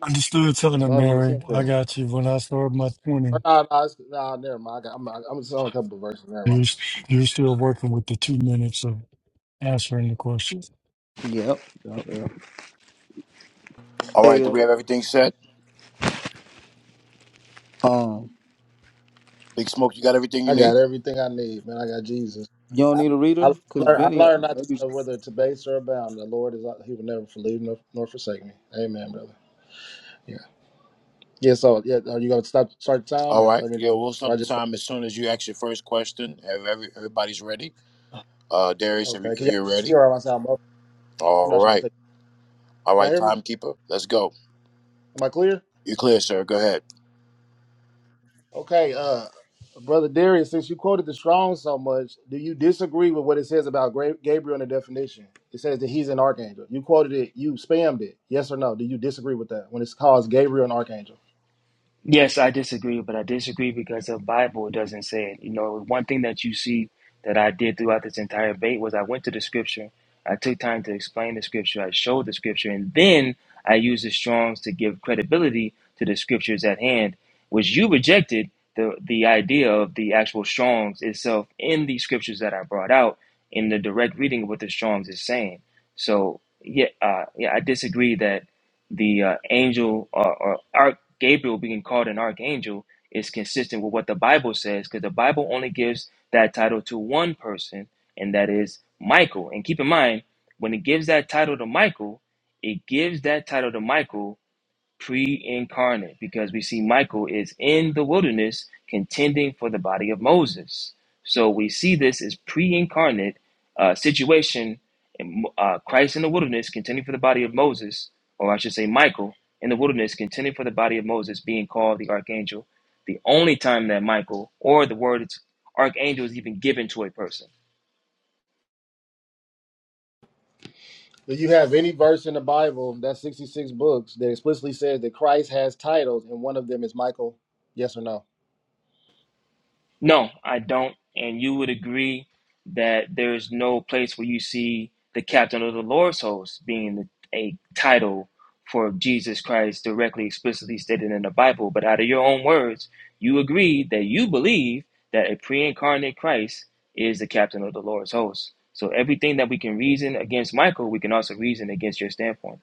Speaker 9: Understood, telling him,
Speaker 8: what happened
Speaker 9: Mary,
Speaker 8: to
Speaker 9: I
Speaker 8: Sensei?
Speaker 9: got you. When I start my 20,
Speaker 5: Or no, no, it's, no never mind. I got, I'm, I'm just on a couple of verses. Never mind.
Speaker 9: you're, you're still working with the two minutes of answering the question.
Speaker 8: Yep. yep, yep.
Speaker 2: All right.
Speaker 8: Hey,
Speaker 2: Do
Speaker 8: uh,
Speaker 2: we have everything set?
Speaker 8: um,
Speaker 2: Big Smoke, you got everything you
Speaker 5: I
Speaker 2: need?
Speaker 5: got everything I need, man. I got Jesus.
Speaker 8: you don't
Speaker 5: I,
Speaker 8: need a
Speaker 5: I
Speaker 8: reader, cause
Speaker 5: learned. I
Speaker 8: Benny uh,
Speaker 5: learned not to
Speaker 8: maybe.
Speaker 5: know whether to base or abound. The Lord is. uh, He will never leave nor, nor forsake me. Amen, brother. Yeah. Yeah. So yeah, are you gonna stop start the time
Speaker 2: All
Speaker 5: or
Speaker 2: right.
Speaker 5: let me
Speaker 2: Yeah,
Speaker 5: know?
Speaker 2: we'll
Speaker 5: Or
Speaker 2: stop
Speaker 5: I
Speaker 2: the
Speaker 5: just
Speaker 2: time as soon as you ask your first question. If every, everybody's ready. Uh, Darius, if, you,
Speaker 5: okay.
Speaker 2: if
Speaker 5: Can y'all
Speaker 2: you're ready.
Speaker 5: hear? Or am I sound? muffled? I'm
Speaker 2: All
Speaker 5: not trying to
Speaker 2: right.
Speaker 5: cut.
Speaker 2: All
Speaker 5: you. Y'all
Speaker 2: right,
Speaker 5: hear me?
Speaker 2: timekeeper. Let's go.
Speaker 5: Am I clear?
Speaker 2: You're clear, sir. Go ahead.
Speaker 5: Okay, uh, brother Darius, since you quoted the Strong so much, do you disagree with what it says about Gra- Gabriel in the definition? It says that he's an archangel. You quoted it. You spammed it. Yes or no? Do you disagree with that when it's calls Gabriel an archangel?
Speaker 4: Yes, I disagree, but I disagree because the Bible doesn't say it. You know, one thing that you see that I did throughout this entire debate was I went to the scripture, I took time to explain the scripture, I showed the scripture, and then I used the Strongs to give credibility to the scriptures at hand, which you rejected the the idea of the actual Strongs itself in the scriptures that I brought out in the direct reading of what the Strongs is saying. So yeah, uh, yeah, I disagree that the uh, angel or, or arch Gabriel being called an archangel is consistent with what the Bible says because the Bible only gives that title to one person, and that is Michael. And keep in mind, when it gives that title to Michael, it gives that title to Michael pre-incarnate because we see Michael is in the wilderness contending for the body of Moses. So we see this as pre-incarnate uh, situation, in, uh, Christ in the wilderness contending for the body of Moses, or I should say Michael in the wilderness contending for the body of Moses, being called the archangel. The only time that Michael or the word archangel is even given to a person.
Speaker 5: Do you have any verse in the Bible that's 66 books that explicitly says that Christ has titles and one of them is Michael? Yes or no?
Speaker 4: No, I don't. And you would agree that there is no place where you see the captain of the Lord's host being the, a title for Jesus Christ directly, explicitly stated in the Bible. But out of your own words, you agree that you believe that a pre incarnate Christ is the captain of the Lord's host. So everything that we can reason against Michael, we can also reason against your standpoint.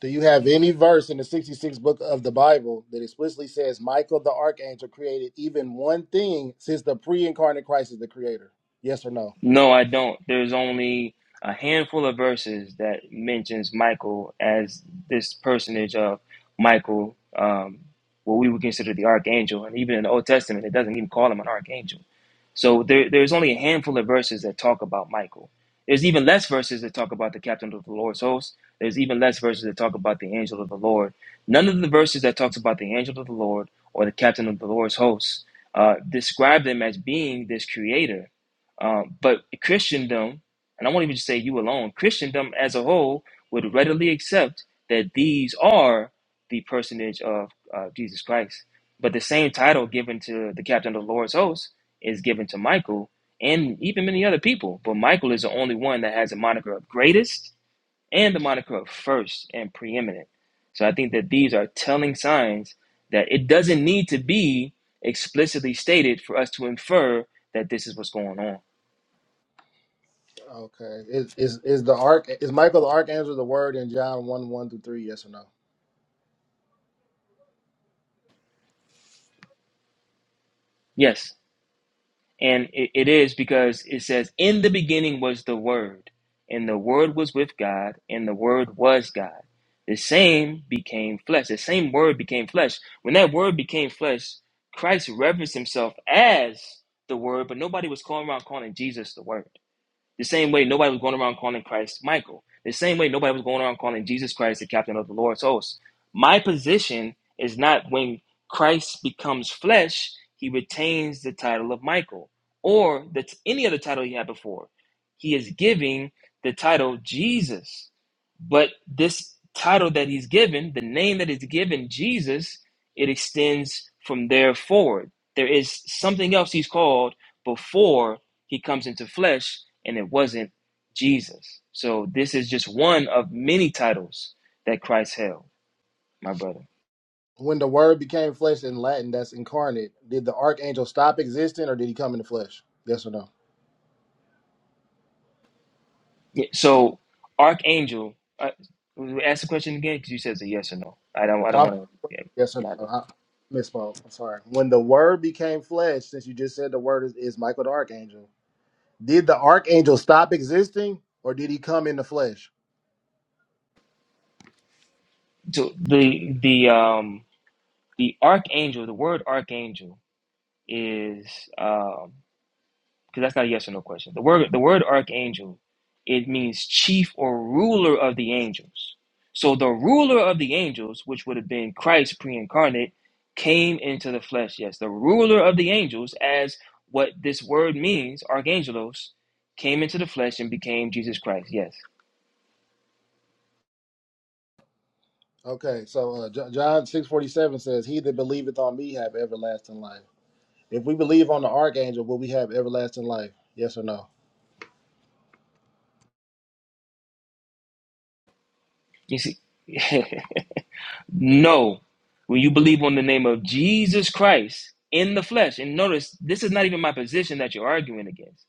Speaker 5: Do you have any verse in the 66th book of the Bible that explicitly says Michael the archangel created even one thing since the pre-incarnate Christ is the creator? Yes or no?
Speaker 4: No, I don't. There's only a handful of verses that mentions Michael as this personage of Michael, um, what we would consider the archangel. And even in the Old Testament, it doesn't even call him an archangel. So there, there's only a handful of verses that talk about Michael. There's even less verses that talk about the captain of the Lord's host. There's even less verses that talk about the angel of the Lord. None of the verses that talks about the angel of the Lord or the captain of the Lord's hosts uh, describe them as being this creator. Um, but Christendom, and I won't even just say you alone, Christendom as a whole would readily accept that these are the personage of uh, Jesus Christ. But the same title given to the captain of the Lord's hosts is given to Michael and even many other people, but Michael is the only one that has a moniker of greatest and the moniker of first and preeminent. So I think that these are telling signs that it doesn't need to be explicitly stated for us to infer that this is what's going on.
Speaker 5: Okay. Is is, is the arch is Michael the archangel the word in John 1 1 through 3? Yes or no?
Speaker 4: Yes. And it, it is because it says, In the beginning was the Word, and the Word was with God, and the Word was God. The same became flesh. The same Word became flesh. When that Word became flesh, Christ reverenced himself as the Word, but nobody was calling around calling Jesus the Word. The same way nobody was going around calling Christ Michael. The same way nobody was going around calling Jesus Christ the captain of the Lord's hosts. My position is not when Christ becomes flesh, he retains the title of Michael or the, t- any other title he had before. He is giving the title Jesus. But this title that he's given, the name that is given, Jesus, it extends from there forward. There is something else he's called before he comes into flesh and it wasn't Jesus. So this is just one of many titles that Christ held, my brother.
Speaker 5: When the word became flesh in Latin, that's incarnate. Did the archangel stop existing or did he come in the flesh? Yes or no?
Speaker 4: Yeah, So archangel, uh, ask the question again because you said it's a yes or no. I don't. I don't
Speaker 5: I'm-
Speaker 4: want to. Yeah,
Speaker 5: yes or
Speaker 4: not
Speaker 5: no?
Speaker 4: there.
Speaker 5: I misspoke. I'm sorry. When the word became flesh, since you just said the word is, is Michael the archangel, Did the archangel stop existing, or did he come in the flesh?
Speaker 4: So the the um the archangel, the word archangel is um. because that's not a yes or no question. The word the word archangel, it means chief or ruler of the angels. So the ruler of the angels, which would have been Christ pre-incarnate, came into the flesh. Yes, the ruler of the angels, as what this word means, archangelos, came into the flesh and became Jesus Christ. Yes.
Speaker 5: Okay, so uh, Jo- John six forty seven says, "He that believeth on me have everlasting life." If we believe on the archangel, will we have everlasting life? Yes or no?
Speaker 4: You see, no. When you believe on the name of Jesus Christ in the flesh, and notice this is not even my position that you're arguing against.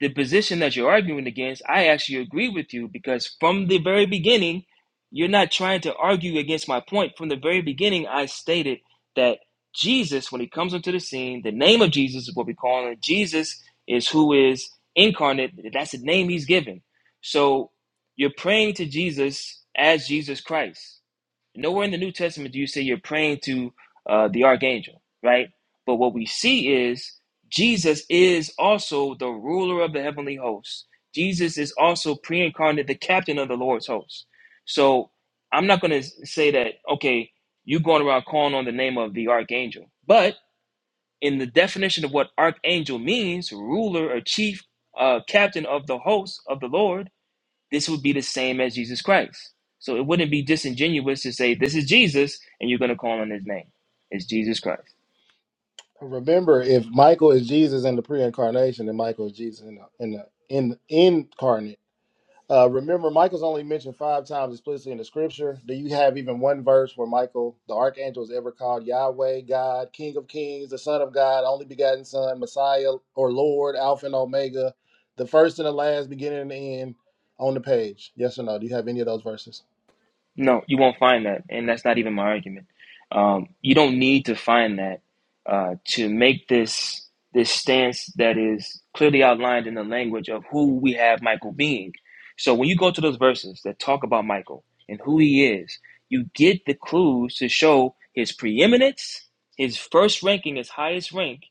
Speaker 4: the position that you're arguing against, I actually agree with you because from the very beginning, you're not trying to argue against my point. From the very beginning, I stated that Jesus, when he comes onto the scene, the name of Jesus is what we call him. Jesus is who is incarnate. That's the name he's given. So you're praying to Jesus as Jesus Christ. Nowhere in the New Testament do you say you're praying to uh, the archangel, right? But what we see is Jesus is also the ruler of the heavenly hosts. Jesus is also pre incarnate, the captain of the Lord's hosts. So I'm not going to say that, okay, you're going around calling on the name of the archangel. But in the definition of what archangel means, ruler or chief, uh, captain of the hosts of the Lord, this would be the same as Jesus Christ. So it wouldn't be disingenuous to say this is Jesus and you're going to call on his name. It's Jesus Christ.
Speaker 5: Remember, if Michael is Jesus in the pre-incarnation, then Michael is Jesus in the in the in incarnate. Uh, remember, Michael's only mentioned five times explicitly in the scripture. Do you have even one verse where Michael, the archangel, is ever called Yahweh, God, King of Kings, the Son of God, only begotten Son, Messiah, or Lord, Alpha and Omega, the first and the last, beginning and the end on the page? Yes or no? Do you have any of those verses?
Speaker 4: No, you won't find that, and that's not even my argument. Um, you don't need to find that uh, to make this this stance that is clearly outlined in the language of who we have Michael being. So when you go to those verses that talk about Michael and who he is, you get the clues to show his preeminence, his first ranking, his highest rank,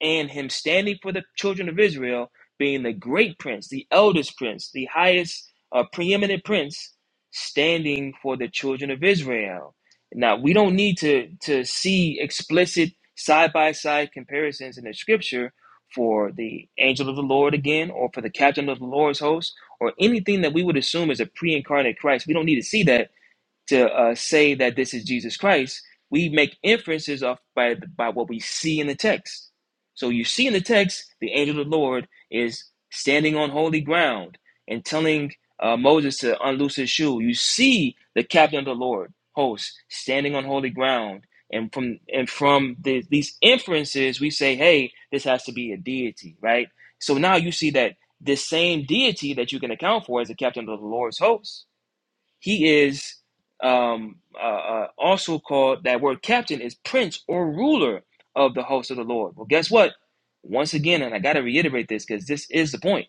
Speaker 4: and him standing for the children of Israel, being the great prince, the eldest prince, the highest uh, preeminent prince standing for the children of Israel. Now, we don't need to, to see explicit side by side comparisons in the scripture for the angel of the Lord again, or for the captain of the Lord's host, or anything that we would assume is a pre incarnate Christ. We don't need to see that to uh, say that this is Jesus Christ, we make inferences off by by what we see in the text. So you see in the text, the angel of the Lord is standing on holy ground and telling uh, Moses to unloose his shoe. You see the captain of the Lord host standing on holy ground, and from and from the, these inferences, we say, hey, this has to be a deity, right? So now you see that this same deity that you can account for as the captain of the Lord's host he is um, uh, uh, also called, that word captain is prince or ruler of the host of the Lord. Well, guess what? Once again, and I got to reiterate this because this is the point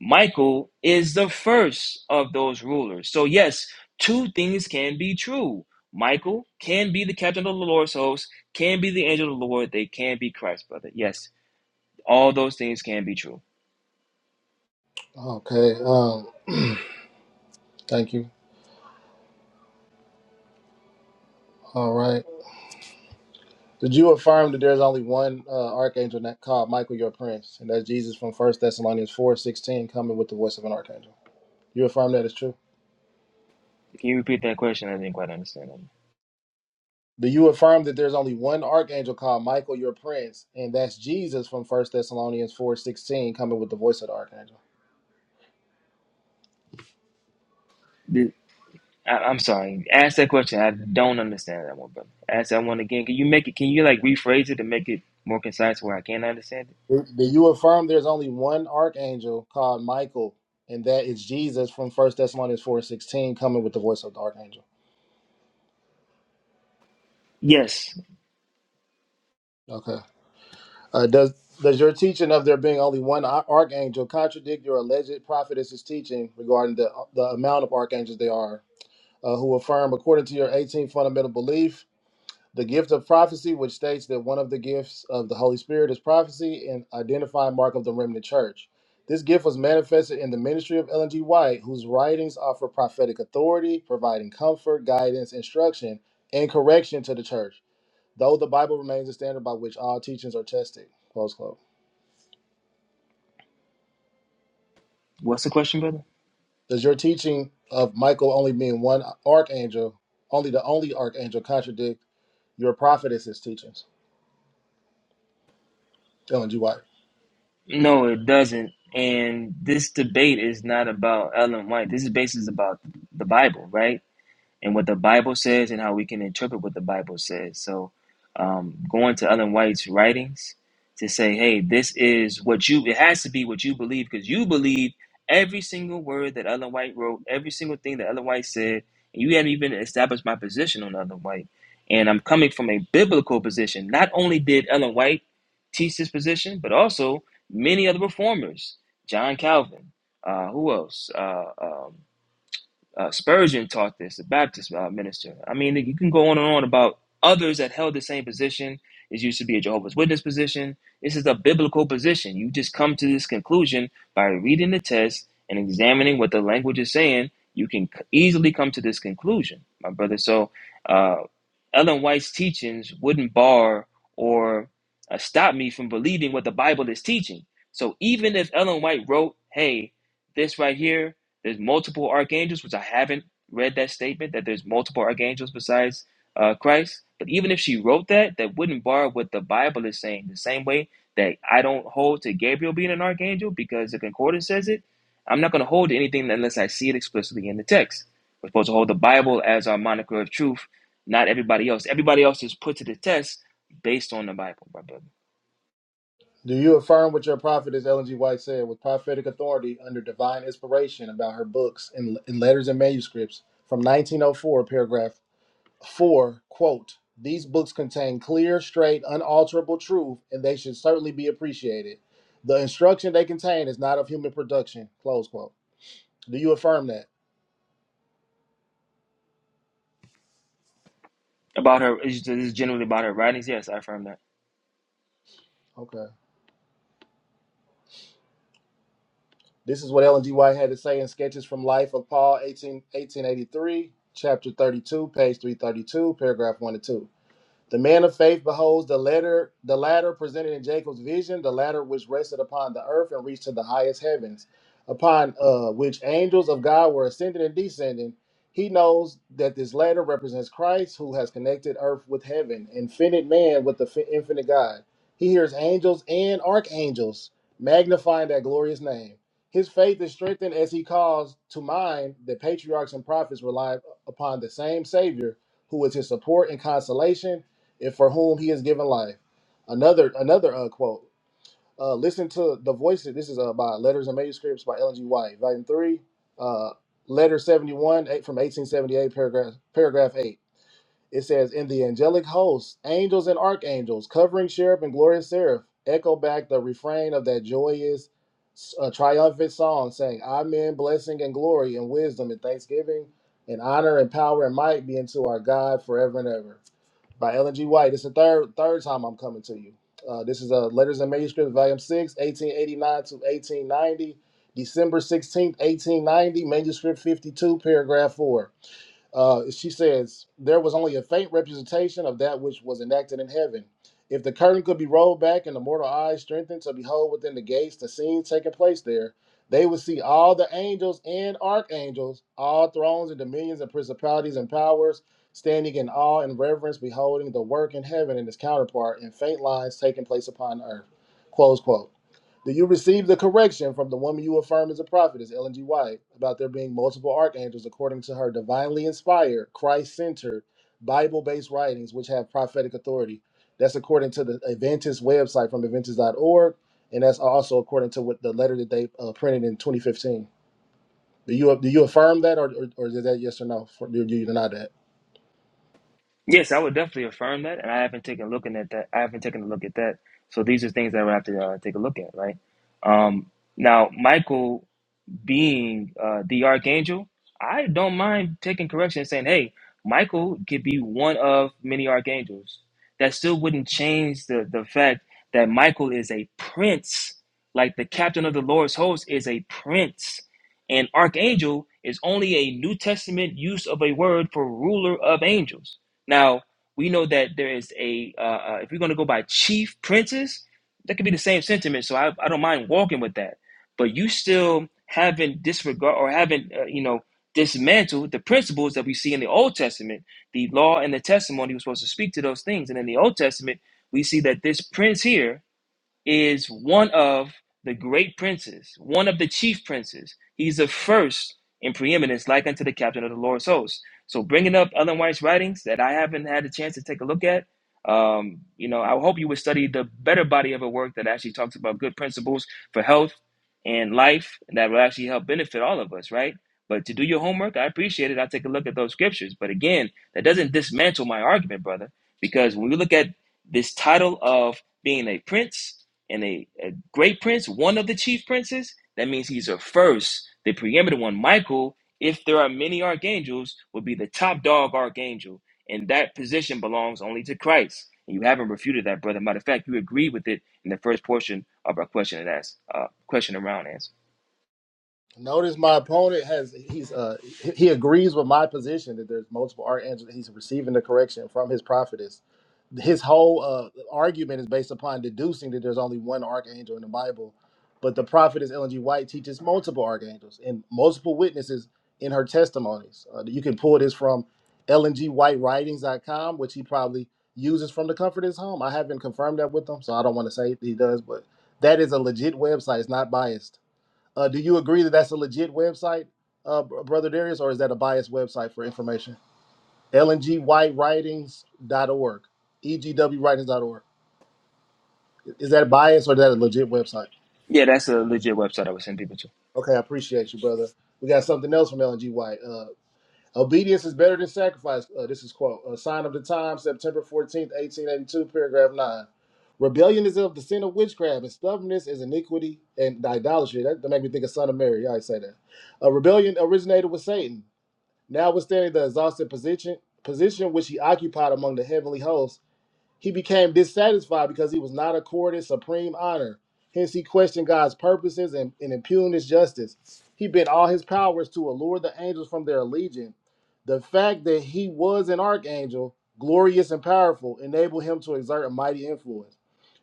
Speaker 4: Michael is the first of those rulers. So, yes, two things can be true. Michael can be the captain of the Lord's host, can be the angel of the Lord, they can be Christ, brother. Yes, all those things can be true.
Speaker 5: Okay. Um, thank you. All right. Did you affirm that there's only one uh, archangel that called Michael your prince, and that's Jesus from First Thessalonians four sixteen, coming with the voice of an archangel? You affirm that is true?
Speaker 4: Can you repeat that question? I didn't quite understand
Speaker 5: Do you affirm that there's only one archangel called Michael, your prince, and that's Jesus from First Thessalonians 4:16 coming with the voice of the archangel?
Speaker 4: that. I, I'm sorry. Ask that question. I don't understand that one, brother. Ask that one again. Can you make it? Can you like rephrase it to make it more concise where I can understand it?
Speaker 5: Do do you affirm there's only one archangel called Michael, and that is Jesus from First Thessalonians 4:16 coming with the voice of the archangel?
Speaker 4: Yes.
Speaker 5: Okay. Uh, does does your teaching of there being only one ar- archangel contradict your alleged prophetess's teaching regarding the the amount of archangels there are, uh, who affirm according to your 18th fundamental belief the gift of prophecy, which states that one of the gifts of the Holy Spirit is prophecy and identifying mark of the remnant church. This gift was manifested in the ministry of Ellen G. White, whose writings offer prophetic authority, providing comfort, guidance, instruction, and correction to the church, though the Bible remains the standard by which all teachings are tested. Close quote.
Speaker 4: What's the question, brother?
Speaker 5: Does your teaching of Michael only being one archangel, only the only archangel, contradict your prophetess's teachings? Ellen G. White.
Speaker 4: No, it doesn't. And this debate is not about Ellen White. This is basically about the Bible, right? and what the Bible says and how we can interpret what the Bible says. So, um, going to Ellen White's writings to say, hey, this is what you, it has to be what you believe because you believe every single word that Ellen White wrote, every single thing that Ellen White said, and you haven't even established my position on Ellen White. And I'm coming from a biblical position. Not only did Ellen White teach this position, but also many other reformers, John Calvin, uh, who else? Uh, um, uh, Spurgeon taught this, the Baptist uh, minister. I mean, you can go on and on about others that held the same position. It used to be a Jehovah's Witness position. This is a biblical position. You just come to this conclusion by reading the text and examining what the language is saying. You can c- easily come to this conclusion, my brother. So, uh, Ellen White's teachings wouldn't bar or uh, stop me from believing what the Bible is teaching. So, even if Ellen White wrote, hey, this right here there's multiple archangels, which I haven't read that statement that there's multiple archangels besides uh, Christ. But even if she wrote that, that wouldn't bar what the Bible is saying. The same way that I don't hold to Gabriel being an archangel because the concordance says it. I'm not going to hold to anything unless I see it explicitly in the text. We're supposed to hold the Bible as our moniker of truth, not everybody else. Everybody else is put to the test based on the Bible, my brother.
Speaker 5: Do you affirm what your prophetess Ellen G. White said with prophetic authority under divine inspiration about her books in, in letters and manuscripts from 1904, paragraph 4, quote, These books contain clear, straight, unalterable truth, and they should certainly be appreciated. The instruction they contain is not of human production, close quote. Do you affirm that?
Speaker 4: About her, is this generally about her writings. Yes, I affirm that.
Speaker 5: Okay. This is what Ellen G. White had to say in Sketches from Life of Paul, 18, 1883, chapter 32, page 332, paragraph 1 and 2. The man of faith beholds the letter, the ladder presented in Jacob's vision, the ladder which rested upon the earth and reached to the highest heavens, upon uh, which angels of God were ascending and descending. He knows that this ladder represents Christ, who has connected earth with heaven, infinite man with the fi- infinite God. He hears angels and archangels magnifying that glorious name. His faith is strengthened as he calls to mind that patriarchs and prophets rely upon the same Savior who is his support and consolation and for whom he has given life. Another another uh, quote. Uh, listen to the voices. This is uh, by Letters and Manuscripts by Ellen G. White, Volume Three, uh, Letter Seventy One, eight from eighteen seventy eight, paragraph paragraph eight. It says, "In the angelic hosts, angels and archangels, covering cherub and glorious seraph, echo back the refrain of that joyous, uh, triumphant song, saying, Amen, blessing and glory and wisdom and thanksgiving and honor and power and might be unto our God forever and ever.'" by Ellen G. White. It's the third third time I'm coming to you. Uh, this is uh, Letters and Manuscripts, Volume 6, 1889 to 1890, December 16th, 1890, Manuscript 52, Paragraph 4. Uh, she says, There was only a faint representation of that which was enacted in heaven. If the curtain could be rolled back and the mortal eyes strengthened to behold within the gates the scene taking place there, they would see all the angels and archangels, all thrones and dominions and principalities and powers, standing in awe and reverence, beholding the work in heaven and its counterpart in faint lines taking place upon earth. Close quote. Do you receive the correction from the woman you affirm is a prophetess, Ellen G. White, about there being multiple archangels according to her divinely inspired, Christ centered, Bible based writings which have prophetic authority? That's according to the Adventist website from Adventist.org, and that's also according to what the letter that they uh, printed in 2015. Do you do you affirm that, or or, or is that yes or no? For, do you deny that?
Speaker 4: Yes, I would definitely affirm that, and I haven't taken a look at that. I haven't taken a look at that. So these are things that I would have to uh, take a look at, right? Um, now, Michael being uh, the archangel, I don't mind taking correction and saying, hey, Michael could be one of many archangels. That still wouldn't change the, the fact that Michael is a prince, like the captain of the Lord's host is a prince. And archangel is only a New Testament use of a word for ruler of angels. Now, we know that there is a, uh, uh, if you're going to go by chief princes, that could be the same sentiment. So I, I don't mind walking with that but you still haven't disregard or haven't uh, you know dismantled the principles that we see in the Old Testament. The law and the testimony was supposed to speak to those things, and in the Old Testament, we see that this prince here is one of the great princes, one of the chief princes. He's the first in preeminence, like unto the captain of the Lord's host. So, bringing up Ellen White's writings that I haven't had a chance to take a look at, um, you know, I hope you would study the better body of her work that actually talks about good principles for health and life, and that will actually help benefit all of us, right? But to do your homework, I appreciate it. I'll take a look at those scriptures. But again, that doesn't dismantle my argument, brother, because when we look at this title of being a prince, and a, a great prince, one of the chief princes, that means he's a first, the preeminent one. Michael, if there are many archangels, would be the top dog archangel, and that position belongs only to Christ. And you haven't refuted that, brother. Matter of fact, you agreed with it in the first portion of our question and ask, uh, question around answer.
Speaker 5: Notice my opponent has he's uh he he agrees with my position that there's multiple archangels. He's receiving the correction from his prophetess. His whole uh argument is based upon deducing that there's only one archangel in the Bible, but the prophetess Ellen G. White teaches multiple archangels and multiple witnesses in her testimonies. Uh, you can pull this from Ellen G. White Writings dot com, which he probably uses from the comfort of his home. I haven't confirmed that with him, so I don't want to say he does, but that is a legit website. It's not biased uh, do you agree that that's a legit website, uh, Br- Brother Darius, or is that a biased website for information? L N G white writings dot org, E G W writings dot org. Is that biased or is that a legit website?
Speaker 4: Yeah, that's a legit website I would send people to.
Speaker 5: Okay, I appreciate you, brother. We got something else from LNG White. Uh, Obedience is better than sacrifice. Uh, this is quote, a sign of the time, September 14th, 1882, paragraph 9. Rebellion is of the sin of witchcraft, and stubbornness is iniquity and idolatry. That, that make me think of Son of Mary. Yeah, I say that. Uh, rebellion originated with Satan. Notwithstanding the exhausted position position which he occupied among the heavenly hosts, he became dissatisfied because he was not accorded supreme honor. Hence, he questioned God's purposes and, and impugned his justice. He bent all his powers to allure the angels from their allegiance. The fact that he was an archangel, glorious and powerful, enabled him to exert a mighty influence.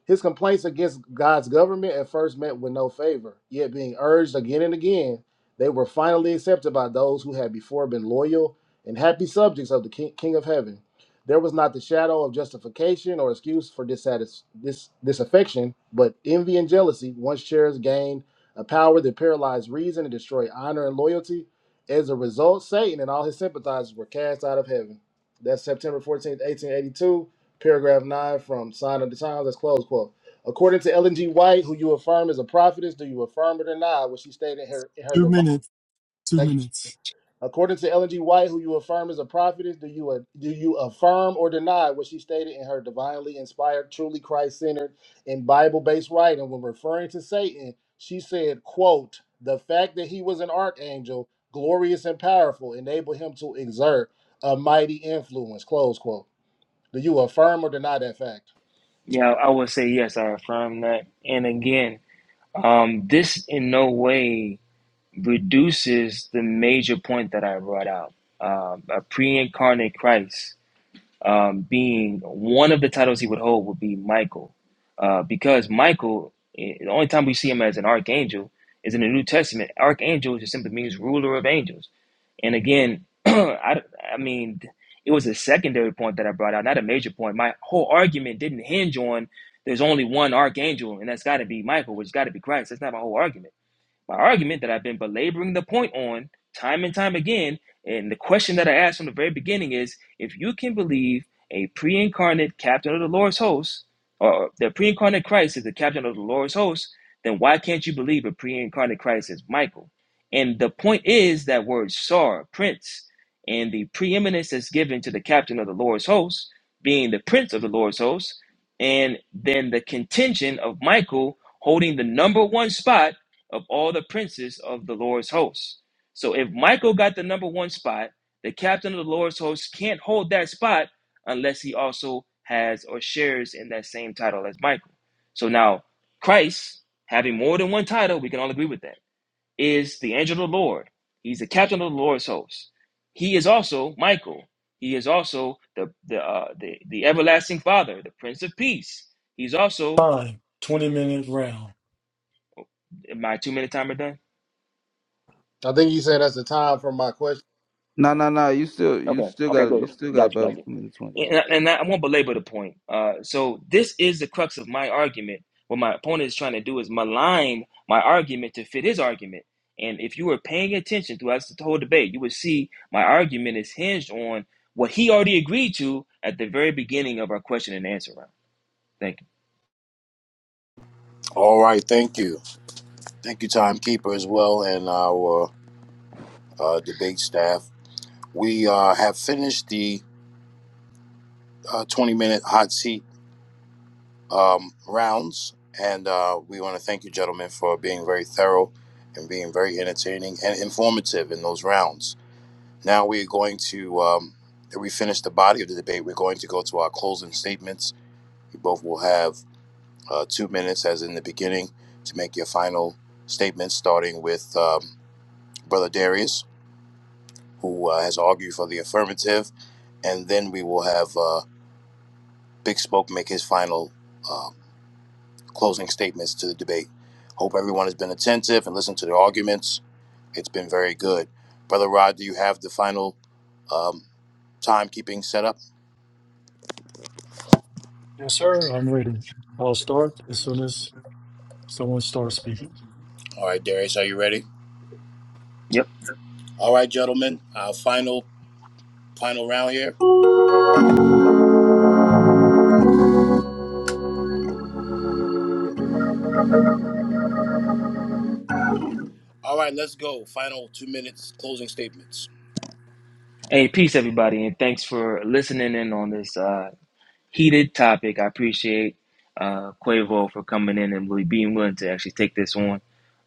Speaker 5: His complaints against God's government at first met with no favor, yet, being urged again and again, they were finally accepted by those who had before been loyal and happy subjects of the King, King of Heaven. There was not the shadow of justification or excuse for dissatis- dis- disaffection, but envy and jealousy, once shares gained a power that paralyzed reason and destroyed honor and loyalty. As a result, Satan and all his sympathizers were cast out of heaven. That's September 14th, 1882, paragraph 9 from Sign of the Times. That's close quote. According to Ellen G. White, who you affirm is a prophetess, do you affirm it or not? What she stated in her, in her
Speaker 9: Two
Speaker 5: divine.
Speaker 9: minutes. Two
Speaker 5: Thank you.
Speaker 9: minutes.
Speaker 5: According to Ellen G. White, who you affirm is a prophetess, do you do you affirm or deny what she stated in her divinely inspired, truly Christ-centered, and Bible-based writing when referring to Satan? She said, "quote The fact that he was an archangel, glorious and powerful, enabled him to exert a mighty influence." Close quote. Do you affirm or deny that fact?
Speaker 4: Yeah, I would say yes. I affirm that. And again, um, this in no way reduces the major point that I brought out. Um, a pre incarnate Christ um, being one of the titles he would hold would be Michael. Uh, because Michael, eh, the only time we see him as an archangel is in the New Testament. Archangel just simply means ruler of angels. And again, I, I mean, it was a secondary point that I brought out, not a major point. My whole argument didn't hinge on there's only one archangel, and that's got to be Michael, which got to be Christ. That's not my whole argument my argument that I've been belaboring the point on time and time again, and the question that I asked from the very beginning is if you can believe a pre incarnate captain of the Lord's host, or the pre incarnate Christ is the captain of the Lord's host, then why can't you believe a pre incarnate Christ is Michael? And the point is that word sar, prince, and the preeminence that's given to the captain of the Lord's host, being the prince of the Lord's host, and then the contention of Michael holding the number one spot of all the princes of the Lord's hosts. So if Michael got the number one spot, the captain of the Lord's hosts can't hold that spot unless he also has or shares in that same title as Michael. So now, Christ, having more than one title, we can all agree with that, is the angel of the Lord. He's the captain of the Lord's hosts. He is also Michael. He is also the the, uh, the the everlasting Father, the Prince of Peace. He's also
Speaker 9: Fine. 20 minute round.
Speaker 4: my two minute timer done.
Speaker 5: I think you said that's the time for my question.
Speaker 8: No, no, no. You still, you still got, you still got about a minute twenty. Yeah.
Speaker 4: and, and I, won't belabor the point. Uh, so this is the crux of my argument. What my opponent is trying to do is malign my argument to fit his argument. And if you were paying attention throughout the whole debate, you would see my argument is hinged on what he already agreed to at the very beginning of our question and answer round. Thank you.
Speaker 2: All right. Thank you. Thank you, timekeeper, as well, and our uh, debate staff. We uh, have finished the uh, 20 minute hot seat um, rounds. And uh, we want to thank you, gentlemen, for being very thorough and being very entertaining and informative in those rounds. Now we are going to, um, we finished the body of the debate. We're going to go to our closing statements. You both will have uh, two minutes, as in the beginning, to make your final statements, starting with um, Brother Darius, who uh, has argued for the affirmative. And then we will have uh, Big Spoke make his final uh, closing statements to the debate. Hope everyone has been attentive and listened to the arguments. It's been very good. Brother Rod, do you have the final um, timekeeping set up?
Speaker 9: Yes, sir. I'm ready. I'll start as soon as someone starts speaking.
Speaker 2: All right, Darius, are you ready?
Speaker 4: Yep.
Speaker 2: All right, gentlemen, our final final round here. All right, let's go. Final two minutes closing statements.
Speaker 4: Hey, peace, everybody, and thanks for listening in on this. Uh, heated topic. I appreciate uh, Quavo for coming in and really being willing to actually take this on.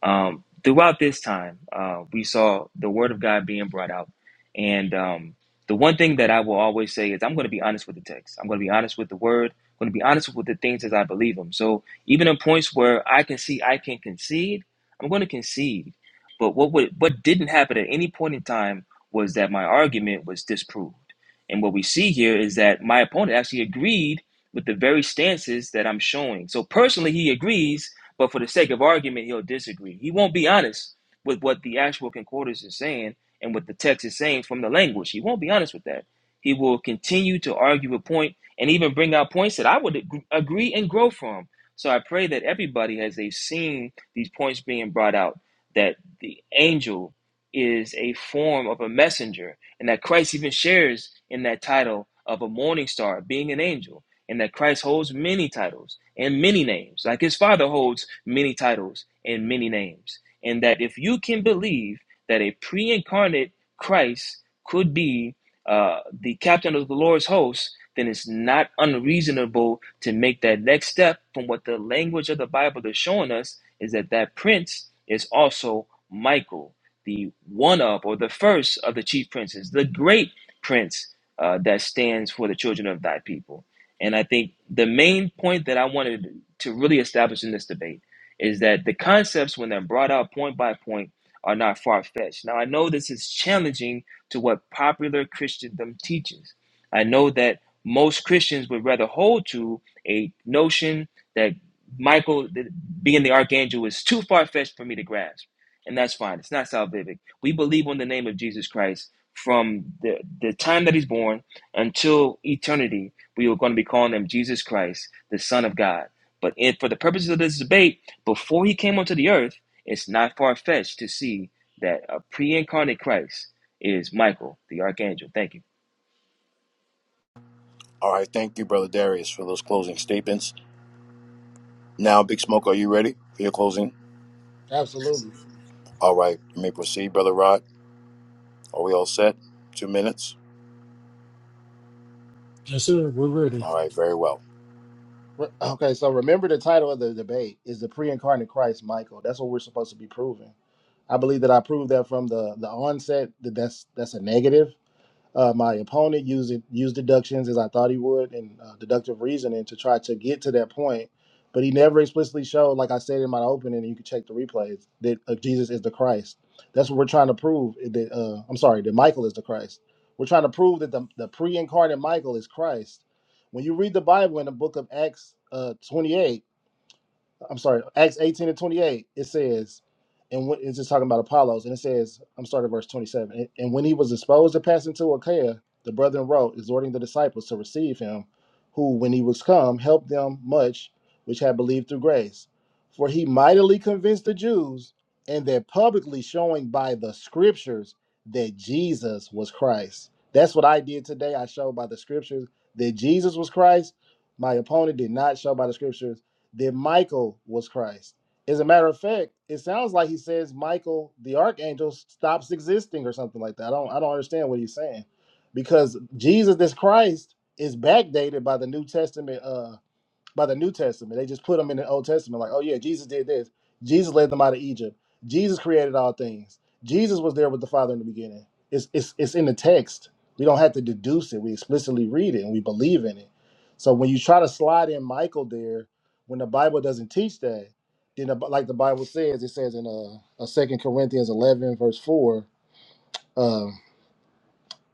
Speaker 4: Um, throughout this time, uh, we saw the Word of God being brought out. And um, the one thing that I will always say is I'm going to be honest with the text, I'm going to be honest with the Word, I'm going to be honest with the things as I believe them. So even in points where I can see I can concede, I'm going to concede. But what, would, what didn't happen at any point in time was that my argument was disproved and what we see here is that my opponent actually agreed with the very stances that I'm showing. So personally, he agrees, but for the sake of argument, he'll disagree. He won't be honest with what the actual concordance is saying and what the text is saying from the language. He won't be honest with that. He will continue to argue a point and even bring out points that I would ag- agree and grow from. So I pray that everybody, as they've seen these points being brought out, that the angel is a form of a messenger and that Christ even shares in that title of a morning star, being an angel, and that Christ holds many titles and many names, like his Father holds many titles and many names. And that if you can believe that a pre incarnate Christ could be uh, the captain of the Lord's host, then it's not unreasonable to make that next step from what the language of the Bible is showing us is that that prince is also Michael the one up or the first of the chief princes, the great prince uh, that stands for the children of thy people. And I think the main point that I wanted to really establish in this debate is that the concepts, when they're brought out point by point, are not far fetched. Now, I know this is challenging to what popular Christendom teaches. I know that most Christians would rather hold to a notion that Michael th- being the archangel is too far fetched for me to grasp and that's fine. It's not salvific. We believe on the name of Jesus Christ from the, the time that he's born until eternity. We are going to be calling him Jesus Christ, the Son of God. But in, for the purposes of this debate, before he came onto the earth, it's not far fetched to see that a pre incarnate Christ is Michael, the archangel. Thank you.
Speaker 2: All right, thank you, Brother Darius, for those closing statements. Now, Big Smoke, are you ready for your closing?
Speaker 5: Absolutely.
Speaker 2: All right, you may proceed, Brother Rod. Are we all set? Two minutes?
Speaker 9: Yes, sir. We're ready.
Speaker 2: All right, very well.
Speaker 5: Re- Okay, so remember the title of the debate is the pre-incarnate Christ, Michael. That's what we're supposed to be proving. I believe that I proved that from the the onset that that's that's a negative. Uh, my opponent used it, used deductions as I thought he would and uh, deductive reasoning to try to get to that point, but he never explicitly showed, like I said in my opening, and you can check the replays, that uh, Jesus is the Christ. That's what we're trying to prove. eh, That uh, I'm sorry, that Michael is the Christ. We're trying to prove that the, the pre-incarnate Michael is Christ. When you read the Bible in the book of Acts uh, 28 I'm sorry, Acts 18 and 28, it says, and when, it's just talking about Apollos, and it says, I'm starting at verse 27. And, and when he was disposed to pass into Achaia, the brethren wrote, exhorting the disciples to receive him, who, when he was come, helped them much which had believed through grace. For he mightily convinced the Jews, and that publicly showing by the scriptures that Jesus was Christ. That's what I did today. I showed by the scriptures that Jesus was Christ. My opponent did not show by the scriptures that Michael was Christ. As a matter of fact, it sounds like he says Michael, the archangel, stops existing or something like that. I don't, I don't understand what he's saying, because Jesus, this Christ, is backdated by the New Testament. uh, by the New Testament. They just put them in the Old Testament, like, oh yeah, Jesus did this. Jesus led them out of Egypt. Jesus created all things. Jesus was there with the Father in the beginning. It's it's it's in the text. We don't have to deduce it. We explicitly read it and we believe in it. So when you try to slide in Michael there, when the Bible doesn't teach that, then the, like the Bible says, it says in uh, uh Second Corinthians eleven verse four. um,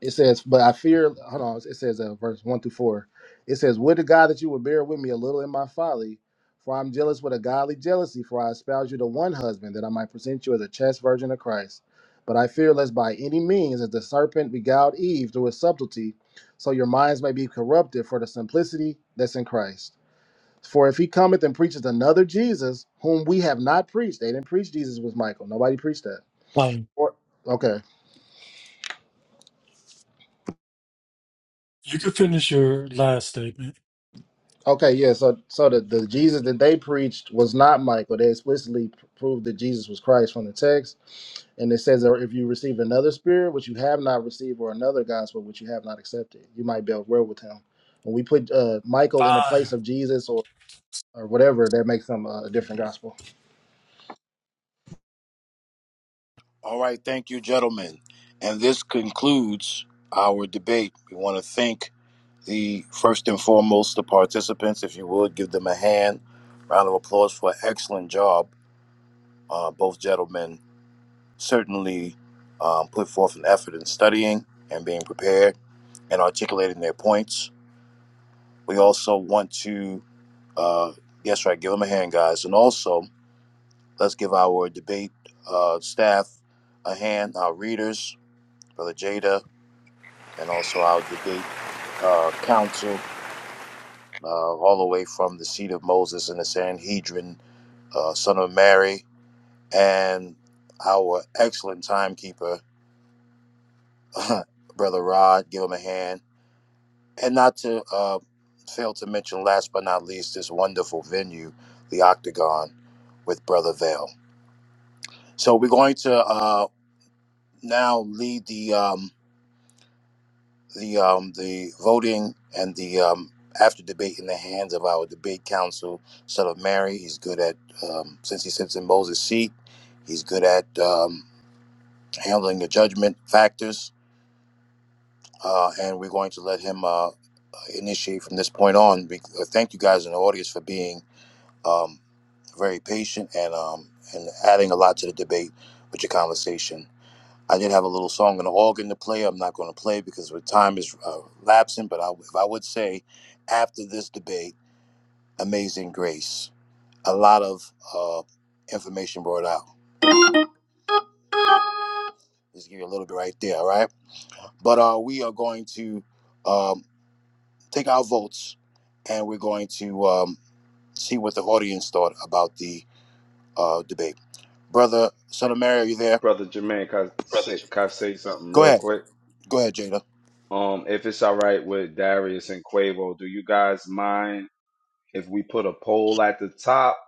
Speaker 5: it says, but I fear, hold on, it says uh, verse 1 through 4. It says, Would to God that you would bear with me a little in my folly, for I'm jealous with a godly jealousy, for I espouse you to one husband, that I might present you as a chaste virgin of Christ. But I fear lest by any means, as the serpent beguiled Eve through his subtlety, so your minds may be corrupted for the simplicity that's in Christ. For if he cometh and preacheth another Jesus, whom we have not preached, they didn't preach Jesus with Michael. Nobody preached that.
Speaker 9: Fine.
Speaker 5: Or, okay.
Speaker 9: You can finish your last statement.
Speaker 5: Okay, yeah. So, so the, the Jesus that they preached was not Michael. They explicitly p- proved that Jesus was Christ from the text, and it says, "Or if you receive another spirit which you have not received, or another gospel which you have not accepted, you might be at with him." When we put uh, Michael in the
Speaker 9: Fine.
Speaker 5: place of Jesus or or whatever, that makes him uh, a different gospel.
Speaker 2: All right, thank you, gentlemen. And this concludes our debate. We want to thank the first and foremost the participants. If you would give them a hand, round of applause for an excellent job. Uh, both gentlemen certainly um, put forth an effort in studying and being prepared and articulating their points. We also want to, uh, yes, right, give them a hand, guys. And also, let's give our debate uh, staff a hand, our readers, Brother Jada. and also our debate uh, council, uh, all the way from the seat of Moses and the Sanhedrin, uh, son of Mary, and our excellent timekeeper, Brother Rod. Give him a hand. And not to uh, fail to mention, last but not least, this wonderful venue, the Octagon, with Brother Vale. So we're going to uh, now lead the. Um, the um, the voting and the um, after debate in the hands of our debate counsel, son of Mary. He's good at um, since he sits in Moses' seat. He's good at um, handling the judgment factors, uh, and we're going to let him uh, initiate from this point on. Be- uh, Thank you guys in the audience for being um, very patient and um, and adding a lot to the debate with your conversation. I did have a little song and an organ to play. I'm not going to play because the time is uh, lapsing. But I, if I would say, after this debate, Amazing Grace, a lot of uh, information brought out. Just give you a little bit right there, all right? But uh, we are going to um, take our votes and we're going to um, see what the audience thought about the uh, debate. Brother, son of Mary, are you there?
Speaker 1: Brother Jermaine, can I say, can I say something
Speaker 2: Go
Speaker 1: real
Speaker 2: ahead.
Speaker 1: quick?
Speaker 2: Go ahead, Jada.
Speaker 1: Um, if it's all right with Darius and Quavo, do you guys mind if we put a poll at the top,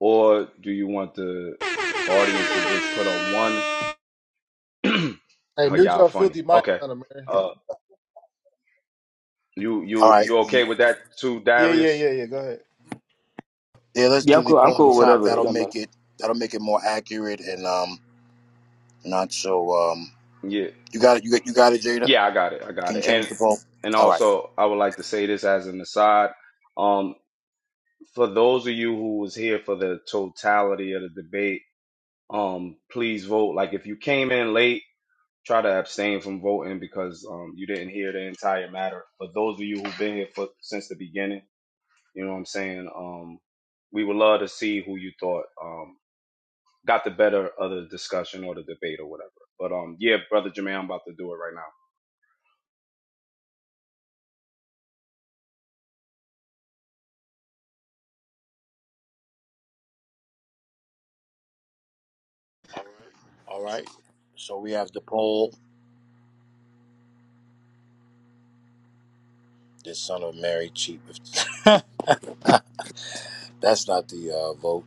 Speaker 1: or do you want the audience to just put a one? oh,
Speaker 5: Hey, mute
Speaker 1: y'all
Speaker 5: your
Speaker 1: funny.
Speaker 5: filthy mic,
Speaker 1: Okay.
Speaker 5: son of Mary.
Speaker 1: Uh, You
Speaker 2: All
Speaker 1: you
Speaker 2: right.
Speaker 1: you
Speaker 2: You,
Speaker 1: okay with that too,
Speaker 5: Yeah, yeah,
Speaker 1: Darius?
Speaker 5: yeah, yeah. Go ahead.
Speaker 2: Yeah, let's
Speaker 4: Yeah, I'm
Speaker 2: do the
Speaker 4: cool. I'm
Speaker 2: poll at the
Speaker 4: cool.
Speaker 2: top.
Speaker 4: Whatever. It
Speaker 2: That'll
Speaker 4: don't matter.
Speaker 2: make it. That'll make it more accurate and um not so um.
Speaker 1: Yeah.
Speaker 2: You got it. You got. You got it, Jada.
Speaker 1: Yeah, I got it. I got
Speaker 2: Can you
Speaker 1: it. And
Speaker 2: change the poll?
Speaker 1: and
Speaker 2: All right.
Speaker 1: also I would like to say this as an aside. Um for those of you who was here for the totality of the debate, um please vote. Like if you came in late, try to abstain from voting because um you didn't hear the entire matter. But those of you who've been here for since the beginning, you know what I'm saying? Um we would love to see who you thought. Um. got the better of the discussion or the debate or whatever. But um, yeah, brother Jermaine, I'm about to do it right now.
Speaker 2: All right. So we have the poll. The son of Mary cheat with. That's not the uh, vote.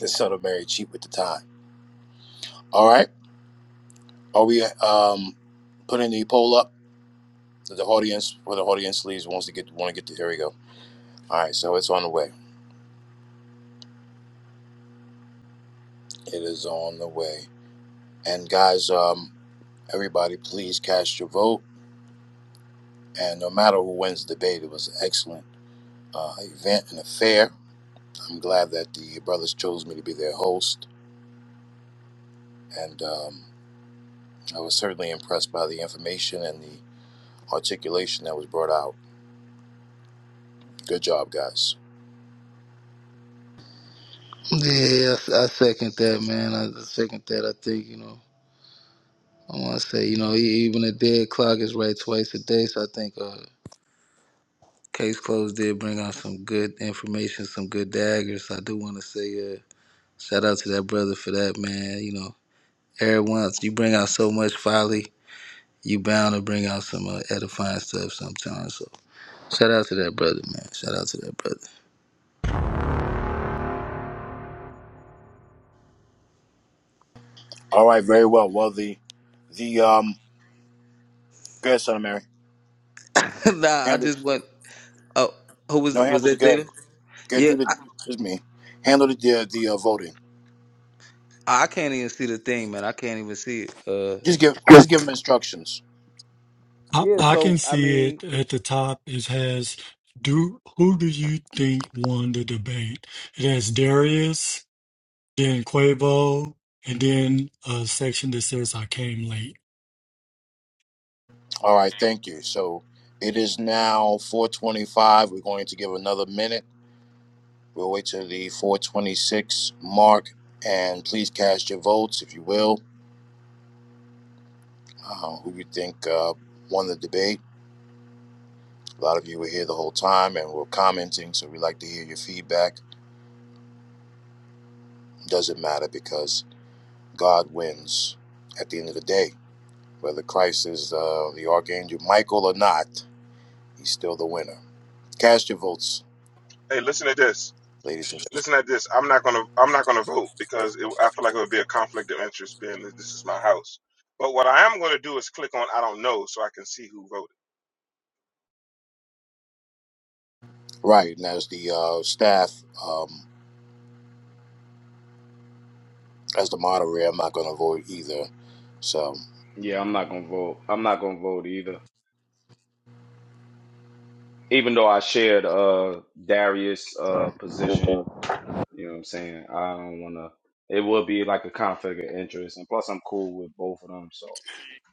Speaker 2: The son of Mary cheat with the time. All right. Are we um putting the poll up? to The audience, where the audience leaves, wants to get want to get to. Here we go. All right. So it's on the way. It is on the way. And guys, um, everybody, please cast your vote And no matter who wins the debate, it was an excellent uh, event and affair. I'm glad that the brothers chose me to be their host. And um, I was certainly impressed by the information and the articulation that was brought out. Good job, guys.
Speaker 8: Yeah, I, I second that, man. I second that. I think you know. I want to say you know e- even a dead clock is right twice a day. So I think uh, case closed did bring out some good information, some good daggers. I do want to say uh. Shout out to that brother for that, man. You know, every once you bring out so much folly, you bound to bring out some uh, edifying stuff sometimes. So shout out to that brother, man. Shout out to that brother.
Speaker 2: All right, very well. Well, the, the, um, go ahead, Son of Mary.
Speaker 8: nah, I
Speaker 2: Handle,
Speaker 8: just went. Oh, who was
Speaker 2: no,
Speaker 8: was
Speaker 2: handle the
Speaker 8: that?
Speaker 2: good.
Speaker 8: Jada?
Speaker 2: Good,
Speaker 8: Yeah,
Speaker 2: do the, excuse me. Handle the, the, the uh, voting.
Speaker 8: I, I can't even see the thing, man. I can't even see it.
Speaker 2: Just give, or
Speaker 8: Uh,
Speaker 2: just give them instructions.
Speaker 9: I,
Speaker 8: yeah.
Speaker 9: I can
Speaker 8: So I
Speaker 9: see
Speaker 8: mean,
Speaker 9: it at the top. It has do who do you think won the debate? It has Darius, then Quavo, and then a section that says I came late.
Speaker 2: All right, thank you. So it is now 425. We're going to give another minute We'll wait till the 426 mark, and please cast your votes, if you will, uh, who you think uh, won the debate. A lot of you were here the whole time and were commenting, so we'd like to hear your feedback. It Doesn't matter because God wins at the end of the day. Whether Christ is uh, the Archangel Michael or not, he's still the winner. Cast your votes,
Speaker 6: Hey, listen to this.
Speaker 2: ladies and gentlemen.
Speaker 6: Listen to this. I'm not gonna. I'm not gonna vote because it, I feel like it would be a conflict of interest being that this is my house. But what I am gonna do is click on I don't know so I can see who voted.
Speaker 2: Right, and as the uh, staff, um, as the moderator, I'm not going to vote either. So.
Speaker 1: Yeah, I'm not gonna vote. I'm not gonna vote either. Even though I shared uh Darius'
Speaker 8: Uh,
Speaker 1: uh position,
Speaker 8: okay.
Speaker 1: you know what I'm saying? I don't wanna it would be like a conflict of interest and plus I'm cool with both of them, so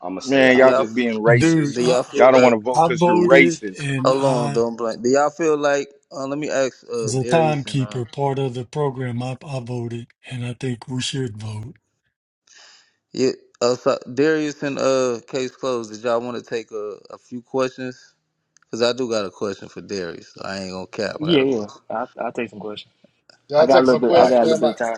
Speaker 1: I'm gonna stay
Speaker 7: Man,
Speaker 8: do
Speaker 1: out
Speaker 7: y'all
Speaker 1: of it.
Speaker 8: y'all
Speaker 7: just being
Speaker 9: Dude,
Speaker 7: racist.
Speaker 8: do y'all
Speaker 9: I,
Speaker 7: Y'all
Speaker 8: feel
Speaker 7: don't want
Speaker 8: like?
Speaker 7: to vote
Speaker 9: I
Speaker 7: because you're
Speaker 9: voted
Speaker 7: racist.
Speaker 9: and
Speaker 8: Hold on,
Speaker 9: I
Speaker 8: don't blink. Do y'all feel like? Uh, let me ask uh,
Speaker 9: as a
Speaker 8: Darius and uh,
Speaker 9: timekeeper, part of the program, I, I voted, and I think we should vote.
Speaker 8: Yeah. Uh, so Darius and uh, case closed. Did y'all want to take a, a few questions? Cause I do got a question for Darius. So I ain't gonna cap. I got
Speaker 4: Yeah,
Speaker 8: a
Speaker 4: yeah.
Speaker 8: question.
Speaker 4: I I'll take some questions. I
Speaker 5: Y'all
Speaker 4: got a
Speaker 5: take some
Speaker 4: little bit. I
Speaker 5: questions,
Speaker 4: got a little
Speaker 5: man.
Speaker 4: bit
Speaker 5: My-
Speaker 4: of time.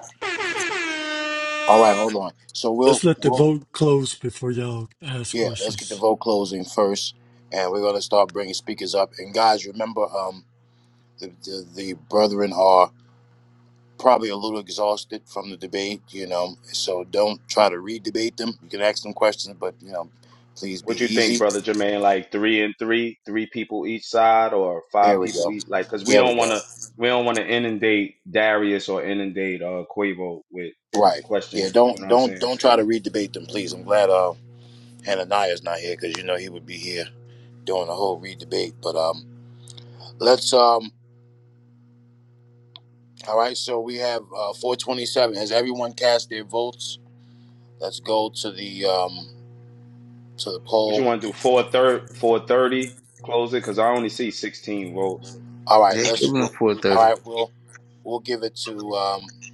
Speaker 2: All right, hold on. So we'll
Speaker 9: Let's let the
Speaker 2: we'll
Speaker 9: vote close before y'all ask
Speaker 2: yeah, let's get the
Speaker 9: questions.
Speaker 2: vote closing first, and we're gonna start bringing speakers up. And guys, remember, um, the the, the brethren are probably a little exhausted from the debate, you know. So don't try to re-debate them. You can ask them questions, but you know, please be
Speaker 1: What you think,
Speaker 2: easy.
Speaker 1: brother Jermaine? Like three and three, three people each side, or five
Speaker 2: There we
Speaker 1: people
Speaker 2: go.
Speaker 1: each? Like, cause we
Speaker 2: There we
Speaker 1: don't
Speaker 2: go.
Speaker 1: want to, we don't want to inundate Darius or inundate uh Quavo with
Speaker 2: Right. Yeah.
Speaker 1: questions. You know
Speaker 2: Don't
Speaker 1: what I'm
Speaker 2: don't
Speaker 1: saying?
Speaker 2: don't try
Speaker 1: So,
Speaker 2: to re-debate them, please. I'm glad uh Hananiah's not here because you know he would be here doing a whole re-debate. But um, let's um. All right, so we have 427. Has everyone cast their votes? Let's go to the um, to the
Speaker 1: what you
Speaker 2: poll.
Speaker 1: want to do? Four third, four thirty, close it, cause I only see sixteen votes.
Speaker 2: All right,
Speaker 8: Yeah, it's
Speaker 2: let's.
Speaker 8: even
Speaker 2: All
Speaker 8: four thirty.
Speaker 2: right, we'll we'll give it to um,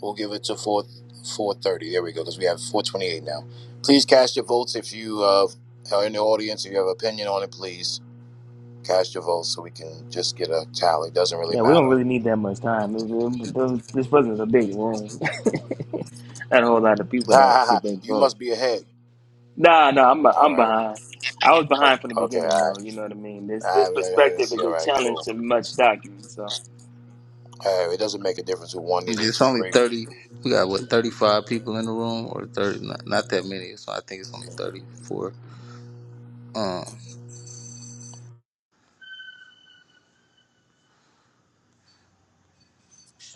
Speaker 2: we'll give it to 4430. There we go, because we have 428 now. Please cast your votes if you uh, or in the audience, if you have an opinion on it, please cast your votes so we can just get a tally. Doesn't really
Speaker 4: Yeah, we don't
Speaker 2: matter.
Speaker 4: really need that much time. It was- it was- this wasn't a big room. Not a whole lot of
Speaker 2: Ha
Speaker 4: people that
Speaker 2: ha ha!
Speaker 4: could make
Speaker 2: You
Speaker 4: votes.
Speaker 2: must be ahead.
Speaker 4: Nah, nah, I'm
Speaker 2: All
Speaker 4: I'm
Speaker 2: right.
Speaker 4: behind. I was behind from the
Speaker 2: Okay. All
Speaker 4: beginning, though.
Speaker 2: right.
Speaker 4: You know what I mean? This this
Speaker 2: All right. I
Speaker 4: perspective
Speaker 2: see.
Speaker 4: is a
Speaker 2: All right.
Speaker 4: challenge
Speaker 2: Cool.
Speaker 4: to much document. So
Speaker 2: Hey, it doesn't make a difference who won these are
Speaker 8: It's
Speaker 2: two
Speaker 8: only
Speaker 2: great.
Speaker 8: thirty. We got what thirty five people in the room, or thirty? Not, not that many. So I think it's only thirty four. Um.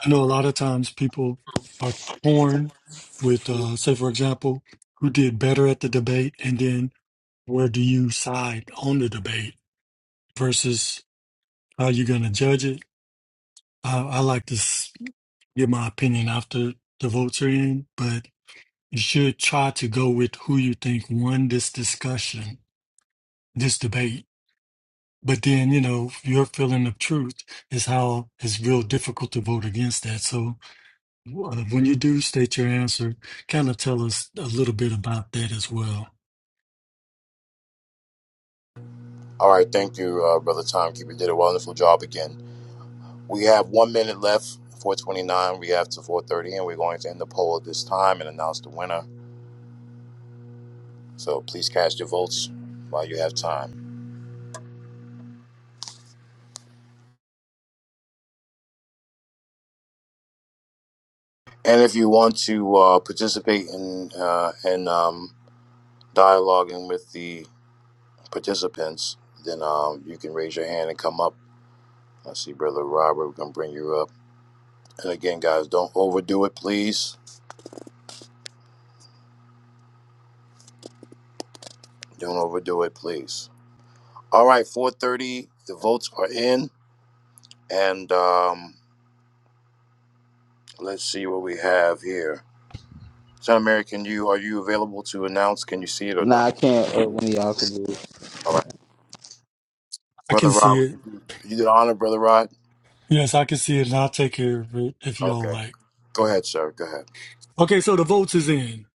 Speaker 9: I know a lot of times people are torn with, uh, say, for example, who did better at the debate, and then where do you side on the debate versus how you're going to judge it. I, I like to s- give my opinion after the votes are in, but you should try to go with who you think won this discussion, this debate But then, you know, your feeling of truth is how it's real difficult to vote against that. So uh, when you do state your answer, kind of tell us a little bit about that as well.
Speaker 2: All right, thank you, uh, brother Timekeeper. Did a wonderful job again. We have one minute left. 4:29. We have to 4:30, and we're going to end the poll at this time and announce the winner. So please cast your votes while you have time. And if you want to uh, participate in uh, in um, dialoguing with the participants, then um, you can raise your hand and come up. I see, brother Robert. We're gonna bring you up. And again, guys, don't overdo it, please. Don't overdo it, please. All right, 4:30. The votes are in, and um, let's see what we have here. Son of Mary, can you are you available to announce? Can you see it or no?
Speaker 8: Nah, I can't. Uh, one of y'all can do it.
Speaker 2: All right,
Speaker 9: I can
Speaker 2: brother
Speaker 9: see
Speaker 2: Rod, would
Speaker 9: it.
Speaker 2: you do you do the honor, brother Rod?
Speaker 9: Yes, I can see it, and I'll take care of it if y'all
Speaker 2: Okay,
Speaker 9: like.
Speaker 2: go ahead, sir. Go ahead.
Speaker 9: Okay, so the votes is in.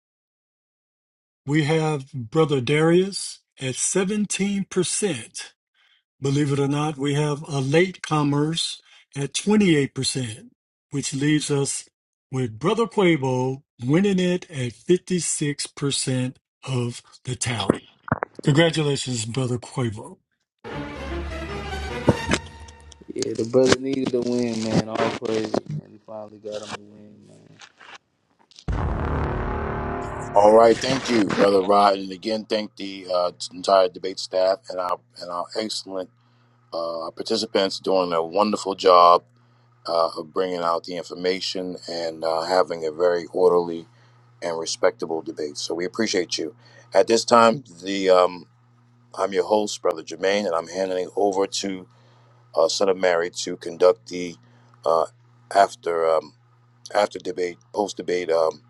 Speaker 9: We have Brother Darius at 17%. Believe it or not, we have a latecomers at 28%, which leaves us with Brother Quavo winning it at 56% of the tally. Congratulations, Brother Quavo.
Speaker 8: Yeah, the brother needed a win, man. All praise, and He finally got him a win, man.
Speaker 2: All right, thank you, brother Rod, and again thank the uh, entire debate staff and our and our excellent uh, participants doing a wonderful job uh, of bringing out the information and uh, having a very orderly and respectable debate. So we appreciate you. At this time, the um, I'm your host, Brother Jermaine, and I'm handing it over to uh, Son of Mary to conduct the uh, after um, after debate, post debate, um,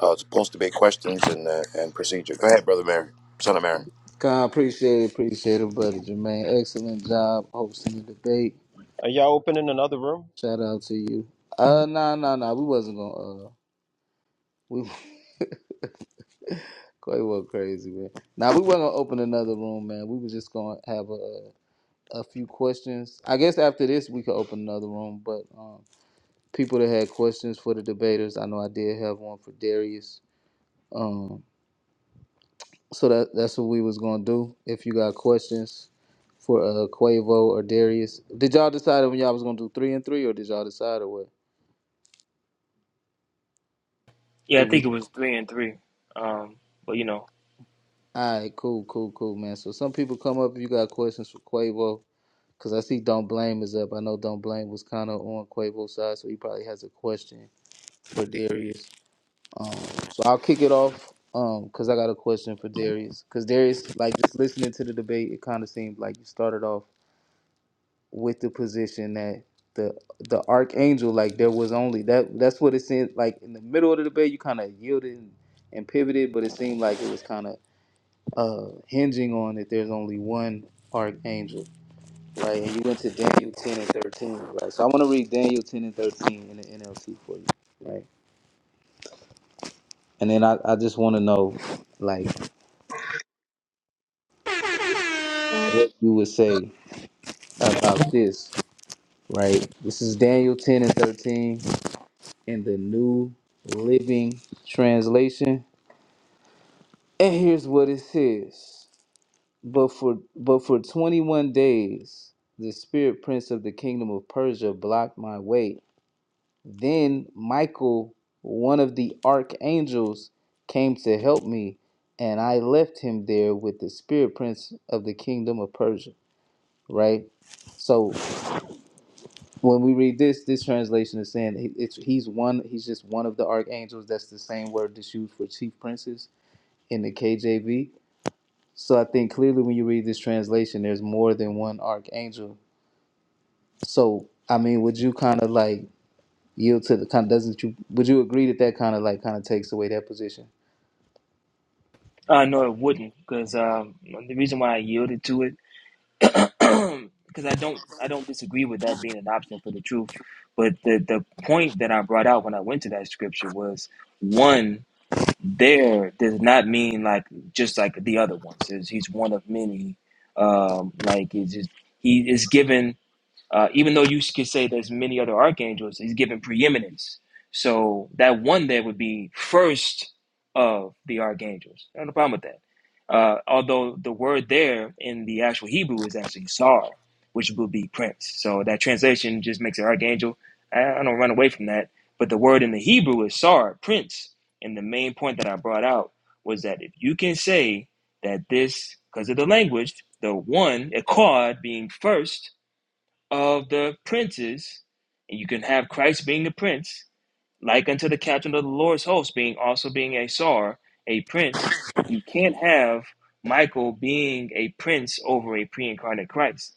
Speaker 2: uh, post debate questions and uh, and procedure. Go ahead, Brother Mary, Son of Mary.
Speaker 8: Con, appreciate it, appreciate it, brother Jermaine. Excellent job hosting the debate.
Speaker 10: Are y'all opening another room?
Speaker 8: Shout out to you. Uh, nah, nah, nah. We wasn't gonna. Uh, we Clay was crazy, man. Now nah, we wasn't gonna open another room, man. We was just gonna have a a few questions. I guess after this we could open another room. But um, people that had questions for the debaters, I know I did have one for Darius. Um, so that that's what we was gonna do. If you got questions for uh Quavo or Darius, did y'all decide when y'all was gonna do three and three, or did y'all decide or what?
Speaker 4: yeah, I
Speaker 8: Did we?
Speaker 4: think it was three and three. Um, but you know,
Speaker 8: All right, cool, cool, cool, man. So some people come up if you got questions for Quavo, because I see Don't Blame is up. I know Don't Blame was kind of on Quavo's side, so he probably has a question for Darius. Um, so I'll kick it off um, because I got a question for Darius. Because Darius, like just listening to the debate, it kind of seemed like you started off with the position that the the archangel, like there was only that. That's what it seemed like in the middle of the debate. You kind of yielded and, and pivoted, but it seemed like it was kind of uh, hinging on that there's only one archangel. Right, and you went to Daniel 10 and 13, right? So I want to read Daniel 10 and 13 in the NLT for you, right? And then I, I just want to know, like, what you would say about this, right? This is Daniel 10 and 13 in the New Living Translation. And here's what it says. But for but for 21 days, the spirit prince of the kingdom of Persia blocked my way Then Michael, one of the archangels, came to help me, and I left him there with the spirit prince of the kingdom of Persia. Right. So when we read this, this translation is saying he- it's he's one. He's just one of the archangels. That's the same word that's used for chief princes in the KJV. So I think clearly when you read this translation, there's more than one archangel. So I mean, would you kind of like yield to the kind? Doesn't you? Would you agree that that kind of like kind of takes away that position?
Speaker 4: uh, no, it wouldn't, because um, the reason why I yielded to it, because I don't I don't disagree with that being an option for the truth. But the the point that I brought out when I went to that scripture was one. there does not mean like just like the other ones. It's, he's one of many. Um, like it's just, he is given uh, even though you could say there's many other archangels, he's given preeminence. So that one there would be first of the archangels. No problem with that. Uh, although the word there in the actual Hebrew is actually Sar, which would be prince. So that translation just makes it archangel. I, I don't run away from that. But the word in the Hebrew is Sar, prince. And the main point that I brought out was that if you can say that this, because of the language, the one, Akkad being first, of the princes, and you can have Christ being the prince, like unto the captain of the Lord's host being also being a czar, a prince. You can't have Michael being a prince over a pre-incarnate Christ.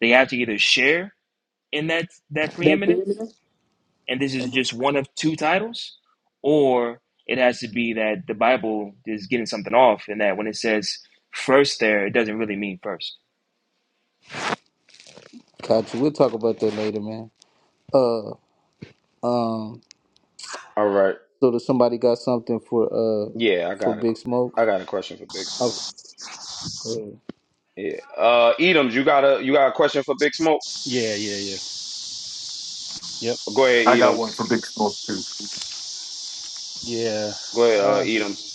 Speaker 4: They have to either share in that that
Speaker 8: That
Speaker 4: preeminence,
Speaker 8: perimeter?
Speaker 4: and this is just one of two titles, or it has to be that the Bible is getting something off, and that when it says first there, it doesn't really mean first.
Speaker 8: Gotcha. We'll talk about that later, man. Uh, um,
Speaker 1: All right,
Speaker 8: so does somebody got something for uh
Speaker 1: yeah, I
Speaker 8: for
Speaker 1: got a, que-
Speaker 8: Big Smoke?
Speaker 1: I got a question for Big
Speaker 8: Oh,
Speaker 1: Smoke.
Speaker 8: go ahead.
Speaker 1: Yeah, uh, Edams, you got a, you got a question for Big Smoke?
Speaker 11: Yeah, yeah, yeah. Yep.
Speaker 1: Go ahead,
Speaker 12: I got one
Speaker 1: Edams.
Speaker 12: for Big Smoke too.
Speaker 11: Yeah.
Speaker 1: Go ahead, uh,
Speaker 11: Uh,
Speaker 1: Edams.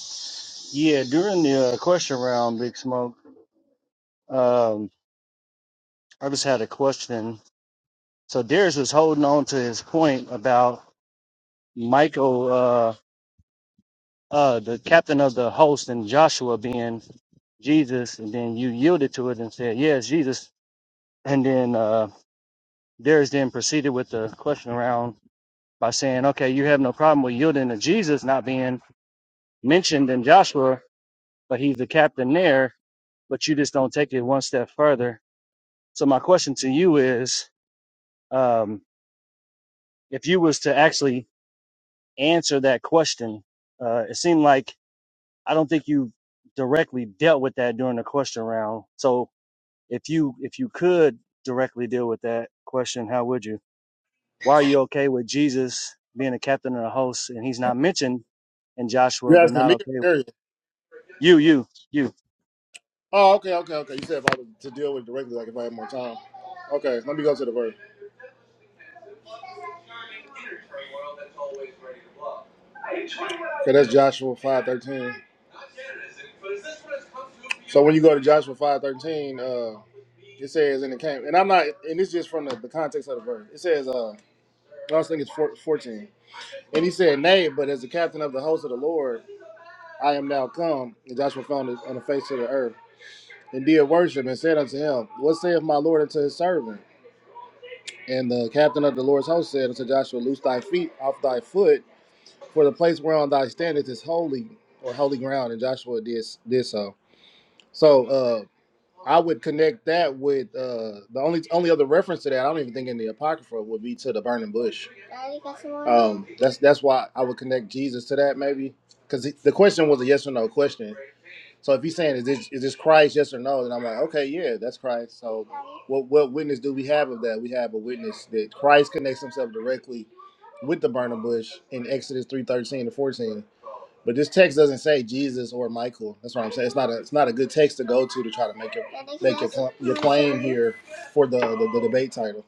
Speaker 11: yeah, during the uh, question round, Big Smoke, um, I just had a question. So Darius was holding on to his point about Michael, uh, uh, the captain of the host, and Joshua being Jesus, and then you yielded to it and said, Yes, Jesus. And then uh, Darius then proceeded with the question round by saying, Okay, you have no problem with yielding to Jesus not being mentioned in Joshua, but he's the captain there but you just don't take it one step further. So my question to you is, um, if you was to actually answer that question, uh, it seemed like I don't think you directly dealt with that during the question round. So if you if you could directly deal with that question, how would you? Why are you okay with Jesus being a captain and a host, and he's not mentioned in Joshua,
Speaker 5: You're
Speaker 11: but
Speaker 5: asking
Speaker 11: not
Speaker 5: me or
Speaker 11: okay? with-
Speaker 5: Darius?
Speaker 11: You, you, you.
Speaker 5: Oh, okay, okay, okay. You said if I was to deal with it directly, like if I had more time. Okay, let me go to the verse. That's Joshua five thirteen. So when you go to Joshua five thirteen, uh, it says, "And it came." And I'm not, and it's just from the, the context of the verse. It says, "Uh, I was thinking it's four, 14. And he said, "Nay, but as the captain of the host of the Lord, I am now come." And Joshua found it on the face of the earth and did worship and said unto him, "What saith my Lord unto his servant?" And the captain of the Lord's host said unto Joshua, Loose thy feet off thy foot For the place whereon thy standeth is holy or holy ground, and Joshua did did so. So uh, I would connect that with uh, the only only other reference to that. I don't even think in the apocrypha would be to the burning bush. Um, that's that's why I would connect Jesus to that maybe because the question was a yes or no question. So if he's saying is this is this Christ yes or no, then I'm like okay yeah that's Christ. So what what witness do we have of that? We have a witness that Christ connects himself directly with the burning bush in Exodus three thirteen to fourteen But this text doesn't say Jesus or Michael. That's what I'm saying. It's not a it's not a good text to go to to try to make it here for the, the, the debate title.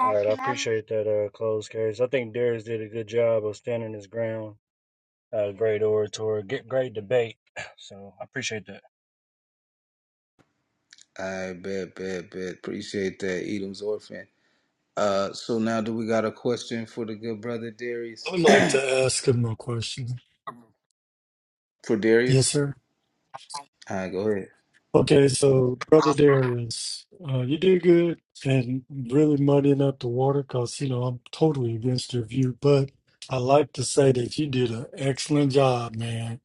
Speaker 11: All right, I appreciate that, uh, close case. I think Darius did a good job of standing his ground uh, great orator, get great debate. So I appreciate that.
Speaker 8: I bet, bet, bet. Appreciate that, Edom's orphan. Uh, so now do we got a question for the good brother
Speaker 9: I
Speaker 8: Darius?
Speaker 9: would like to ask him a question.
Speaker 8: for
Speaker 9: Yes,
Speaker 8: Darius?
Speaker 9: sir.
Speaker 8: All right, go ahead.
Speaker 9: Okay, so Brother Darius, uh, you did good and really muddying up the water because, you know, I'm totally against your view, but I like to say that you did an excellent job, man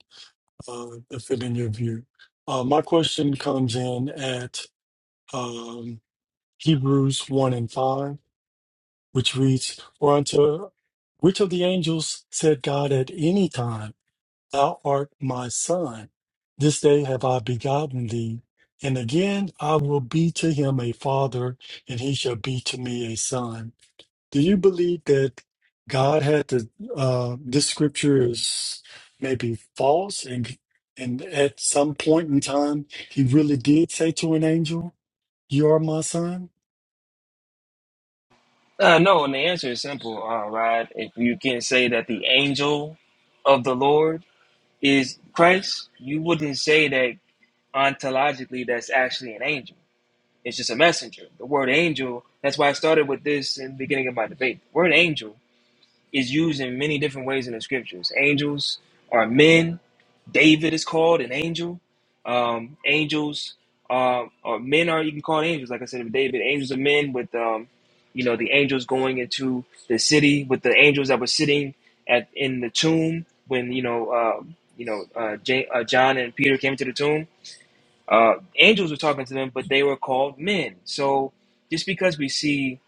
Speaker 9: uh, to fit in your view. Uh, my question comes in at um, Hebrews 1 and 5, which reads, For unto which of the angels said God at any time, Thou art my son? This day have I begotten thee. And again I will be to him a father, and he shall be to me a son. Do you believe that God had to, uh, this scripture is maybe false and and at some point in time he really did say to an angel, You are my son?
Speaker 4: Uh, no, and the answer is simple, uh, Rod. If you can say that the angel of the Lord is Christ, you wouldn't say that ontologically that's actually an angel. It's just a messenger. The word angel, that's why I started with this in the beginning of my debate. The word angel is used in many different ways in the scriptures. Angels are men. David is called an angel. Um, angels uh, or men are even called angels. Like I said, of David, angels are men with, um, you know, the angels going into the city with the angels that were sitting at in the tomb when you know, uh, you know, uh, J- uh, John and Peter came to the tomb uh, angels were talking to them, but they were called men. So just because we see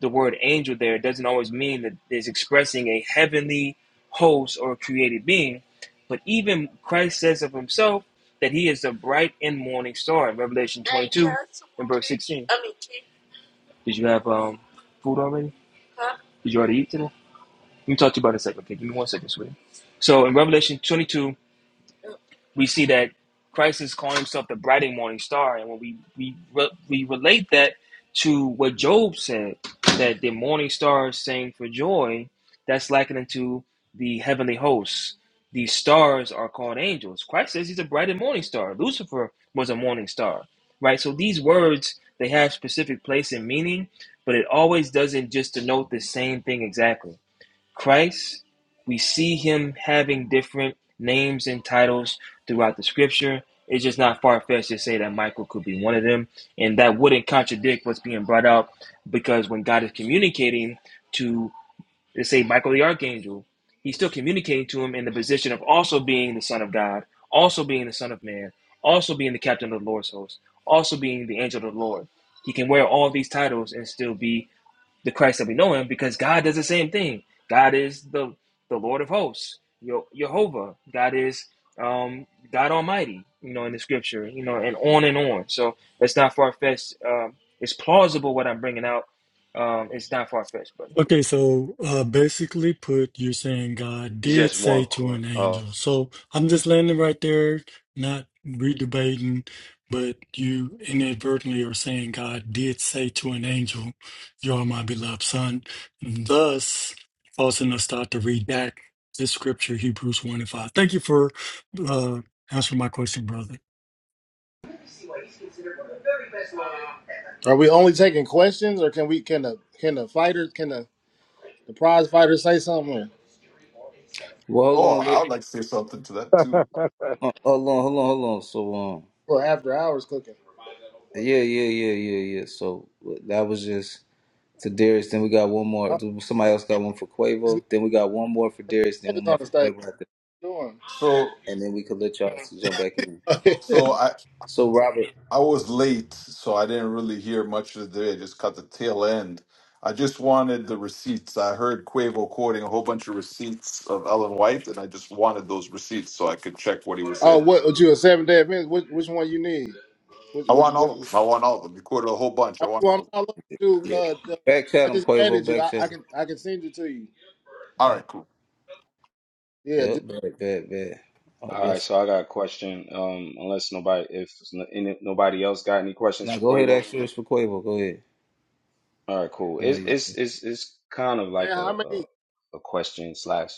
Speaker 4: the word angel there doesn't always mean that it's expressing a heavenly host or created being. But even Christ says of himself that he is the bright and morning star in Revelation 22 and verse 16. Did you have um, food already? Did you already eat today? Let me talk to you about it in a second. Okay, give me one second, sweetie. So in Revelation 22 we see that Christ is calling himself the bright and morning star. And when we we re- we relate that to what Job said, that the morning stars is for joy, that's likened to the heavenly hosts. These stars are called angels. Christ says he's a bright and morning star. Lucifer was a morning star, right? So these words they have specific place and meaning, but it always doesn't just denote the same thing exactly. Christ, we see him having different names and titles throughout the scripture. It's just not far fetched to say that Michael could be one of them. And that wouldn't contradict what's being brought up because when God is communicating to, let's say, Michael the archangel, he's still communicating to him in the position of also being the Son of God, also being the Son of Man, also being the captain of the Lord's host, also being the angel of the Lord. He can wear all these titles and still be the Christ that we know him because God does the same thing. God is the the Lord of hosts, Yo- Jehovah. God is um, God Almighty, you know, in the scripture, you know, and on and on. So it's not far fetched. Um, it's plausible what I'm bringing out. Um, it's not far fetched, but
Speaker 9: Okay, so uh, basically put, you're saying God did
Speaker 1: Just
Speaker 9: say
Speaker 1: one.
Speaker 9: to an
Speaker 1: question.
Speaker 9: angel. So I'm just landing right there, not redebating, but you inadvertently are saying God did say to an angel, You are my beloved son, thus causing us to have to redact this scripture, Hebrews 1 and 5. Thank you for uh, answering my question, brother.
Speaker 5: Are we only taking questions, or can we can the can the fighter can the, the prize fighter say something
Speaker 8: Well, hold
Speaker 12: Oh,
Speaker 8: on,
Speaker 12: I
Speaker 8: li-
Speaker 12: would like to say something to that too.
Speaker 8: uh, hold on, hold on, hold on. So, um,
Speaker 5: or, or after hours cooking?
Speaker 8: yeah, yeah, yeah, yeah, yeah. So that was just. to Darius. Then we got one more.
Speaker 5: Oh,
Speaker 8: Somebody else got one for
Speaker 5: this man
Speaker 8: Quavo. Then we got one more for Darius. Then
Speaker 5: is
Speaker 8: one
Speaker 5: on
Speaker 8: more
Speaker 5: the
Speaker 8: for
Speaker 5: stage.
Speaker 8: Quavo. After,
Speaker 5: What you
Speaker 12: So,
Speaker 8: and then we could let y'all to jump back in.
Speaker 5: Doing.
Speaker 12: so I
Speaker 8: So Robert,
Speaker 12: I was late, so I didn't really hear much of the day. I just caught the tail end. I just wanted the receipts. I heard Quavo quoting a whole bunch of receipts of Ellen White, and I just wanted those receipts so I could check what he was
Speaker 5: oh,
Speaker 12: saying.
Speaker 5: what? what you a seven day event? Which, which one you need? Which
Speaker 12: I
Speaker 5: which,
Speaker 12: want
Speaker 5: which
Speaker 12: all of them. I want all of them. He quoted a whole bunch. I
Speaker 5: are
Speaker 12: want
Speaker 5: you
Speaker 12: all
Speaker 5: on
Speaker 12: of them.
Speaker 5: all of them,
Speaker 8: yeah,
Speaker 5: Uh, uh,
Speaker 8: back
Speaker 5: I
Speaker 8: chat him,
Speaker 5: just
Speaker 8: Quavo.
Speaker 5: added you.
Speaker 8: Back
Speaker 5: I,
Speaker 8: chat.
Speaker 5: I
Speaker 8: him.
Speaker 5: can I can send it to you.
Speaker 12: All
Speaker 8: Yeah,
Speaker 12: right, cool.
Speaker 5: Yeah. Just,
Speaker 8: yep, bad, bad, bad. Oh,
Speaker 1: All right,
Speaker 8: yes.
Speaker 1: so I got a question. Um, unless nobody, if n- any, nobody else got any questions
Speaker 8: Now
Speaker 1: for
Speaker 8: go ahead,
Speaker 1: Quavo.
Speaker 8: ask yours for Quavo. Go ahead.
Speaker 1: All right, cool.
Speaker 8: I know
Speaker 1: It's
Speaker 8: you-
Speaker 1: it's it's it's kind of
Speaker 5: man,
Speaker 1: like a
Speaker 5: how
Speaker 1: a,
Speaker 5: many?
Speaker 1: a question slash.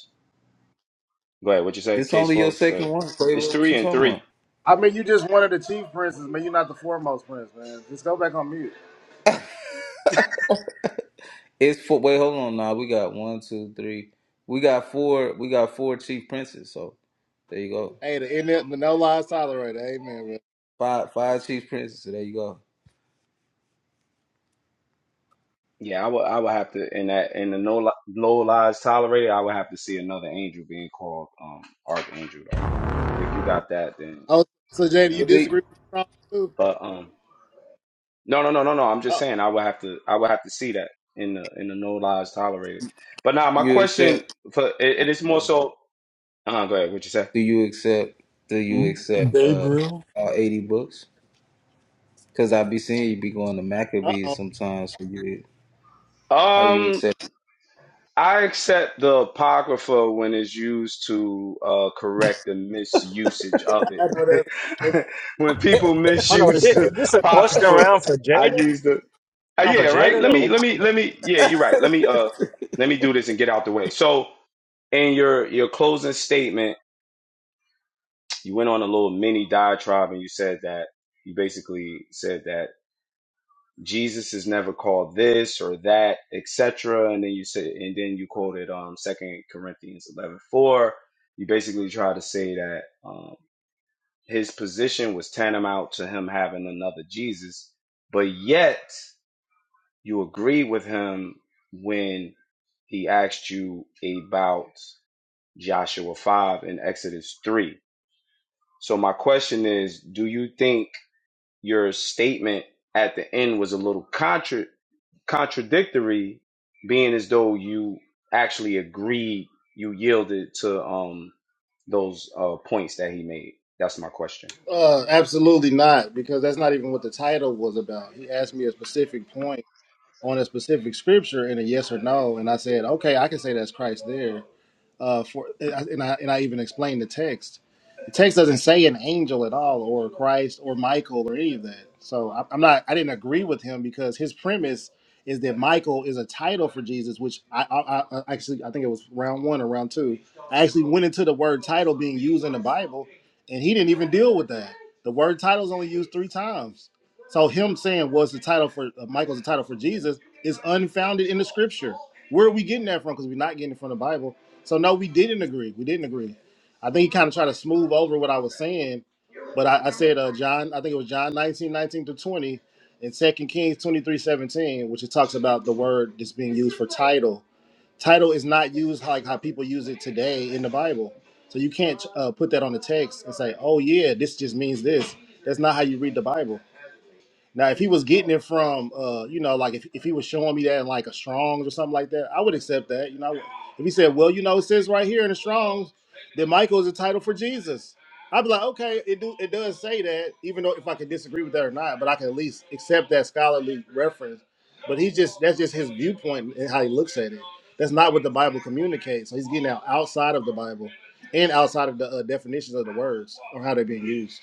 Speaker 1: Go ahead. What you say?
Speaker 8: This
Speaker 1: Case
Speaker 8: only your
Speaker 1: closed. Go
Speaker 8: second
Speaker 1: ahead.
Speaker 8: one, Quavo.
Speaker 1: It's
Speaker 8: What
Speaker 1: three
Speaker 8: you
Speaker 1: and
Speaker 8: talking
Speaker 1: three.
Speaker 8: about?
Speaker 5: I mean, you just one of the chief princes, man. You're not the foremost prince, man. Just go back on mute.
Speaker 8: It's four. Wait, hold on. Now we got one, two, three. We got four. We got four chief princes. So there you go.
Speaker 5: Hey, the, in the no lies tolerated. Amen, man.
Speaker 8: Five, five chief princes. So there you go.
Speaker 1: Yeah, I would I would have to in that in the no li- low lies tolerated. I would have to see another angel being called um archangel though. If you got that, then
Speaker 5: Oh, so
Speaker 1: you
Speaker 5: Jada,
Speaker 1: know what
Speaker 5: you
Speaker 1: I'm
Speaker 8: Do
Speaker 5: disagree
Speaker 1: saying.
Speaker 5: with the too?
Speaker 1: But um, No, no, no, no, no. I'm just
Speaker 5: Uh
Speaker 1: saying I would have to I would have to see that in the in the no lies tolerated. But now my
Speaker 8: you accept?
Speaker 1: question for it, it is more
Speaker 8: Um,
Speaker 1: so uh go ahead, what you say?
Speaker 8: do you accept? Do you
Speaker 9: Mm,
Speaker 8: accept uh
Speaker 9: Gabriel.
Speaker 8: all eighty books? Because I be seeing you be going to Maccabees
Speaker 5: oh.
Speaker 8: sometimes. So you are you
Speaker 1: Um
Speaker 8: accepting?
Speaker 1: I accept the apocrypha when it's used to uh, correct the misusage of it. when people
Speaker 11: Oh no, is
Speaker 1: misuse
Speaker 11: it is
Speaker 1: the
Speaker 11: this a question
Speaker 1: apocrypha,
Speaker 11: round for Jada?
Speaker 1: I use the uh,
Speaker 11: For
Speaker 1: yeah, right.
Speaker 11: Jada?
Speaker 1: Let me
Speaker 11: Or-
Speaker 1: let me let me yeah, you're right. Let me uh let me do this and get out the way. So in your your closing statement you went on a little mini diatribe and you said that you basically said that Jesus is never called this or that, etc. And then you said, and then you quoted um Second Corinthians eleven four. You basically try to say that um, his position was tantamount to him having another Jesus, but yet you agree with him when he asked you about Joshua five and Exodus three. So my question is, do you think your statement at the end was a little contra- contradictory, being as though you actually agreed, you yielded to um those uh points that he made. That's my question.
Speaker 5: Uh, absolutely not, because that's not even what the title was about. He asked me a specific point on a specific scripture in a yes or no, and I said, okay, I can say that's Christ there. uh, for and I and I even explained the text. The text doesn't say an angel at all, or Christ, or Michael, or any of that. So I- I'm not. I didn't agree with him because his premise is that Michael is a title for Jesus, which I, I, I actually I think it was round one or round two. I actually went into the word title being used in the Bible, and he didn't even deal with that. The word title is only used three times. So him saying was the title for uh, Michael's a title for Jesus is unfounded in the Scripture. Where are we getting that from? Because we're not getting it from the Bible so no, we didn't agree. We didn't agree. I think he kind of tried to smooth over what I was saying, but I, I said uh, John. I think it was John nineteen, nineteen 19 to twenty, and Second Kings 23 17, which it talks about the word that's being used for title. Title is not used like how people use it today in the Bible. So you can't uh, put that on the text and say, "Oh yeah, this just means this." That's not how you read the Bible. Now, if he was getting it from, uh, you know, like if, if he was showing me that in like a Strong's or something like that, I would accept that. You know, I would- if he said, well, you know, it says right here in the Strong's that Michael is a title for Jesus, I'd be like, okay, it do it does say that, even though if I could disagree with that or not, but I can at least accept that scholarly reference. But he's just that's just his viewpoint and how he looks at it. That's not what the Bible communicates. So he's getting out outside of the Bible and outside of the uh, definitions of the words or how they're being used.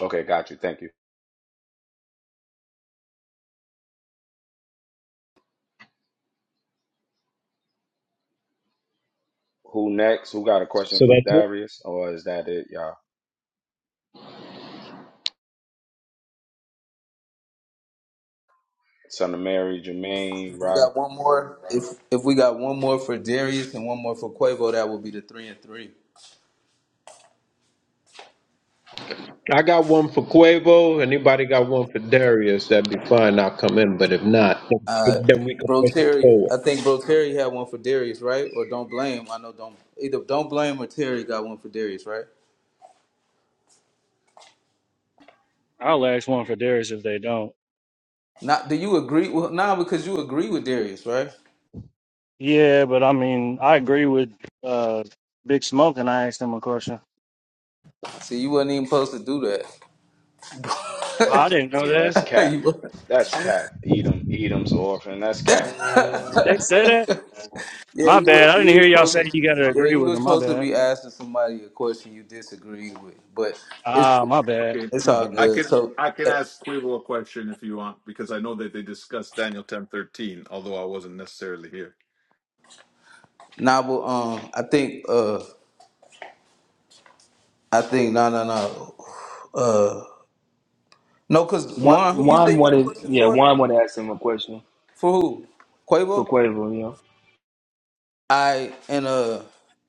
Speaker 1: Okay, got you. Thank you. Who next? Who got a question
Speaker 10: So
Speaker 1: for
Speaker 10: that's it.
Speaker 1: Darius, or is that it, y'all? Son of Mary, Jermaine,
Speaker 8: If we
Speaker 1: Rodney.
Speaker 8: got one more, if if we got one more for Darius and one more for Quavo, that would be the three and three.
Speaker 10: I got one for Quavo. Anybody got one for Darius? That'd be fine. I'll come in. But if not,
Speaker 8: Uh,
Speaker 10: then then we can
Speaker 8: Bro
Speaker 10: push it
Speaker 8: Terry,
Speaker 10: forward.
Speaker 8: I think Bro Terry had one for Darius, right? Or don't blame. I know don't either. Don't blame or Terry got one for Darius, right?
Speaker 11: I'll ask one for Darius if they don't.
Speaker 8: Not do you agree? Well, nah, because you agree with Darius, right?
Speaker 11: Yeah, but I mean, I agree with uh, Big Smoke, and I asked him a question.
Speaker 8: See, you wasn't even supposed to do
Speaker 11: I
Speaker 8: that.
Speaker 11: didn't know
Speaker 1: Yeah, that's cap.
Speaker 8: you,
Speaker 1: That's
Speaker 11: that.
Speaker 1: cap. Edom, Edom's an orphan. That's
Speaker 8: yeah,
Speaker 1: cap.
Speaker 11: Did they say that? My
Speaker 8: you
Speaker 11: bad. I
Speaker 8: were,
Speaker 11: didn't
Speaker 8: you
Speaker 11: hear
Speaker 8: was
Speaker 11: y'all say
Speaker 8: supposed to.
Speaker 11: you got to
Speaker 8: Yeah,
Speaker 11: agree
Speaker 8: you
Speaker 11: with
Speaker 8: were
Speaker 11: them. My
Speaker 8: supposed to
Speaker 11: bad.
Speaker 8: be asking somebody a question you disagree with, but
Speaker 11: Ah,
Speaker 8: it's
Speaker 11: my bad.
Speaker 12: Okay,
Speaker 8: it's
Speaker 11: My
Speaker 8: all
Speaker 12: I
Speaker 11: bad.
Speaker 8: good.
Speaker 12: can
Speaker 8: So,
Speaker 12: I can
Speaker 8: eh,
Speaker 12: ask Quavo a question if you want, because I know that they discussed Daniel ten thirteen, although I wasn't necessarily here.
Speaker 8: nah, but um, I think uh, I think no, no, no, uh, no, cause
Speaker 4: Juan
Speaker 8: Juan, who you
Speaker 4: Juan
Speaker 8: say you had a
Speaker 4: wanted,
Speaker 8: question
Speaker 4: yeah,
Speaker 8: for?
Speaker 4: Juan wanted to ask him a question
Speaker 8: For who?
Speaker 4: for
Speaker 8: Quavo.
Speaker 4: Quavo, you know.
Speaker 8: I and uh,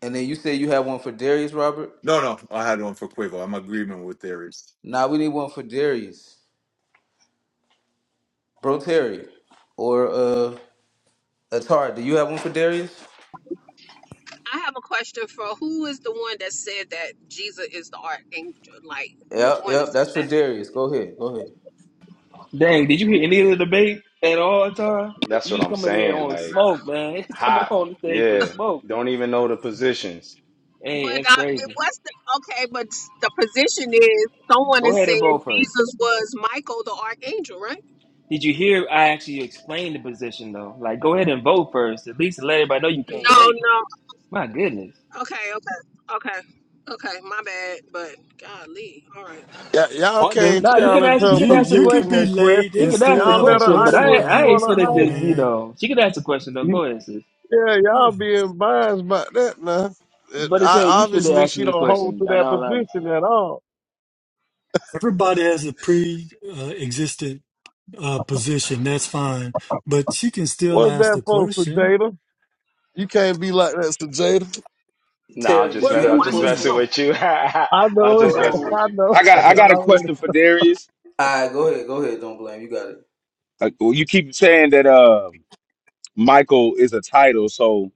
Speaker 8: and then you said you had one for Darius Robert.
Speaker 12: No, no, I had one for Quavo. I'm agreeing with Aries.
Speaker 8: Nah, we need one for Darius, Bro Terry, or uh, Atari. Do you have one for Darius?
Speaker 13: I have a question for who is the one that said that Jesus is the archangel? Like, who is the
Speaker 8: Yep,
Speaker 13: one that
Speaker 8: yep.
Speaker 13: said
Speaker 8: That's for
Speaker 13: that?
Speaker 8: Darius. Go ahead. Go ahead.
Speaker 4: Dang, did you hear any of the debate at all, Tara?
Speaker 1: That's
Speaker 4: You
Speaker 1: what
Speaker 4: just
Speaker 1: I'm
Speaker 4: coming here
Speaker 1: saying.
Speaker 4: on
Speaker 1: Like
Speaker 4: smoke, man. It's coming
Speaker 1: hot.
Speaker 4: on the stage for
Speaker 1: Yeah.
Speaker 4: smoke.
Speaker 1: Don't even know the positions.
Speaker 4: Hey,
Speaker 13: But
Speaker 4: that's
Speaker 13: uh, it
Speaker 4: crazy.
Speaker 13: was the, okay, but the position is someone
Speaker 4: Go
Speaker 13: is
Speaker 4: ahead and
Speaker 13: saying
Speaker 4: vote first.
Speaker 13: Jesus was Michael the archangel, right?
Speaker 4: Did you hear? I actually explained the position though. Like, go ahead and vote first. At least let everybody know you came
Speaker 13: No,
Speaker 4: late.
Speaker 13: no.
Speaker 4: My goodness.
Speaker 13: Okay, okay, okay, okay. My bad, but golly, all right.
Speaker 14: Y- y'all
Speaker 9: What the,
Speaker 14: can't
Speaker 4: No, you could
Speaker 14: challenge
Speaker 9: eh,
Speaker 4: ask. She
Speaker 14: her
Speaker 4: could
Speaker 9: you
Speaker 4: ask a
Speaker 9: you could
Speaker 14: position
Speaker 9: be
Speaker 4: question.
Speaker 14: and
Speaker 9: late
Speaker 4: She
Speaker 9: and
Speaker 14: question.
Speaker 4: could ask
Speaker 9: still
Speaker 4: a
Speaker 14: Y'all
Speaker 9: have a
Speaker 14: let her
Speaker 4: question, but
Speaker 14: act
Speaker 9: question,
Speaker 4: I,
Speaker 14: what she
Speaker 4: I ain't
Speaker 14: wanna
Speaker 9: guys. Come
Speaker 4: finna
Speaker 9: on,
Speaker 14: act.
Speaker 4: just, you
Speaker 9: man.
Speaker 4: know. She could ask a question though.
Speaker 14: You-
Speaker 4: Go ahead, sis.
Speaker 14: Yeah,
Speaker 9: Yeah.
Speaker 14: y'all being biased by that now. It,
Speaker 4: But I
Speaker 14: I,
Speaker 4: tell you, you should have
Speaker 14: obviously,
Speaker 4: asked
Speaker 14: she
Speaker 4: me the
Speaker 14: don't hold
Speaker 4: question.
Speaker 14: to
Speaker 4: In
Speaker 14: that
Speaker 4: all honesty,
Speaker 14: position at all.
Speaker 9: Everybody has a pre-existent uh, position. That's fine, but she can still
Speaker 14: What's
Speaker 9: ask
Speaker 14: that
Speaker 9: the
Speaker 14: for,
Speaker 9: question.
Speaker 14: Sajada? You can't be like that, Sajada.
Speaker 1: Nah, I'm
Speaker 8: Terry,
Speaker 1: just
Speaker 8: did
Speaker 14: What
Speaker 8: you
Speaker 1: mess-
Speaker 8: have
Speaker 1: I'm
Speaker 14: you
Speaker 8: a
Speaker 4: what is
Speaker 1: just
Speaker 4: this to
Speaker 14: believe?
Speaker 8: question?
Speaker 1: messing
Speaker 4: go?
Speaker 1: with you.
Speaker 14: I
Speaker 1: I'm
Speaker 14: know it.
Speaker 1: just messing
Speaker 8: Hold on.
Speaker 1: with
Speaker 14: I
Speaker 1: you.
Speaker 7: I got I got a
Speaker 14: know.
Speaker 7: question for Darius.
Speaker 8: All right, go ahead. Go ahead. Don't blame. You got it.
Speaker 7: Uh, well, you keep saying that uh, Michael is a title, so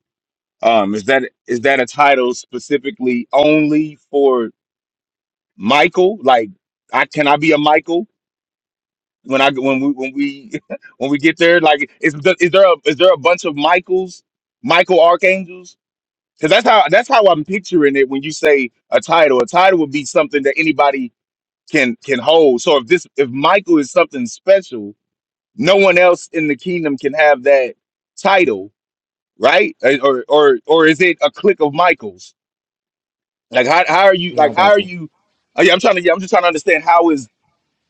Speaker 7: um, is that is that a title specifically only for Michael? Like, I can I be a Michael when I when we when we when we get there? Like, is the, is there a is there a bunch of Michaels, Michael archangels? Because that's how that's how I'm picturing it when you say a title. A title would be something that anybody can can hold. So if this if Michael is something special, no one else in the kingdom can have that title, right? Uh, Or or or is it a clique of Michaels? Like how how are you
Speaker 4: No, I
Speaker 7: like how
Speaker 4: got
Speaker 7: are
Speaker 4: you.
Speaker 7: you? oh, yeah, I'm trying to yeah, I'm just trying to understand how is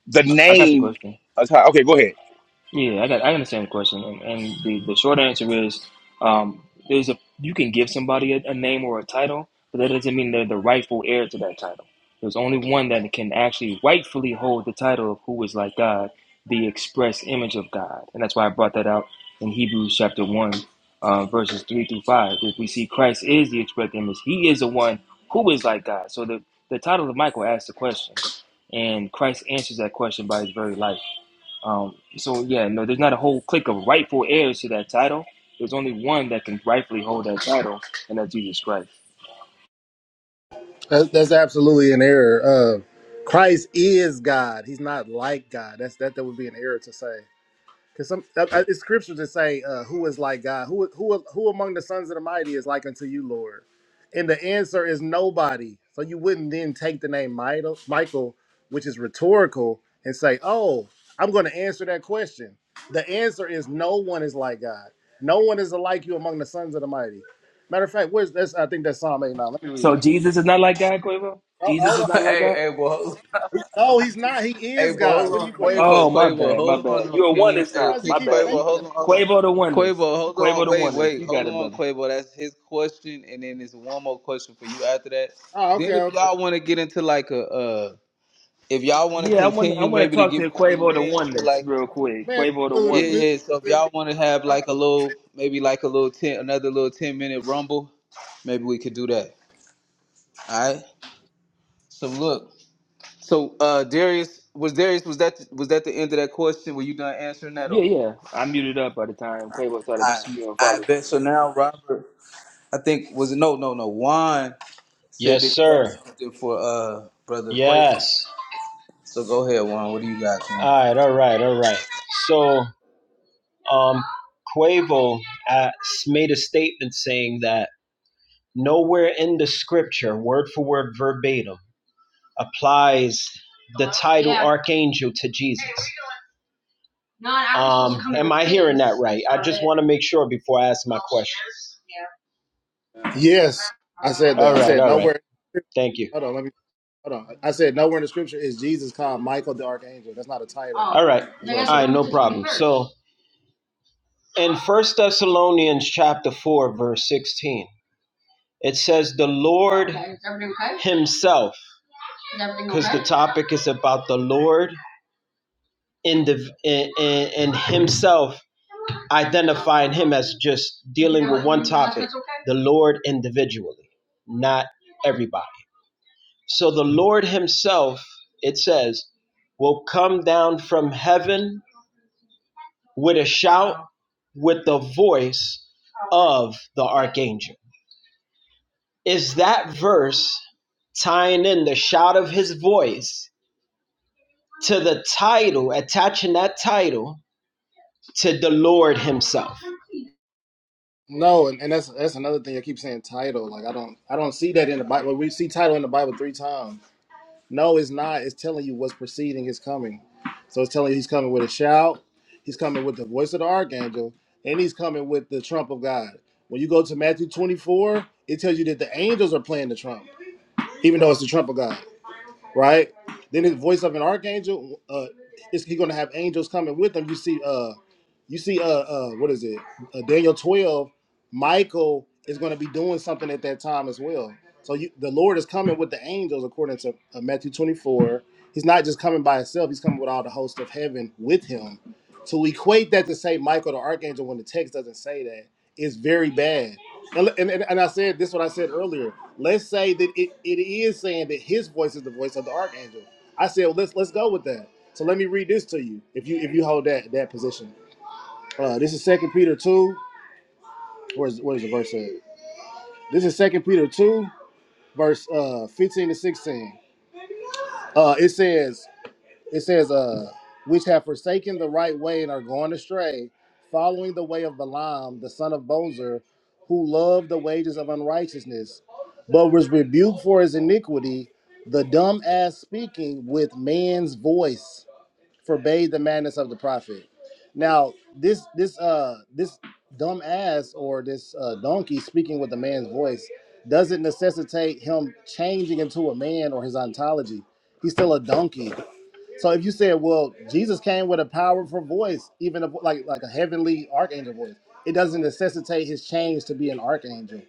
Speaker 7: the
Speaker 4: I got the
Speaker 7: name.
Speaker 4: question.
Speaker 7: uh, Okay, go ahead.
Speaker 4: Yeah, I got I understand the question, and, and the, the short answer is um, there's a you can give somebody a, a name or a title, but that doesn't mean they're the rightful heir to that title. There's only one that can actually rightfully hold the title of who is like God, the express image of God, and that's why I brought that out in Hebrews chapter one, uh, verses three through five. If we see Christ is the express image; He is the one who is like God. So the the title of Michael asks the question, and Christ answers that question by His very life. Um, so yeah, no, there's not a whole clique of rightful heirs to that title. There's only one that can rightfully hold that title, and that's Jesus Christ.
Speaker 5: That, that's absolutely an error. Uh, Christ is God. He's not like God. That's that. That would be an error to say because some uh, uh, it's scriptures that say, uh, "Who is like God? Who who who among the sons of the mighty is like unto you, Lord?" And the answer is nobody. So you wouldn't then take the name Michael, Michael, which is rhetorical, and say, "Oh, I'm going to answer that question." The answer is no one is like God. No one is like you among the sons of the mighty. Matter of fact, where's that's I think that's Psalm 89. Let me read
Speaker 4: So
Speaker 5: that.
Speaker 4: Jesus is not like God, Quavo.
Speaker 5: Hold,
Speaker 4: Jesus
Speaker 5: hold
Speaker 4: is not like
Speaker 8: hey,
Speaker 4: God.
Speaker 8: hey, boy. Hold,
Speaker 5: He- no, he's not. He
Speaker 8: hey,
Speaker 5: is
Speaker 8: boy.
Speaker 5: God.
Speaker 8: Hold
Speaker 5: What do
Speaker 8: on,
Speaker 5: you? Why do you keep?
Speaker 8: Quavo.
Speaker 4: Oh, my
Speaker 8: Quavo.
Speaker 4: bad, my
Speaker 8: Hold on,
Speaker 4: bad.
Speaker 8: no,
Speaker 4: You're a
Speaker 8: King.
Speaker 4: oneness
Speaker 8: Hey,
Speaker 5: Why
Speaker 4: now.
Speaker 5: does he
Speaker 8: King.
Speaker 4: My
Speaker 5: keep
Speaker 8: Quavo.
Speaker 4: bad.
Speaker 5: saying
Speaker 4: You,
Speaker 5: that?
Speaker 8: Hold on. Hold on.
Speaker 4: Quavo the oneness.
Speaker 8: Quavo. Hold
Speaker 4: Quavo
Speaker 8: on.
Speaker 4: the
Speaker 8: Wait,
Speaker 4: oneness.
Speaker 8: wait.
Speaker 4: You got
Speaker 8: Hold
Speaker 4: it,
Speaker 8: on,
Speaker 4: brother.
Speaker 8: Quavo. That's his question, and then there's one more question for you after that.
Speaker 5: Oh, okay,
Speaker 8: Then, if
Speaker 5: okay.
Speaker 8: y'all want to get into like a, uh, if y'all want to
Speaker 4: Yeah, I want I
Speaker 8: continue,
Speaker 4: want to
Speaker 8: maybe to
Speaker 4: talk
Speaker 8: get
Speaker 4: to
Speaker 8: back in the
Speaker 4: Quavo the
Speaker 8: ring, so
Speaker 4: oneness
Speaker 8: like
Speaker 4: real quick.
Speaker 5: Man,
Speaker 4: Quavo the
Speaker 5: this dude
Speaker 8: Yeah,
Speaker 5: is
Speaker 4: oneness.
Speaker 8: yeah. So if y'all
Speaker 5: misrepresenting
Speaker 8: want to have
Speaker 5: God.
Speaker 8: like a little, maybe like a little ten, another little ten minute rumble, maybe we could do that. All right. So look, so uh Darius was Darius was that was that the end of that question? Were you done answering that or
Speaker 4: Yeah,
Speaker 8: what?
Speaker 4: yeah. I muted up by the time Quavo started
Speaker 8: I
Speaker 4: spewing
Speaker 8: I
Speaker 4: folly.
Speaker 8: bet. So now Robert, I think was no no no. Juan said
Speaker 10: Yes,
Speaker 8: that you had
Speaker 10: sir.
Speaker 8: something for uh brother Quavo.
Speaker 10: Yes.
Speaker 8: So go ahead, Juan. What do you got,
Speaker 10: All
Speaker 8: man?
Speaker 10: right, all right, all right. So, um, Quavo uh, made a statement saying that nowhere in the scripture, word for word, verbatim, applies the title archangel to Jesus. No, Um, am I hearing that right? I just want to make sure before I ask my Oh, question.
Speaker 5: Yes, I said
Speaker 10: Yeah. All
Speaker 5: that. I
Speaker 10: right.
Speaker 5: said
Speaker 10: all right.
Speaker 5: nowhere.
Speaker 10: Thank you.
Speaker 5: Hold on, let me. Hold on. I said nowhere in the scripture is Jesus called Michael the Archangel. That's not a
Speaker 10: All
Speaker 5: title.
Speaker 10: right. All right.
Speaker 5: That's what I said.
Speaker 10: no problem. So in First Thessalonians chapter 4, verse 16, it says, The Lord Okay, okay? Himself, because okay? the topic is about the Lord and, the, and, and Himself, identifying Him as just dealing with one like topic, okay? the Lord individually, not everybody. So the Lord Himself, it says, will come down from heaven with a shout, with the voice of the archangel. Is that verse tying in the shout of His voice to the title, attaching that title to the Lord Himself?
Speaker 5: No, and, and that's that's another thing. I keep saying title. Like I don't I don't see that in the Bible. We see title in the Bible three times. No, it's not. It's telling you what's preceding his coming. So it's telling you he's coming with a shout, he's coming with the voice of the archangel, and he's coming with the trump of God. When you go to Matthew 24, it tells you that the angels are playing the trump, even though it's the trump of God right? Then the voice of an archangel, uh, is he gonna have angels coming with him? You see, uh, you see, uh, uh, what is it? Uh, Daniel twelve. Michael is gonna be doing something at that time as well. So you, the Lord is coming with the angels, according to uh, Matthew twenty four. He's not just coming by himself; he's coming with all the host of heaven with him. To equate that to say Michael the archangel when the text doesn't say that is very bad and, and, and I said this is what I said earlier. Let's say that it, it is saying that his voice is the voice of the archangel. I said well, let's let's go with that. So let me read this to you if you if you hold that that position. Uh, this is Second Peter two. Where's where's the verse at? This is Second Peter two, verse uh, fifteen to sixteen. Uh, it says, it says, uh, which have forsaken the right way and are gone astray, following the way of Balaam, the son of Bozer, who loved the wages of unrighteousness, but was rebuked for his iniquity, the dumb ass speaking with man's voice forbade the madness of the prophet. Now, this this uh this dumb ass or this uh donkey speaking with a man's voice doesn't necessitate him changing into a man or his ontology. He's still a donkey. So if you said, well, Jesus came with a powerful voice, even a, like like a heavenly archangel voice, it doesn't necessitate his change to be an archangel.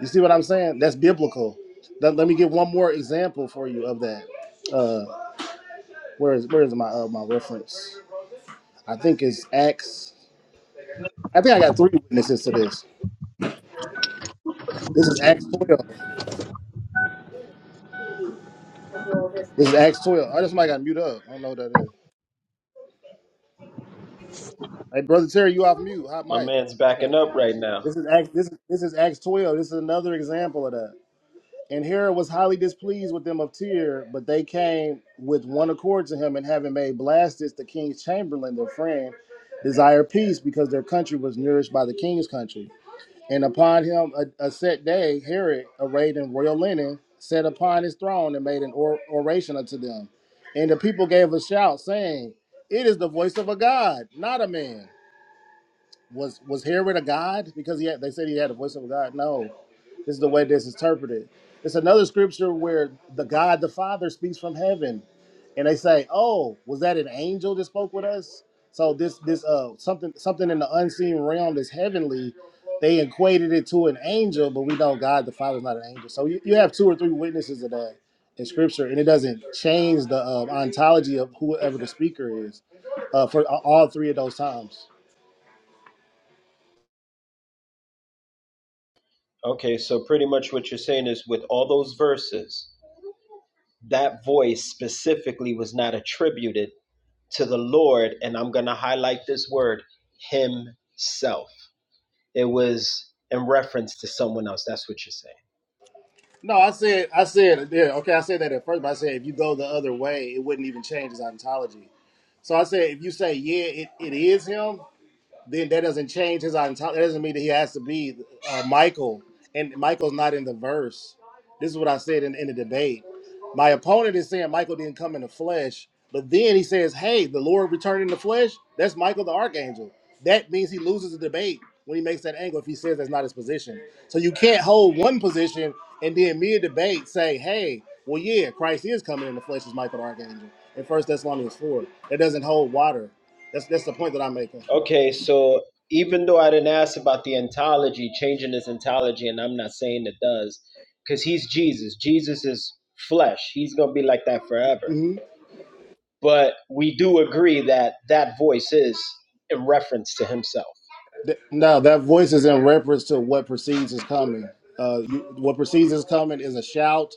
Speaker 5: You see what I'm saying? That's biblical. Let, let me give one more example for you of that. Uh, where is where is my uh, my reference? I think it's Acts. I think I got three witnesses to this. This is Acts 12. This is Acts 12. I just might got mute up. I don't know what that is. Hey, brother Terry, you off mute? Hot
Speaker 10: My
Speaker 5: mic.
Speaker 10: man's
Speaker 5: Okay.
Speaker 10: backing up right now.
Speaker 5: This is Acts. This is this is Acts 12. This is another example of that. And Herod was highly displeased with them of Tyre, but they came with one accord to him, and having made Blastus the king's chamberlain their friend, desire peace because their country was nourished by the king's country. And upon him a, a set day, Herod, arrayed in royal linen, sat upon his throne and made an or- oration unto them. And the people gave a shout, saying, It is the voice of a God, not a man was was hearing a God because he had, they said he had the voice of a God. No, this is the way this is interpreted. It's another scripture where the God the Father speaks from heaven, and they say, "Oh, was that an angel that spoke with us?" So this this uh something something in the unseen realm that's heavenly, they equated it to an angel, but we know God the Father is not an angel. So you, you have two or three witnesses of that in scripture, and it doesn't change the uh, ontology of whoever the speaker is uh, for uh, all three of those times.
Speaker 10: Okay, so pretty much what you're saying is with all those verses, that voice specifically was not attributed to the Lord, and I'm going to highlight this word, Himself. It was in reference to someone else. That's what you're saying.
Speaker 5: No, I said, I said, yeah, okay, I said that at first, but I said if you go the other way, it wouldn't even change his ontology. So I said, if you say, yeah, it, it is him, then that doesn't change his entire. That doesn't mean that he has to be uh, Michael, and Michael's not in the verse. This is what I said in, in the debate. My opponent is saying Michael didn't come in the flesh, but then he says, "Hey, the Lord returned in the flesh." That's Michael the archangel. That means he loses the debate when he makes that angle. If he says that's not his position, so you can't hold one position and then mid debate say, "Hey, well, yeah, Christ is coming in the flesh as Michael the archangel." In First Thessalonians four, that doesn't hold water. That's that's the point that I'm making.
Speaker 10: Okay, so even though I didn't ask about the ontology, changing his ontology, and I'm not saying it does, because he's Jesus. Jesus is flesh. He's going to be like that forever.
Speaker 5: Mm-hmm.
Speaker 10: But we do agree that that voice is in reference to Himself.
Speaker 5: Th- No, that voice is in reference to what precedes is coming. Uh, you, what precedes is coming is a shout,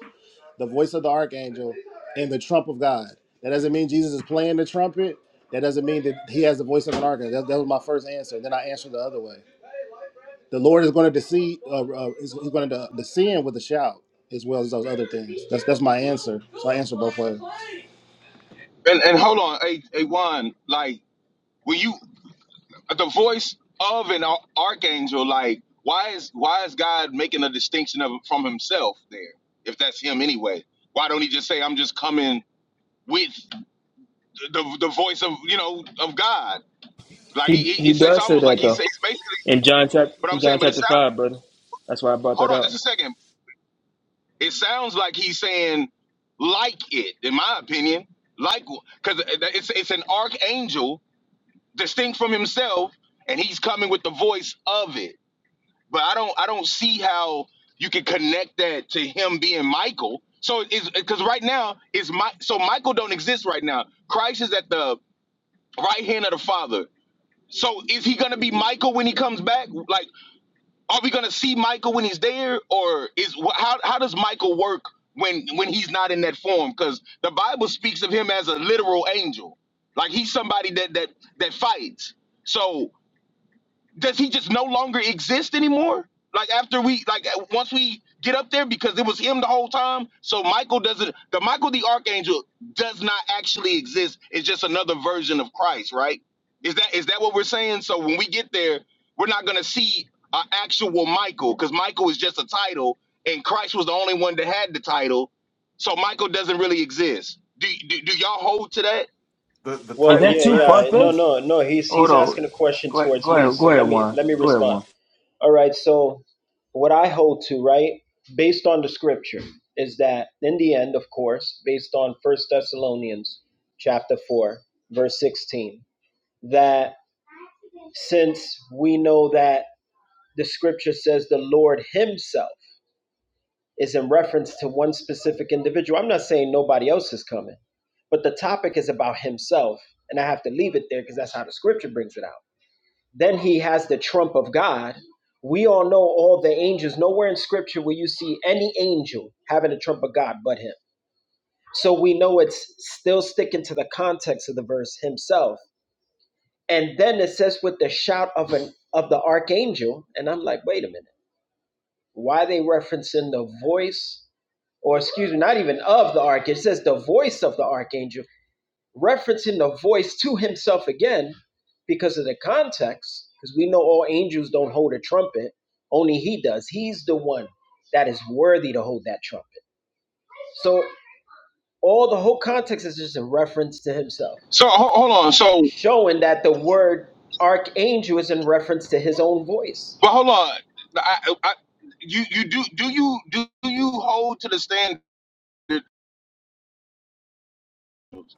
Speaker 5: the voice of the archangel, and the trump of God. That doesn't mean Jesus is playing the trumpet. That doesn't mean that he has the voice of an archangel. That, that was my first answer. Then I answered the other way. The Lord is going to deceive. Uh, uh, is, he's going to descend with a shout as well as those other things. That's that's my answer. So I answered both ways.
Speaker 7: And and hold on, a a one like when you the voice of an ar- archangel like why is why is god making a distinction of from himself there if that's him anyway why don't he just say i'm just coming with the the voice of you know of god like
Speaker 4: He
Speaker 7: he, he
Speaker 4: he
Speaker 7: it's, it's
Speaker 4: does say
Speaker 7: almost like
Speaker 4: that
Speaker 7: he
Speaker 4: though.
Speaker 7: says basically
Speaker 4: In John chapter
Speaker 7: but
Speaker 4: in
Speaker 7: i'm saying
Speaker 4: John
Speaker 7: but it
Speaker 4: chapter
Speaker 7: sounds
Speaker 4: five, brother. That's why I brought that
Speaker 7: hold on
Speaker 4: up.
Speaker 7: just a second it sounds like he's saying like it in my opinion like because it's it's an archangel distinct from himself and he's coming with the voice of it but I don't I don't see how you can connect that to him being Michael. So it's because right now is my so Michael don't exist right now. Christ is at the right hand of the Father. So is he gonna be Michael when he comes back? Like, are we gonna see Michael when he's there, or is wh- how how does Michael work when when he's not in that form? Because the Bible speaks of him as a literal angel, like he's somebody that that that fights. So does he just no longer exist anymore? Like after we like uh, once we get up there because it was him the whole time. So Michael doesn't the Michael the archangel does not actually exist. It's just another version of Christ, right? Is that is that what we're saying? So when we get there, we're not going to see an actual Michael cuz Michael is just a title and Christ was the only one that had the title. So Michael doesn't really exist. Do do, do y'all hold to that?
Speaker 12: The the
Speaker 4: Is
Speaker 10: Well,
Speaker 12: title
Speaker 4: that
Speaker 10: yeah,
Speaker 4: too
Speaker 12: says
Speaker 4: far
Speaker 10: yeah, no,
Speaker 12: who's.
Speaker 4: fetched?
Speaker 10: no, no. He's
Speaker 4: Hold
Speaker 10: he's
Speaker 4: on.
Speaker 10: asking a question
Speaker 4: Go ahead, go
Speaker 10: towards me,
Speaker 4: ahead, go
Speaker 10: so
Speaker 4: ahead,
Speaker 10: let me
Speaker 4: Juan.
Speaker 10: let me
Speaker 4: Go ahead,
Speaker 10: respond.
Speaker 4: Juan.
Speaker 10: All right, so what I hold to, right, based on the scripture, is that in the end, of course, based on First Thessalonians chapter 4, verse 16, that since we know that the scripture says the Lord Himself is in reference to one specific individual, I'm not saying nobody else is coming, but the topic is about Himself. And I have to leave it there because that's how the scripture brings it out. Then he has the trump of God. We all know all the angels. Nowhere in scripture will you see any angel having the trump of God but him. So we know it's still sticking to the context of the verse himself. And then it says with the shout of an of the archangel, and I'm like, wait a minute, why are they referencing the voice? Or excuse me, not even of the archangel. It says the voice of the archangel referencing the voice to himself again because of the context, because we know all angels don't hold a trumpet, only he does. He's the one that is worthy to hold that trumpet. So all the whole context is just a reference to himself,
Speaker 7: So ho- hold on. so.
Speaker 10: showing that the word archangel is in reference to his own voice.
Speaker 7: But hold on, I, I, you you do do you do you hold to the standard?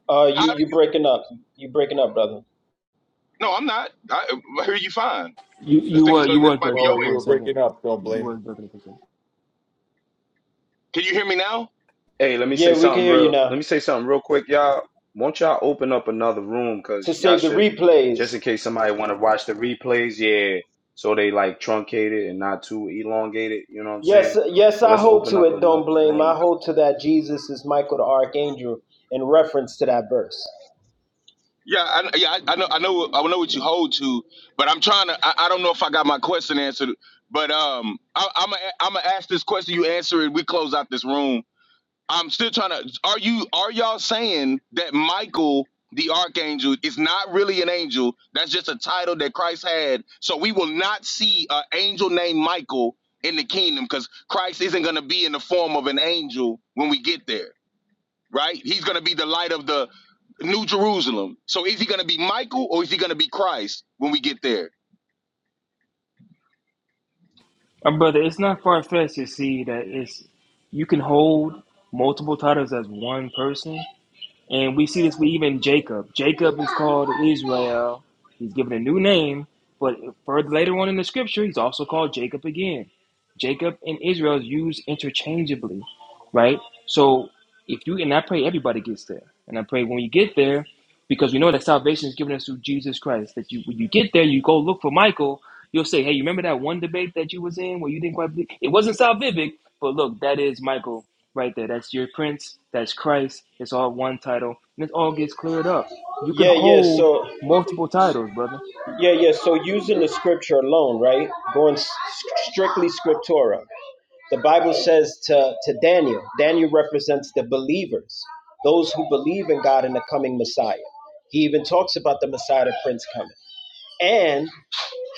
Speaker 10: Uh
Speaker 7: How?
Speaker 10: you you breaking up. You breaking up, brother.
Speaker 7: No, I'm not. I, I hear you fine.
Speaker 4: You
Speaker 7: I
Speaker 4: you
Speaker 7: think
Speaker 4: were
Speaker 7: so.
Speaker 4: you
Speaker 7: That
Speaker 4: was
Speaker 7: might be
Speaker 4: breaking
Speaker 7: your
Speaker 12: No,
Speaker 4: up
Speaker 12: you
Speaker 4: for
Speaker 7: way.
Speaker 4: a
Speaker 12: were
Speaker 4: second.
Speaker 12: breaking up. Don't
Speaker 4: You
Speaker 12: blame.
Speaker 4: was breaking up for a second.
Speaker 7: Can you hear me now?
Speaker 1: Hey, hey, let me say
Speaker 10: Yeah, we can
Speaker 1: something
Speaker 10: hear you
Speaker 1: real. Let
Speaker 10: now.
Speaker 1: me say something real quick, y'all. Won't y'all open up another room? Cause
Speaker 10: To
Speaker 1: y'all
Speaker 10: save the
Speaker 1: should,
Speaker 10: replays.
Speaker 1: just in case somebody want to watch the replays. Yeah. So they like truncated and not too elongated. You know what I'm saying?
Speaker 10: Yes, yes,
Speaker 1: So
Speaker 10: I
Speaker 1: let's
Speaker 10: hold
Speaker 1: open
Speaker 10: to
Speaker 1: up
Speaker 10: it. Don't
Speaker 1: another
Speaker 10: blame.
Speaker 1: room.
Speaker 10: I hold to that. Jesus is Michael the Archangel in reference to that verse.
Speaker 7: Yeah, I, yeah, I, I know, I know, I know what you hold to, but I'm trying to. I, I don't know if I got my question answered, but um, I, I'm i I'm gonna ask this question. You answer it. We close out this room. I'm still trying to. Are you? Are y'all saying that Michael, the archangel, is not really an angel? That's just a title that Christ had. So we will not see an angel named Michael in the kingdom because Christ isn't going to be in the form of an angel when we get there, right? He's going to be the light of the New Jerusalem. So is he going to be Michael or is he going to be Christ when we get there?
Speaker 4: Uh, brother, it's not far fetched to see that it's you can hold multiple titles as one person. And we see this with even Jacob. Jacob is called Israel. He's given a new name, but further later on in the scripture, he's also called Jacob again. Jacob and Israel is used interchangeably. right? So if you and I pray everybody gets there, and I pray when you get there, because we know that salvation is given us through Jesus Christ. That you when you get there, you go look for Michael. You'll say, "Hey, you remember that one debate that you was in where you didn't quite believe it wasn't salvific, but look, that is Michael right there. That's your prince. That's Christ. It's all one title, and it all gets cleared up. You can
Speaker 10: Yeah, yeah.
Speaker 4: hold
Speaker 10: So,
Speaker 4: multiple titles, brother.
Speaker 10: yeah, yeah. So using the scripture alone, right? Going s- strictly scriptura. The Bible says to to Daniel. Daniel represents the believers, those who believe in God and the coming Messiah. He even talks about the Messiah, the Prince coming, and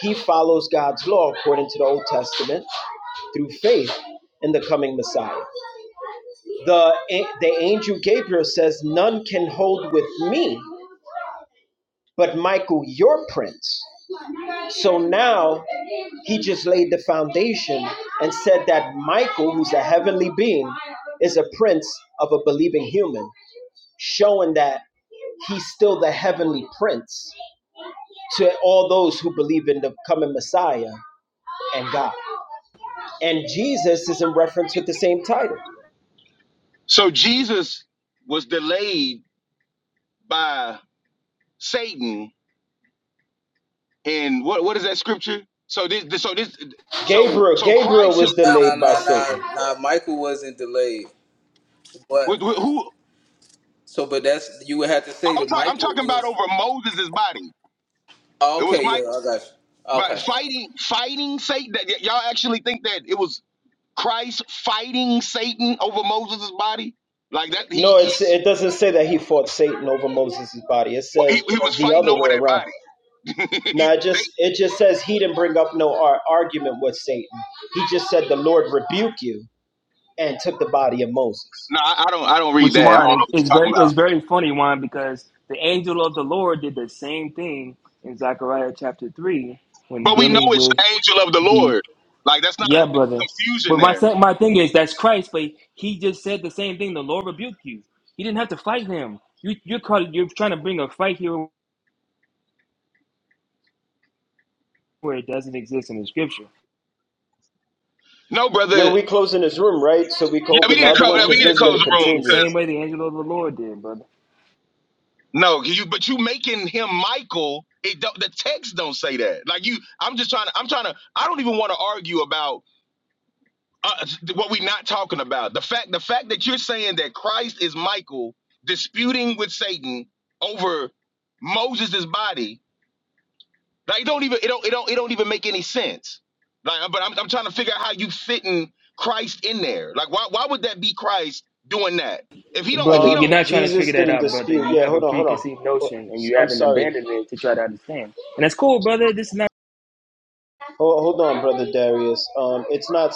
Speaker 10: He follows God's law according to the Old Testament through faith in the coming Messiah. The, the angel Gabriel says, None can hold with me but Michael, your prince. So now he just laid the foundation and said that Michael, who's a heavenly being, is a prince of a believing human. showing that he's still the heavenly prince to all those who believe in the coming Messiah and God. And Jesus is in reference with the same title.
Speaker 7: So Jesus was delayed by Satan And what what is that scripture? So this, this so this so
Speaker 10: Gabriel,
Speaker 7: so
Speaker 10: Gabriel
Speaker 7: Christ him-
Speaker 10: was
Speaker 8: Nah,
Speaker 10: delayed
Speaker 8: nah,
Speaker 10: by
Speaker 8: nah, nah,
Speaker 10: Satan.
Speaker 8: nah. Michael wasn't delayed, but
Speaker 7: who
Speaker 8: so, but that's you would have to say
Speaker 7: I'm,
Speaker 8: that
Speaker 7: talk, I'm
Speaker 8: Michael
Speaker 7: talking about
Speaker 8: is.
Speaker 7: over Moses' body.
Speaker 8: Oh,
Speaker 7: It was
Speaker 8: okay, yeah,
Speaker 7: Mike
Speaker 8: I got you.
Speaker 7: but
Speaker 8: Okay.
Speaker 7: fighting fighting Satan. That, y- y'all actually think that it was Christ fighting Satan over Moses' body? Like that he
Speaker 10: No, it's,
Speaker 7: he's
Speaker 10: it doesn't say that he fought Satan over Moses' body. It
Speaker 7: well, he,
Speaker 10: says
Speaker 7: he was
Speaker 10: the
Speaker 7: fighting
Speaker 10: other
Speaker 7: over
Speaker 10: way
Speaker 7: that
Speaker 10: around.
Speaker 7: body.
Speaker 10: Now,
Speaker 7: He-
Speaker 10: it just it just says he didn't bring up no ar- argument with Satan. He just said the Lord rebuke you and took the body of Moses.
Speaker 7: no, I, I don't. I don't read
Speaker 4: which
Speaker 7: that. I don't
Speaker 4: one
Speaker 7: know
Speaker 4: is,
Speaker 7: what you're
Speaker 4: is
Speaker 7: talking
Speaker 4: very
Speaker 7: about.
Speaker 4: is very funny one because the angel of the Lord did the same thing in Zechariah chapter three when
Speaker 7: But we know
Speaker 4: dealing
Speaker 7: it's
Speaker 4: with
Speaker 7: the angel of the
Speaker 4: the
Speaker 7: Lord. Like that's not
Speaker 4: yeah
Speaker 7: a
Speaker 4: brother.
Speaker 7: confusion
Speaker 4: But my
Speaker 7: there.
Speaker 4: sa- my thing is that's Christ, but he just said the same thing. The Lord rebuked you. He didn't have to fight him. You you're called, you're trying to bring a fight here where it doesn't exist in the scripture.
Speaker 7: No,
Speaker 10: Yo,
Speaker 7: brother.
Speaker 10: we closing this room, right? So we can
Speaker 7: Yeah, we
Speaker 10: open
Speaker 4: He
Speaker 10: the
Speaker 7: need to
Speaker 4: said
Speaker 10: other
Speaker 4: the
Speaker 7: close.
Speaker 10: one
Speaker 4: Lord
Speaker 7: We
Speaker 10: because
Speaker 7: need to
Speaker 10: this
Speaker 4: rebuked
Speaker 10: is
Speaker 7: close
Speaker 4: you
Speaker 10: gonna
Speaker 7: the room.
Speaker 4: the
Speaker 10: continue.
Speaker 4: same way the angel of the Lord did, brother.
Speaker 7: No, you but you making him Michael. It don't, the text don't say that. Like you, I'm just trying to. I'm trying to. I don't even want to argue about uh, what we're not talking about. The fact, the fact that you're saying that Christ is Michael disputing with Satan over Moses' body, like it don't even it don't it don't it don't even make any sense. Like, but I'm I'm trying to figure out how you fitting Christ in there. Like, why why would that be Christ doing that? If he don't if
Speaker 4: Brother,
Speaker 7: he
Speaker 4: you're
Speaker 7: don't
Speaker 10: Um,
Speaker 4: not trying to
Speaker 10: Jesus
Speaker 4: figure that
Speaker 10: didn't
Speaker 4: out, brother.
Speaker 10: dispute.
Speaker 4: You
Speaker 10: Yeah,
Speaker 4: have a
Speaker 10: hold on, hold on.
Speaker 4: preconceived
Speaker 10: Oh,
Speaker 4: notion and you
Speaker 10: I'm
Speaker 4: haven't
Speaker 10: sorry.
Speaker 4: abandoned it to try to understand. And that's cool, brother. This is not
Speaker 10: Hold, hold on, brother Darius. Um, it's not